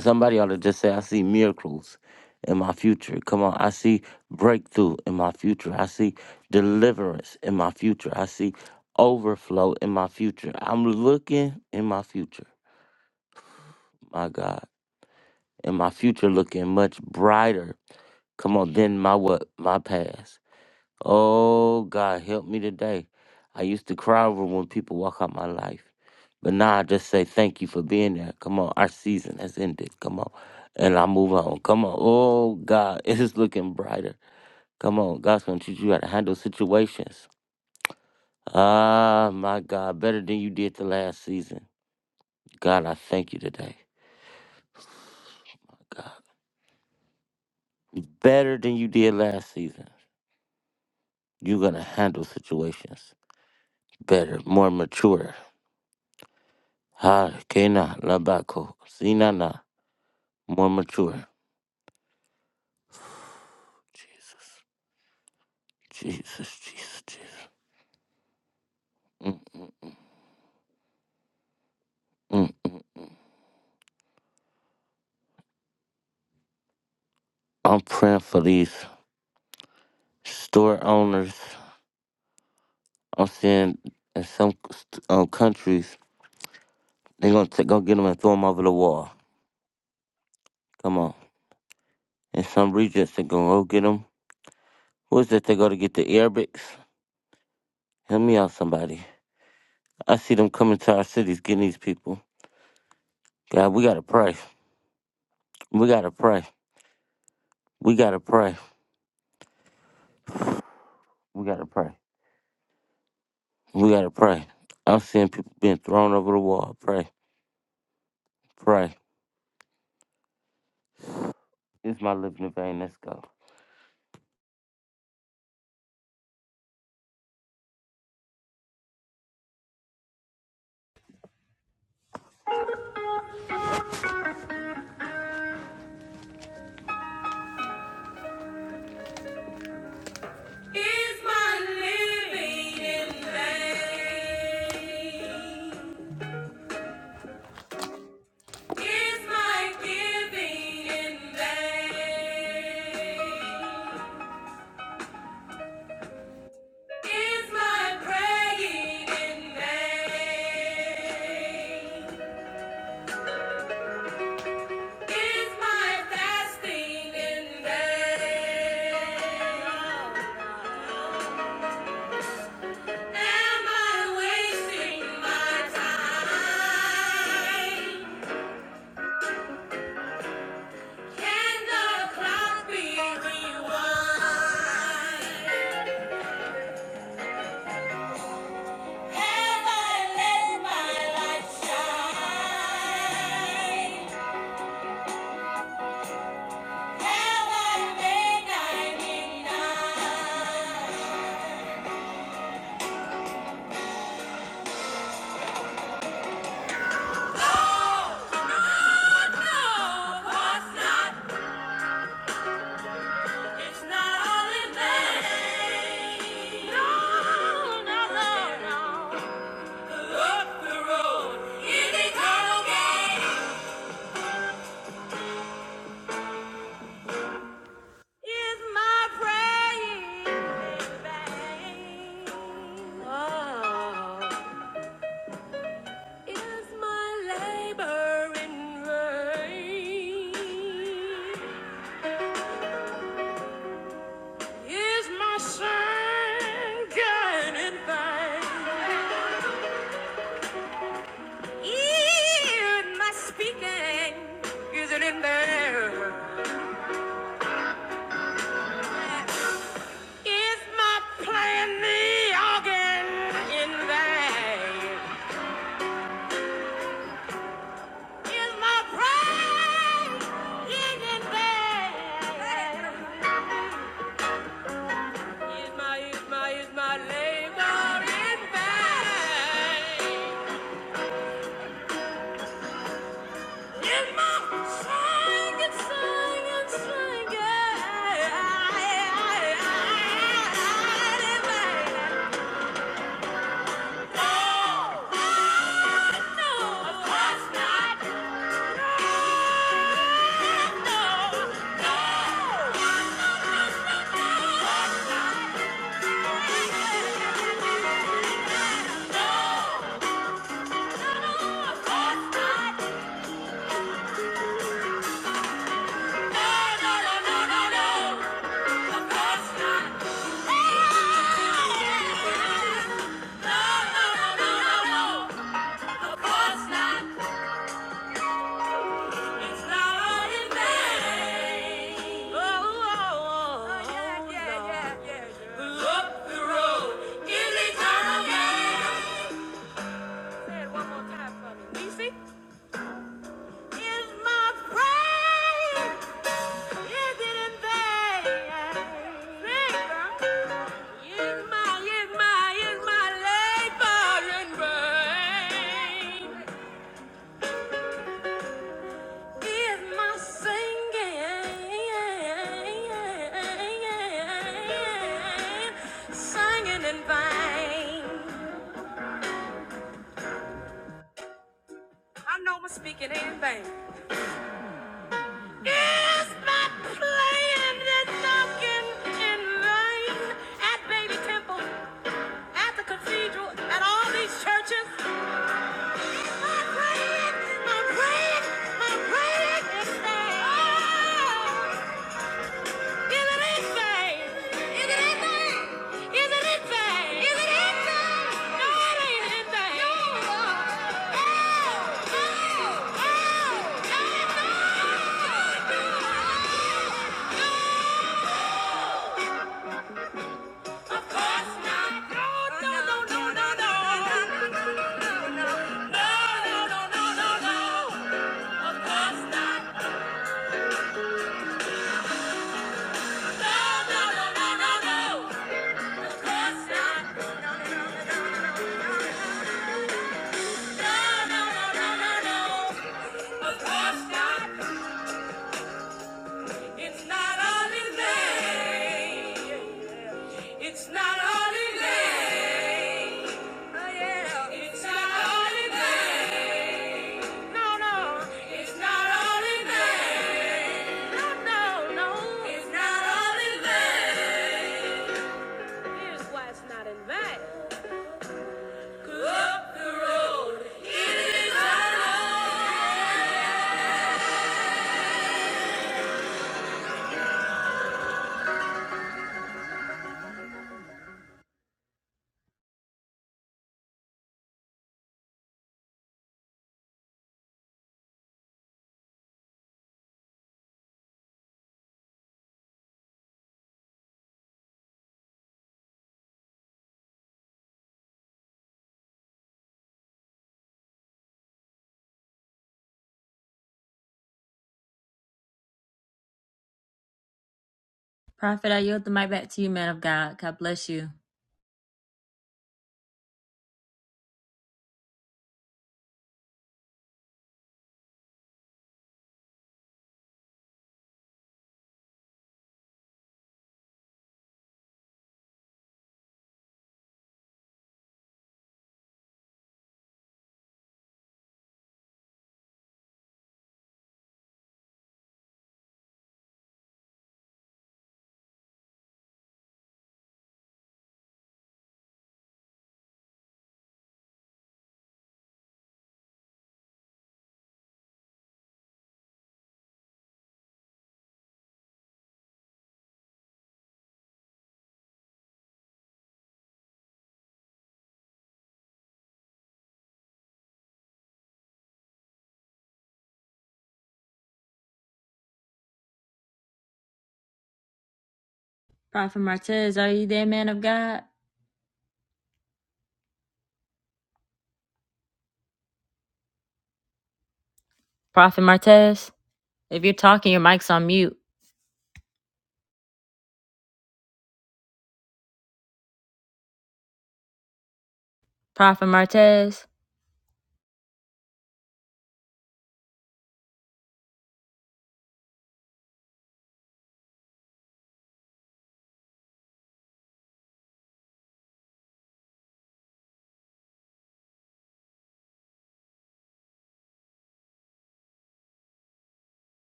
Somebody ought to just say, I see miracles in my future. Come on. I see breakthrough in my future. I see deliverance in my future. I see overflow in my future. I'm looking in my future, my God. And my future looking much brighter. Come on, than my what? My past. Oh, God, help me today. I used to cry over when people walk out my life. But now I just say thank you for being there. Come on, our season has ended. Come on. And I move on. Come on. Oh, God, it is looking brighter. Come on. God's going to teach you how to handle situations. Ah, my God, better than you did the last season. God, I thank you today. God, better than you did last season. You're going to handle situations better, more mature. Ha, Kena, Labako, Sinana, more mature. Jesus, Jesus, Jesus, Jesus. Mm, mm. I'm praying for these store owners. I'm seeing in some um, countries, they're going to go get them and throw them over the wall. Come on. In some regions, they're going to go get them. Who is it they go to get the Arabics? Help me out, somebody. I see them coming to our cities getting these people. God, we got to pray. We got to pray. We got to pray. We got to pray. We gotta pray. I'm seeing people being thrown over the wall. Pray, pray. It's my living in vain. Let's go.
Is my giving in vain? my praying? Is my fasting in vain? Am I wasting my time? Can the clock be rewind? Have I let my light shine? Have I made ninety-nine? Oh, no, no, what's not It's not only vain. No, no, no, no. Up the road is my praying Oh, is my labor in Is my singing in vain? Even my speaking is it in vain? Is my playing the organ in vain? Is my praying in vain? Is my, is my, is my labor in vain? Is my singing, singing, singing in vain? Oh, yeah, yeah, yeah. Is eternal. Is my I know i Speaking in vain. Is my playing and talking in vain at Baby Temple? at the cathedral, at all these churches. No, no, no, no, no, no. Of course not. It's not only that. It's not only, not only that. It's not only that. Prophet, I yield the mic back to you, man of God. God bless you. Prophet Martez, are you there, man of God? Prophet Martez, if you're talking, your mic's on mute. Prophet Martez.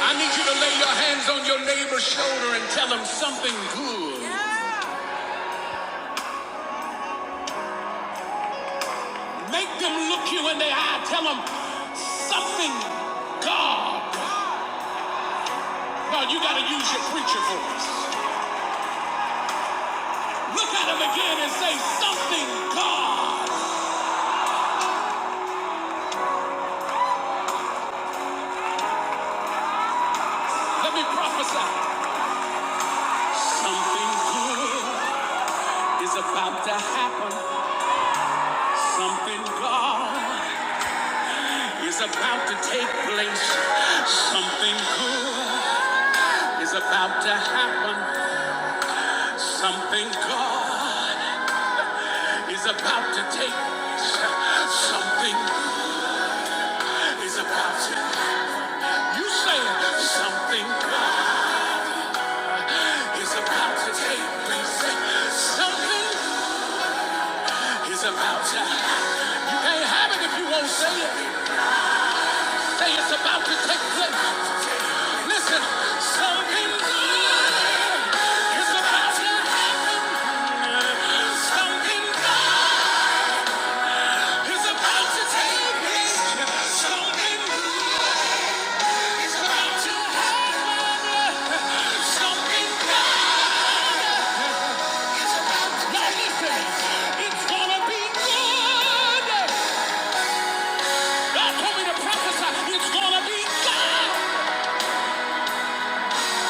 I need you to lay your hands on your neighbor's shoulder and tell them something good. Make them look you in the eye. Tell them something God. Look at them again and say, God. something good is about to happen. Something God is about to take place. Something good is about to happen. Something God is about to take place. Something is about to You saying something good is about to take place. Something is about to happen. You can't have it if you won't say it. Say it's about to take place. Listen, something good is about to happen. Something good is about to take place. Something good is about to happen. Something good. Now listen. It's gonna be good. God told me to prophesy. It's gonna be good.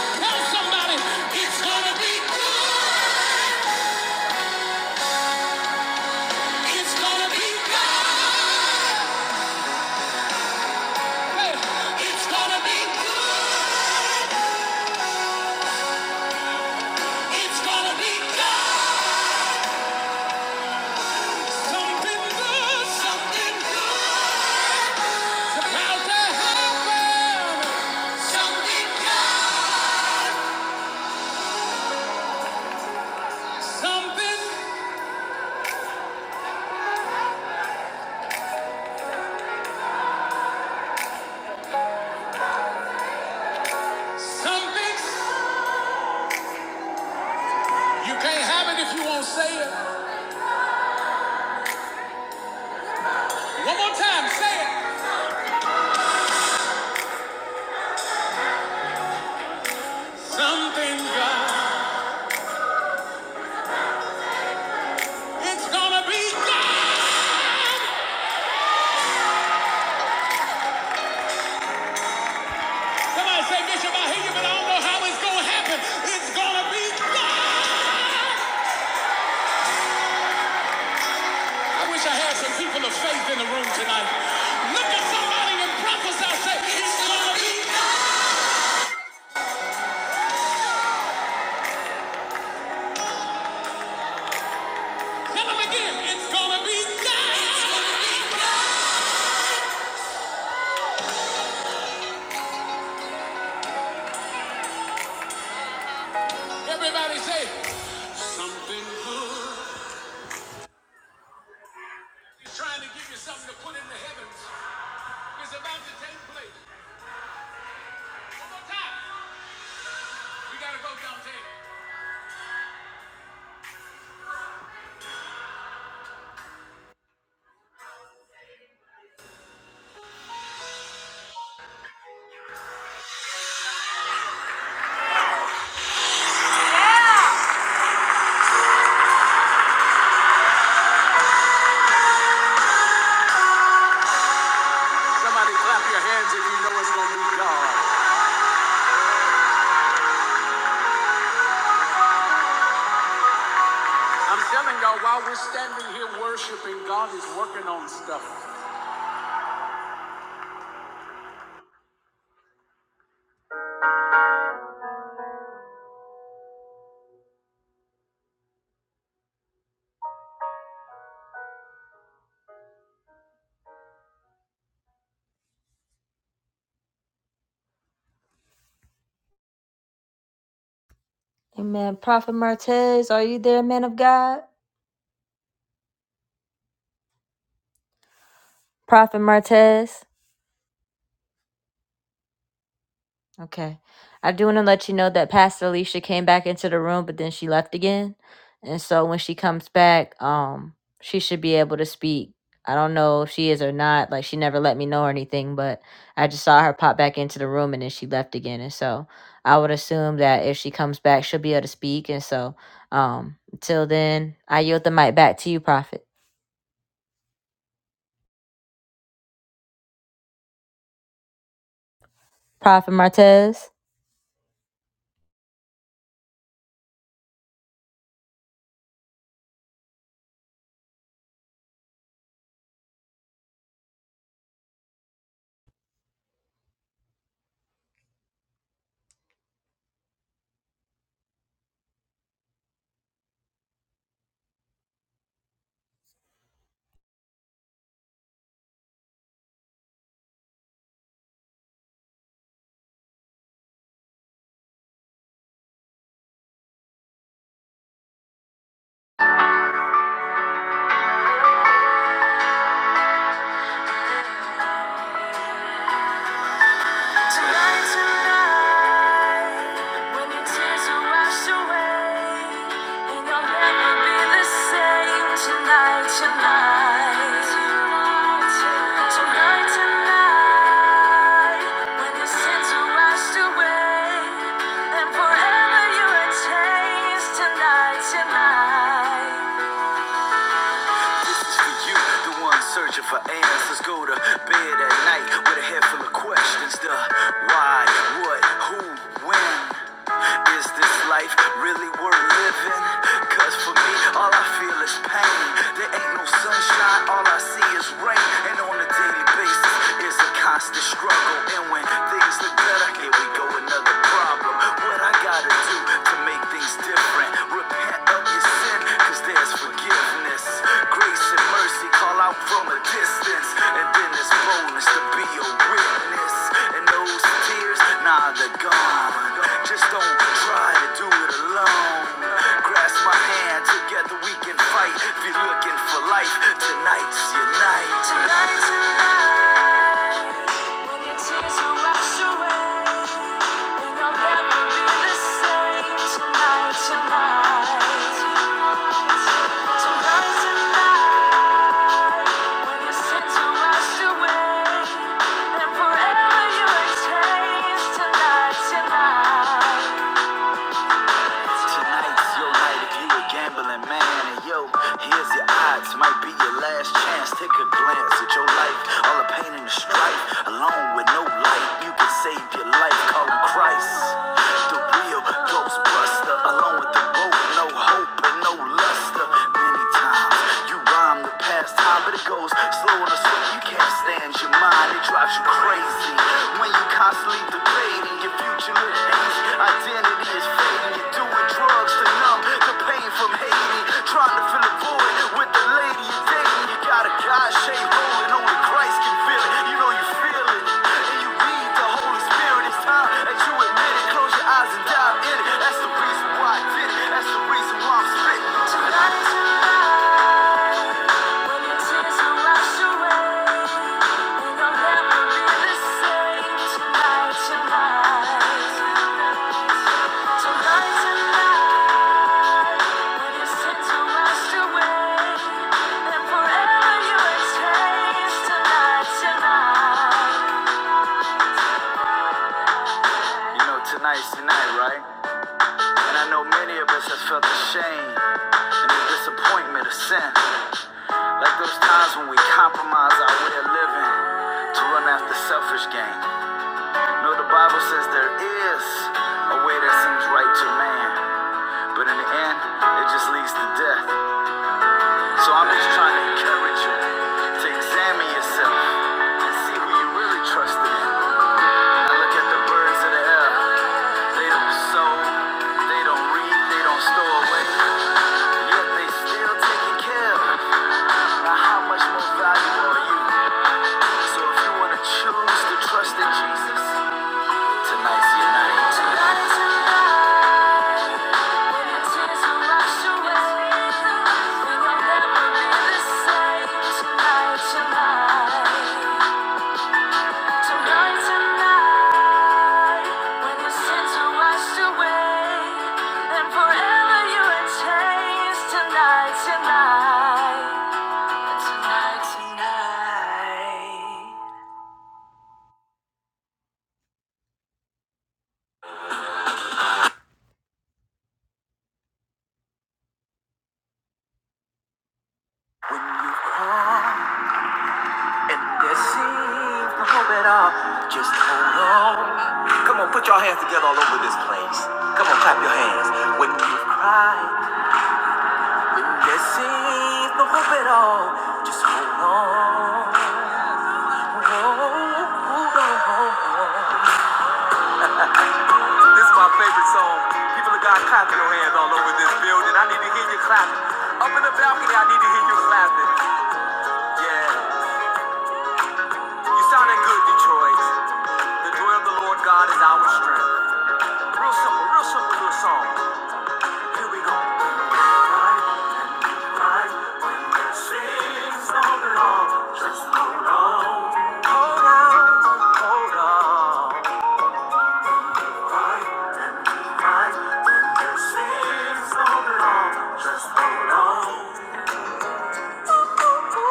Tell somebody. It's gonna be good. It's gonna be good. Hey, It's gonna be good. It's gonna be good. Something good. Something good. About to happen. Something good. Something. Something. You can't have it if you won't say it. One more time. Say it. Something good. It's gonna be good. Somebody say, Bishop, I hear you, but I don't know how it's going to happen. It's going to be God. I wish I had some people of faith in the room tonight. Look at somebody and prophesy, say, it's going to be God. Tell them again, it's going to be God. It's gonna be God. Everybody say, something good. He's trying to give you something to put in the heavens. It's about to take place. One more time. We got to go downtown. Somebody clap your hands if you know it's going to be God. I'm telling y'all, while we're standing here worshiping, God is working on stuff. Amen. Prophet Martez, are you there, man of God? Prophet Martez. Okay. I do want to let you know that Pastor Alicia came back into the room, but then she left again. And so when she comes back, um, she should be able to speak. I don't know if she is or not. Like she never let me know or anything, but I just saw her pop back into the room and then she left again. And so I would assume that if she comes back, she'll be able to speak. And so um until then, I yield the mic back to you, Prophet. Prophet Martez. So remember forever you were changed tonight, tonight. This is for you, the one searching for answers. Go to bed at night with a head full of questions. The why, what, who, when. Is this life really worth living? Cause for me, all I feel is pain. There ain't no sunshine, all I see is rain. And on a daily basis, it's a constant struggle. And when things look better, here we go, another problem. What I got? gotta do to make things different? Repent of your sin, cause there's forgiveness. Grace and mercy call out from a distance. And then there's boldness to be a witness. And those tears, nah, they're gone. Just don't try to do it alone. Grasp my hand, together we can fight. If you're looking for life, tonight's your night. Tonight's your night. Tonight's your night if you a gambling man. And yo, here's your odds. Might be your last chance. Take a glance at your life. All the pain and the strife. Alone with no light. You can save your life. Call him Christ. The real Ghostbuster. Alone with the rope. No hope and no luster. Many times you rhyme the past time, but it goes slow and slow. You can't stand your mind drives you crazy. When you constantly debating your future look hazy, identity is fading. You're doing drugs to numb the pain from hating, trying to fill a void with the lady you're dating. You got a God shaped hole, and only Christ can fill it. You know you feel it, and you need the Holy Spirit. It's time that you admit it. Close your eyes and dive in it. That's the reason why I did it. That's the reason why I'm spitting. Tonight is your night. You know Tonight's the night, right? And I know many of us have felt the shame and the disappointment of sin. Like those times when we compromise our way of living to run after selfish gain. No, the Bible says there is a way that seems right to man, but in the end, it just leads to death. So I'm just trying to encourage you to examine yourself and see who you really trust in. I look at the birds of the air. They don't sow, they don't read, they don't store away, yet they still taking care of. Now, how much more valuable are you? So if you want to choose to trust in Jesus, tonight's your night. When you call and there seems no hope at all, just hold on. Come on, put your hands together all over this place. Come on, clap your hands. When you cry, when there seems no hope at all, just hold on. Hold on. This is my favorite song. People of God, clap your hands all over this building. I need to hear you clapping. Up in the balcony, I need to hear you clapping. Yeah. You sounding good, Detroit. The joy of the Lord God is our strength. Real simple, real simple little song. Here we go. Sings on and on, just hold on. Hold on, hold on. Right and right, when it sings on and just hold on.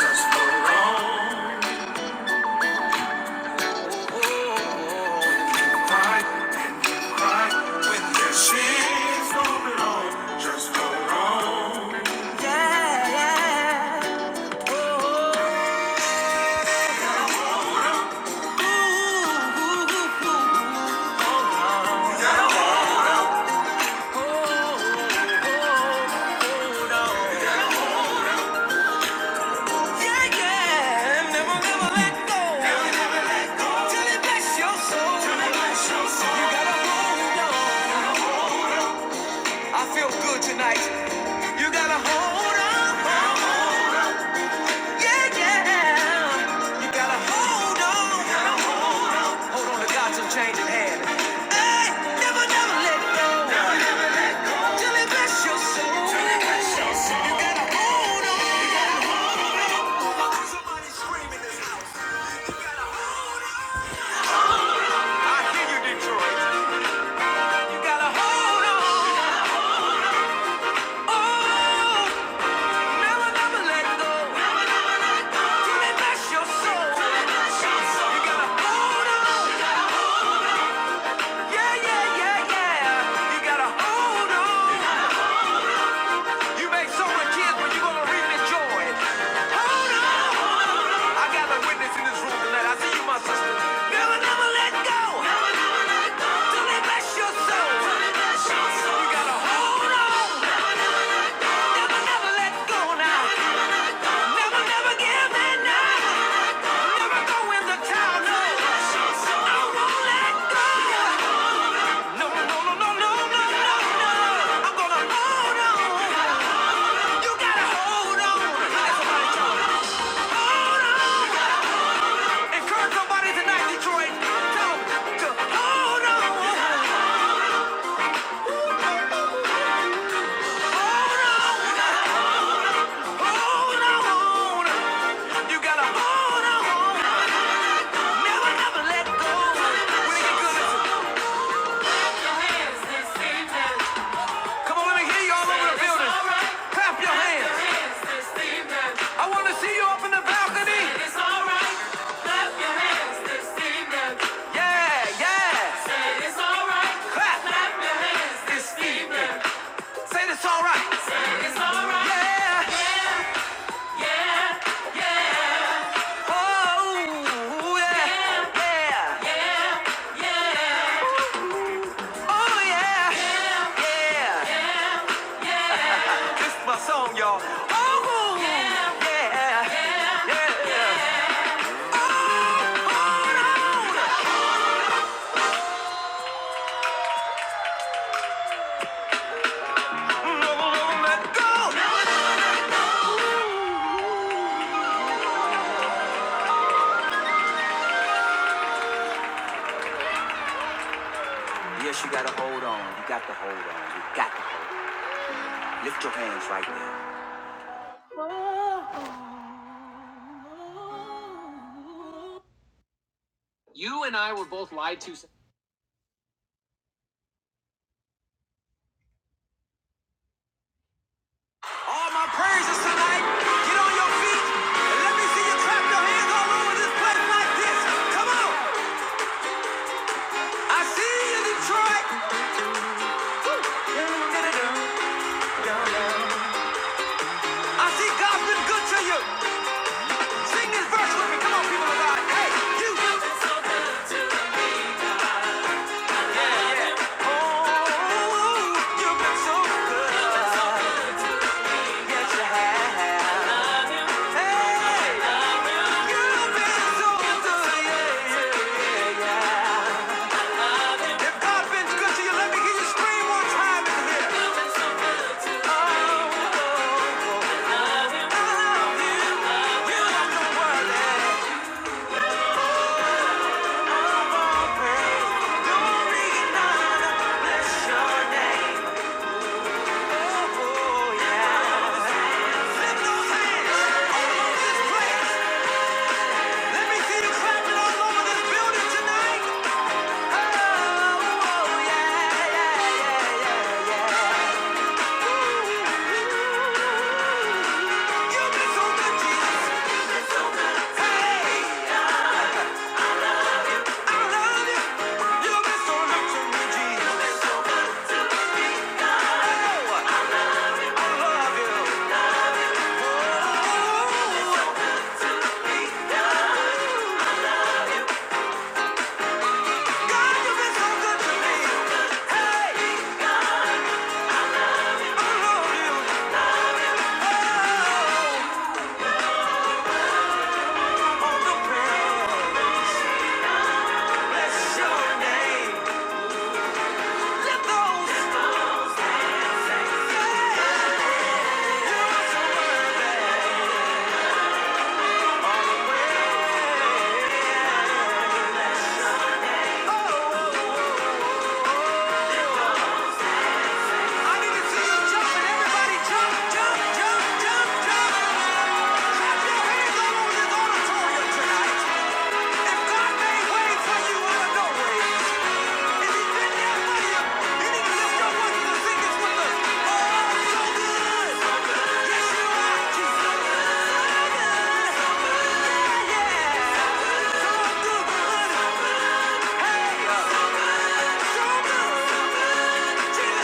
Just hold on. Cry, you Yeah, yeah. Never, never let go. it bless your soul. You gotta hold on. I feel good tonight. You gotta hold on. Yeah, yeah. You gotta hold on. No, hold on. to God's unchanging hand. Hey, never, never let go. Till it bless your soul. You gotta hold on. You gotta hold on. Oh, never, never let go. Till it bless your soul. You gotta hold on. Yeah, yeah, yeah, yeah. You gotta hold on. You make so much kids, but you're gonna reap this joy. Hold on! I got a witness in this room tonight. I see you, my sister. Never, never let go. Never, never let go. Till they bless your soul. Till they bless your soul. You gotta hold on. Never, never, never, never let go now. Never, never give in now. Never go in the towel, no. I won't let go. No, no, no, no, no, no, no, no, no. I'm gonna hold on. You gotta hold on. hold on. Encourage somebody tonight, Detroit. hold on. Hold on. Hold on. You gotta hold on. Never, never let go. When it get good, Come on, let me hear you all over the building. Clap your hands. I want to see you up in the balcony. It's alright, clap your hands, this evening. Yeah, yeah. Say it's alright, Clap. clap your hands, this evening. Say it's alright, Yeah. Yeah. Oh, yeah. Yeah. Yeah. Oh, yeah. Yeah. This is my song, y'all. Oh, yeah. Yeah. Never gonna let go. Never gonna let go. Yes, you gotta hold on. You got to hold on. You got to lift your hands right now. You and I were both lied to. All my praises tonight. Get on your feet and let me see you clap your hands all over this place like this. Come on. I see you, Detroit. I see God's been good to you. Sing this verse with me. Come on, people of God. Hey, you. You've been so, you've been so good. Yes, you have. Hey, you've been so good. Yeah, yeah. If God been good to you, let me hear you scream one time in here. You've been so good to me. Oh, I love you. You don't know what that glory and honor bless your name. Oh, yeah. Lift those hands all over this place. Let me see you clapping all over this building tonight. Oh, oh, yeah, yeah, yeah, yeah, yeah. Ooh. You've been so good, Jesus. Hey. Let those, oh, oh, oh. I need to see you jumping. Everybody jump, jump, jump, jump, jump. Clap your hands all over this auditorium tonight. If God made way for you out of no way, if He been there for you, you need to lift your voices and sing this with us. Oh, i so good. Yes, so good. Yeah. So good. So good. Yeah!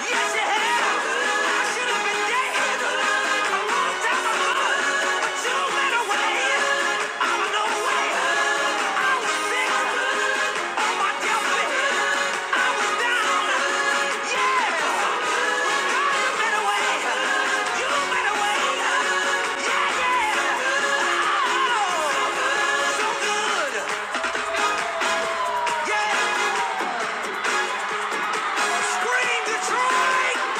Yes, it has. I should have been dead a long time ago, but you went away. I was no way. I was sick on my deathbed. I was down. Yeah, you went away. You went away. Yeah, so good. Yeah, scream Detroit.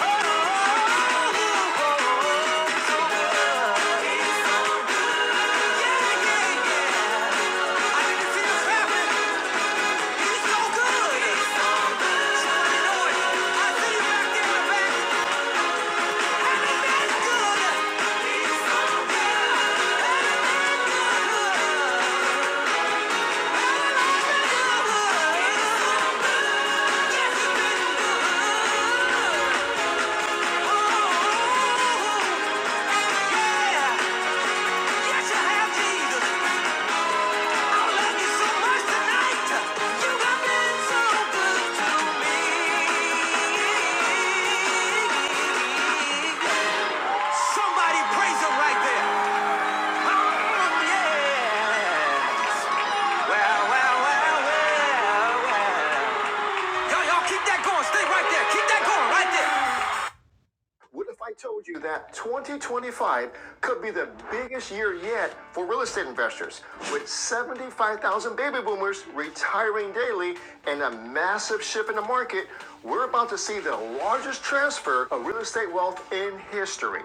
Oh, oh, oh, oh. I didn't see this happen. Somebody praise him right there. Oh, yeah. Well, well, well, well, well. well. Y'all, y'all keep that going. Stay right there. Keep that going right there. What if I told you that 2025 could be the biggest year yet for real estate investors, with 75,000 baby boomers retiring daily and a massive shift in the market? We're about to see the largest transfer of real estate wealth in history.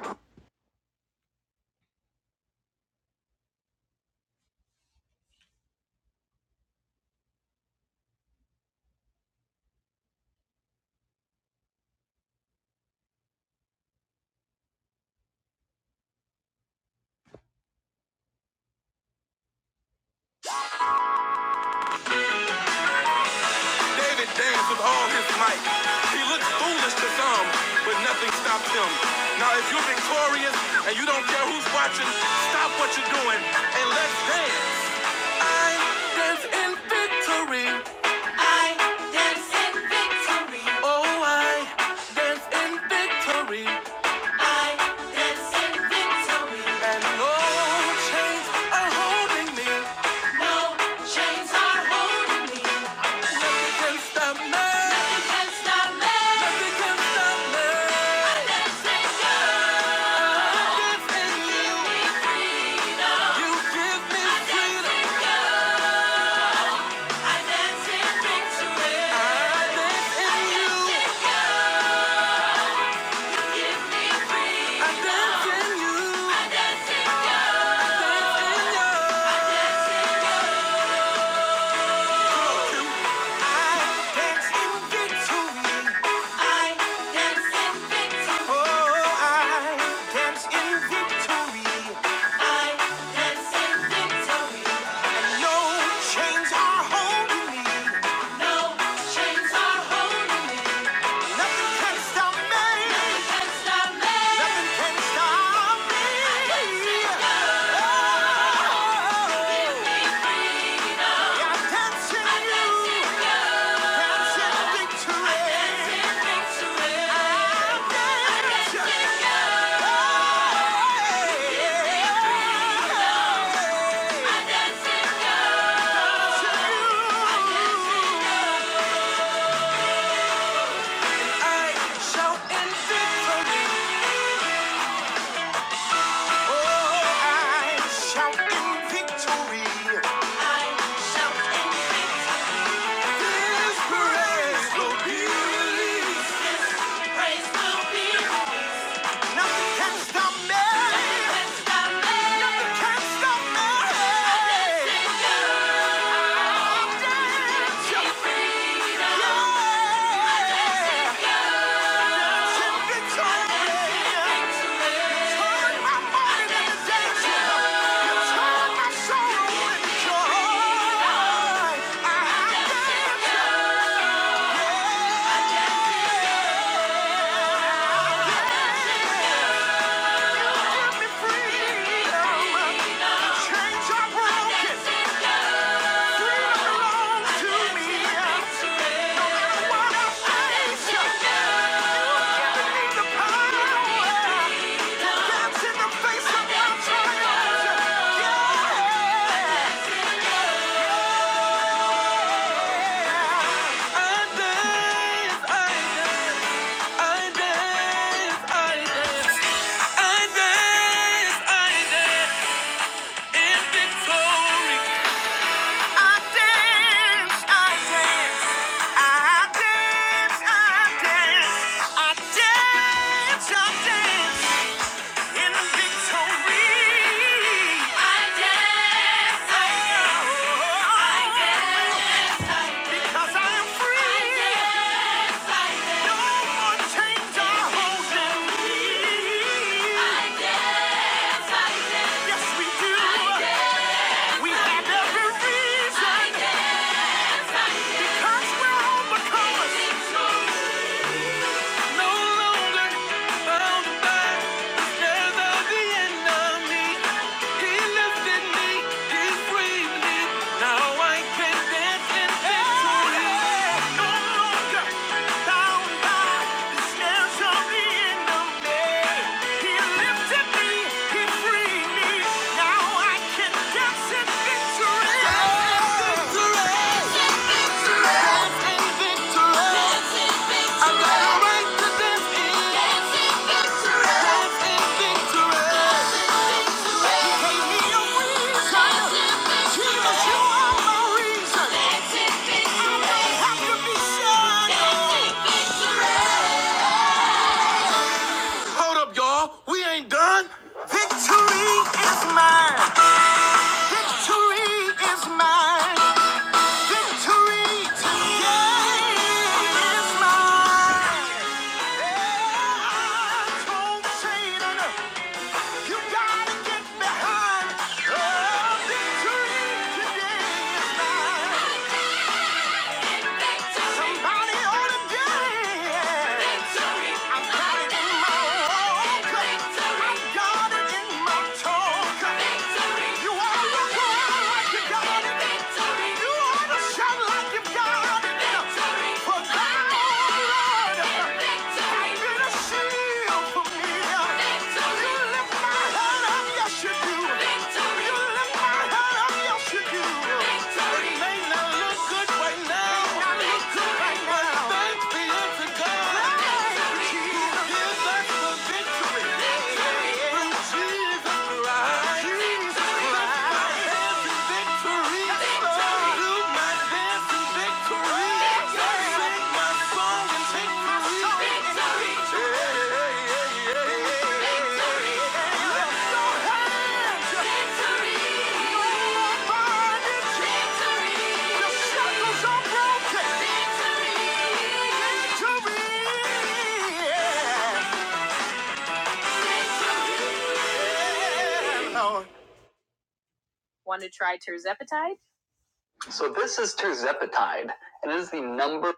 David danced with all his might. He looked foolish to some, but nothing stopped him. Now, if you're victorious and you don't care who's watching, stop what you're doing and let's dance. I dance in victory. I dance in victory. Oh, I dance in victory. Dance in victory. And no chains are holding me. No chains are holding me. Nothing can stop me. Nothing. can yeah. Yeah. I dance, I dance in victory. I dance, I dance, I dance, I dance, I dance, I dance in victory. I dance, I dance, 'cause I'm free. No more chains are holding me. Yes, we do. We have every reason 'cause we're overcomers. No longer bound by the snares of the enemy. He lifted me, he freed me. Now I can dance in victory. No longer bound by the snares of the enemy. He lifted me, he freed me. Now I can dance in victory. victory. Hold up, y'all. We ain't done. Victory is mine. Victory is mine. Victory today is mine. Yeah, You gotta get behind. Oh, victory today is mine. Somebody ought to dance. Got it in my walk. I got it in my talk. You are the one. You ought to like shield for me. You lift my head up, yes you do. You lift my head up, yes you do. may not look good right now. Victory! Appetite number.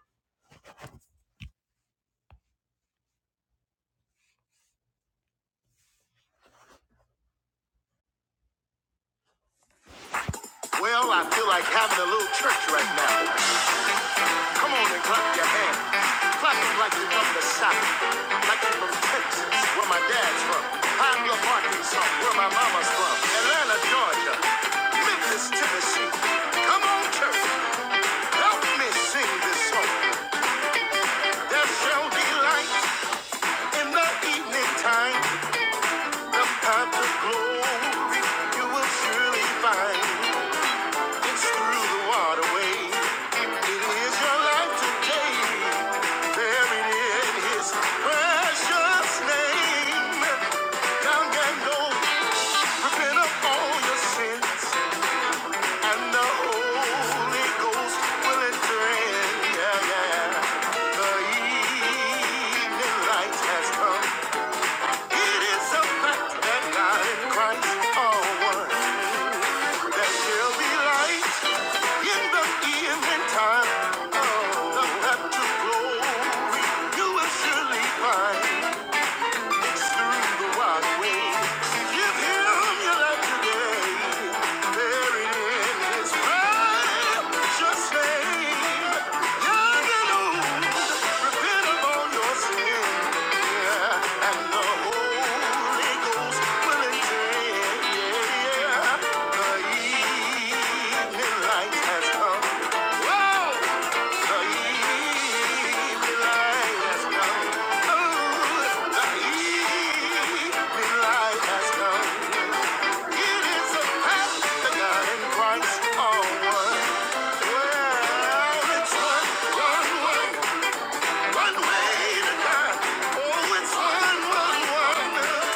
Well, I feel like having a little church right now. Come on and clap your hands. Clap it like you from the South, like you from Texas, where my dad's from. I'm your Arkansas, where my mama's from. Atlanta, Georgia, Memphis, Tennessee. Come on, church, help me sing this song. There shall be light in the evening time. The path of glory you will surely find. It's through the waterway. It is your life today. Buried in His precious name. Down and low, all your sins, and the Holy Ghost will enter Yeah, yeah. The evening light has come. It is a fact that God and Christ are one there'll be light in the evening time. Oh, the path to glory you will surely find has come. Whoa! One way to God. Oh, it's one, one, one.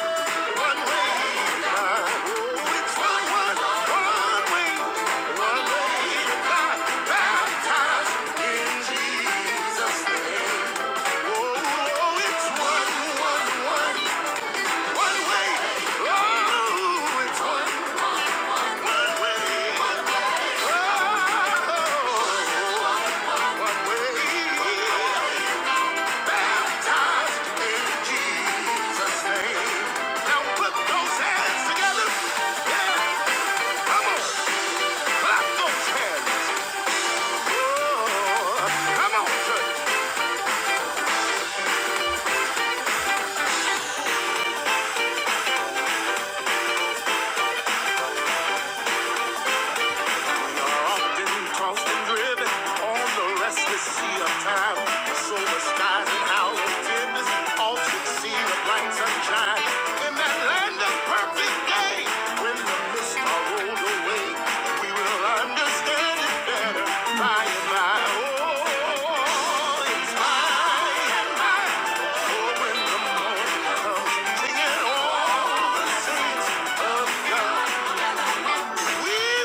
Now put those hands together. Yeah. Come on. Clap those hands. Oh, come on, church. are often tossed and driven on the restless sea of time. So the skies and howling timbers all succeed with bright sunshine. In that land of perfect day, when the mists are rolled away, we will understand it better by and by. Oh, it's by and by. Oh, when the morning comes, singing all the saints of God. We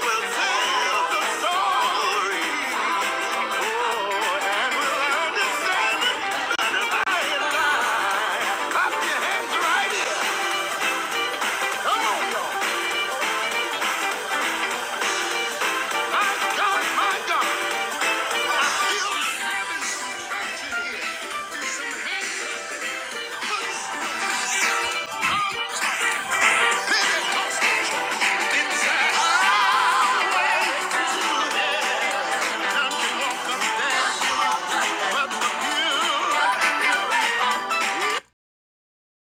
will tell the story. Oh, and we'll understand it better by and by. Clap your hands right here. Come on, y'all. My God, my God.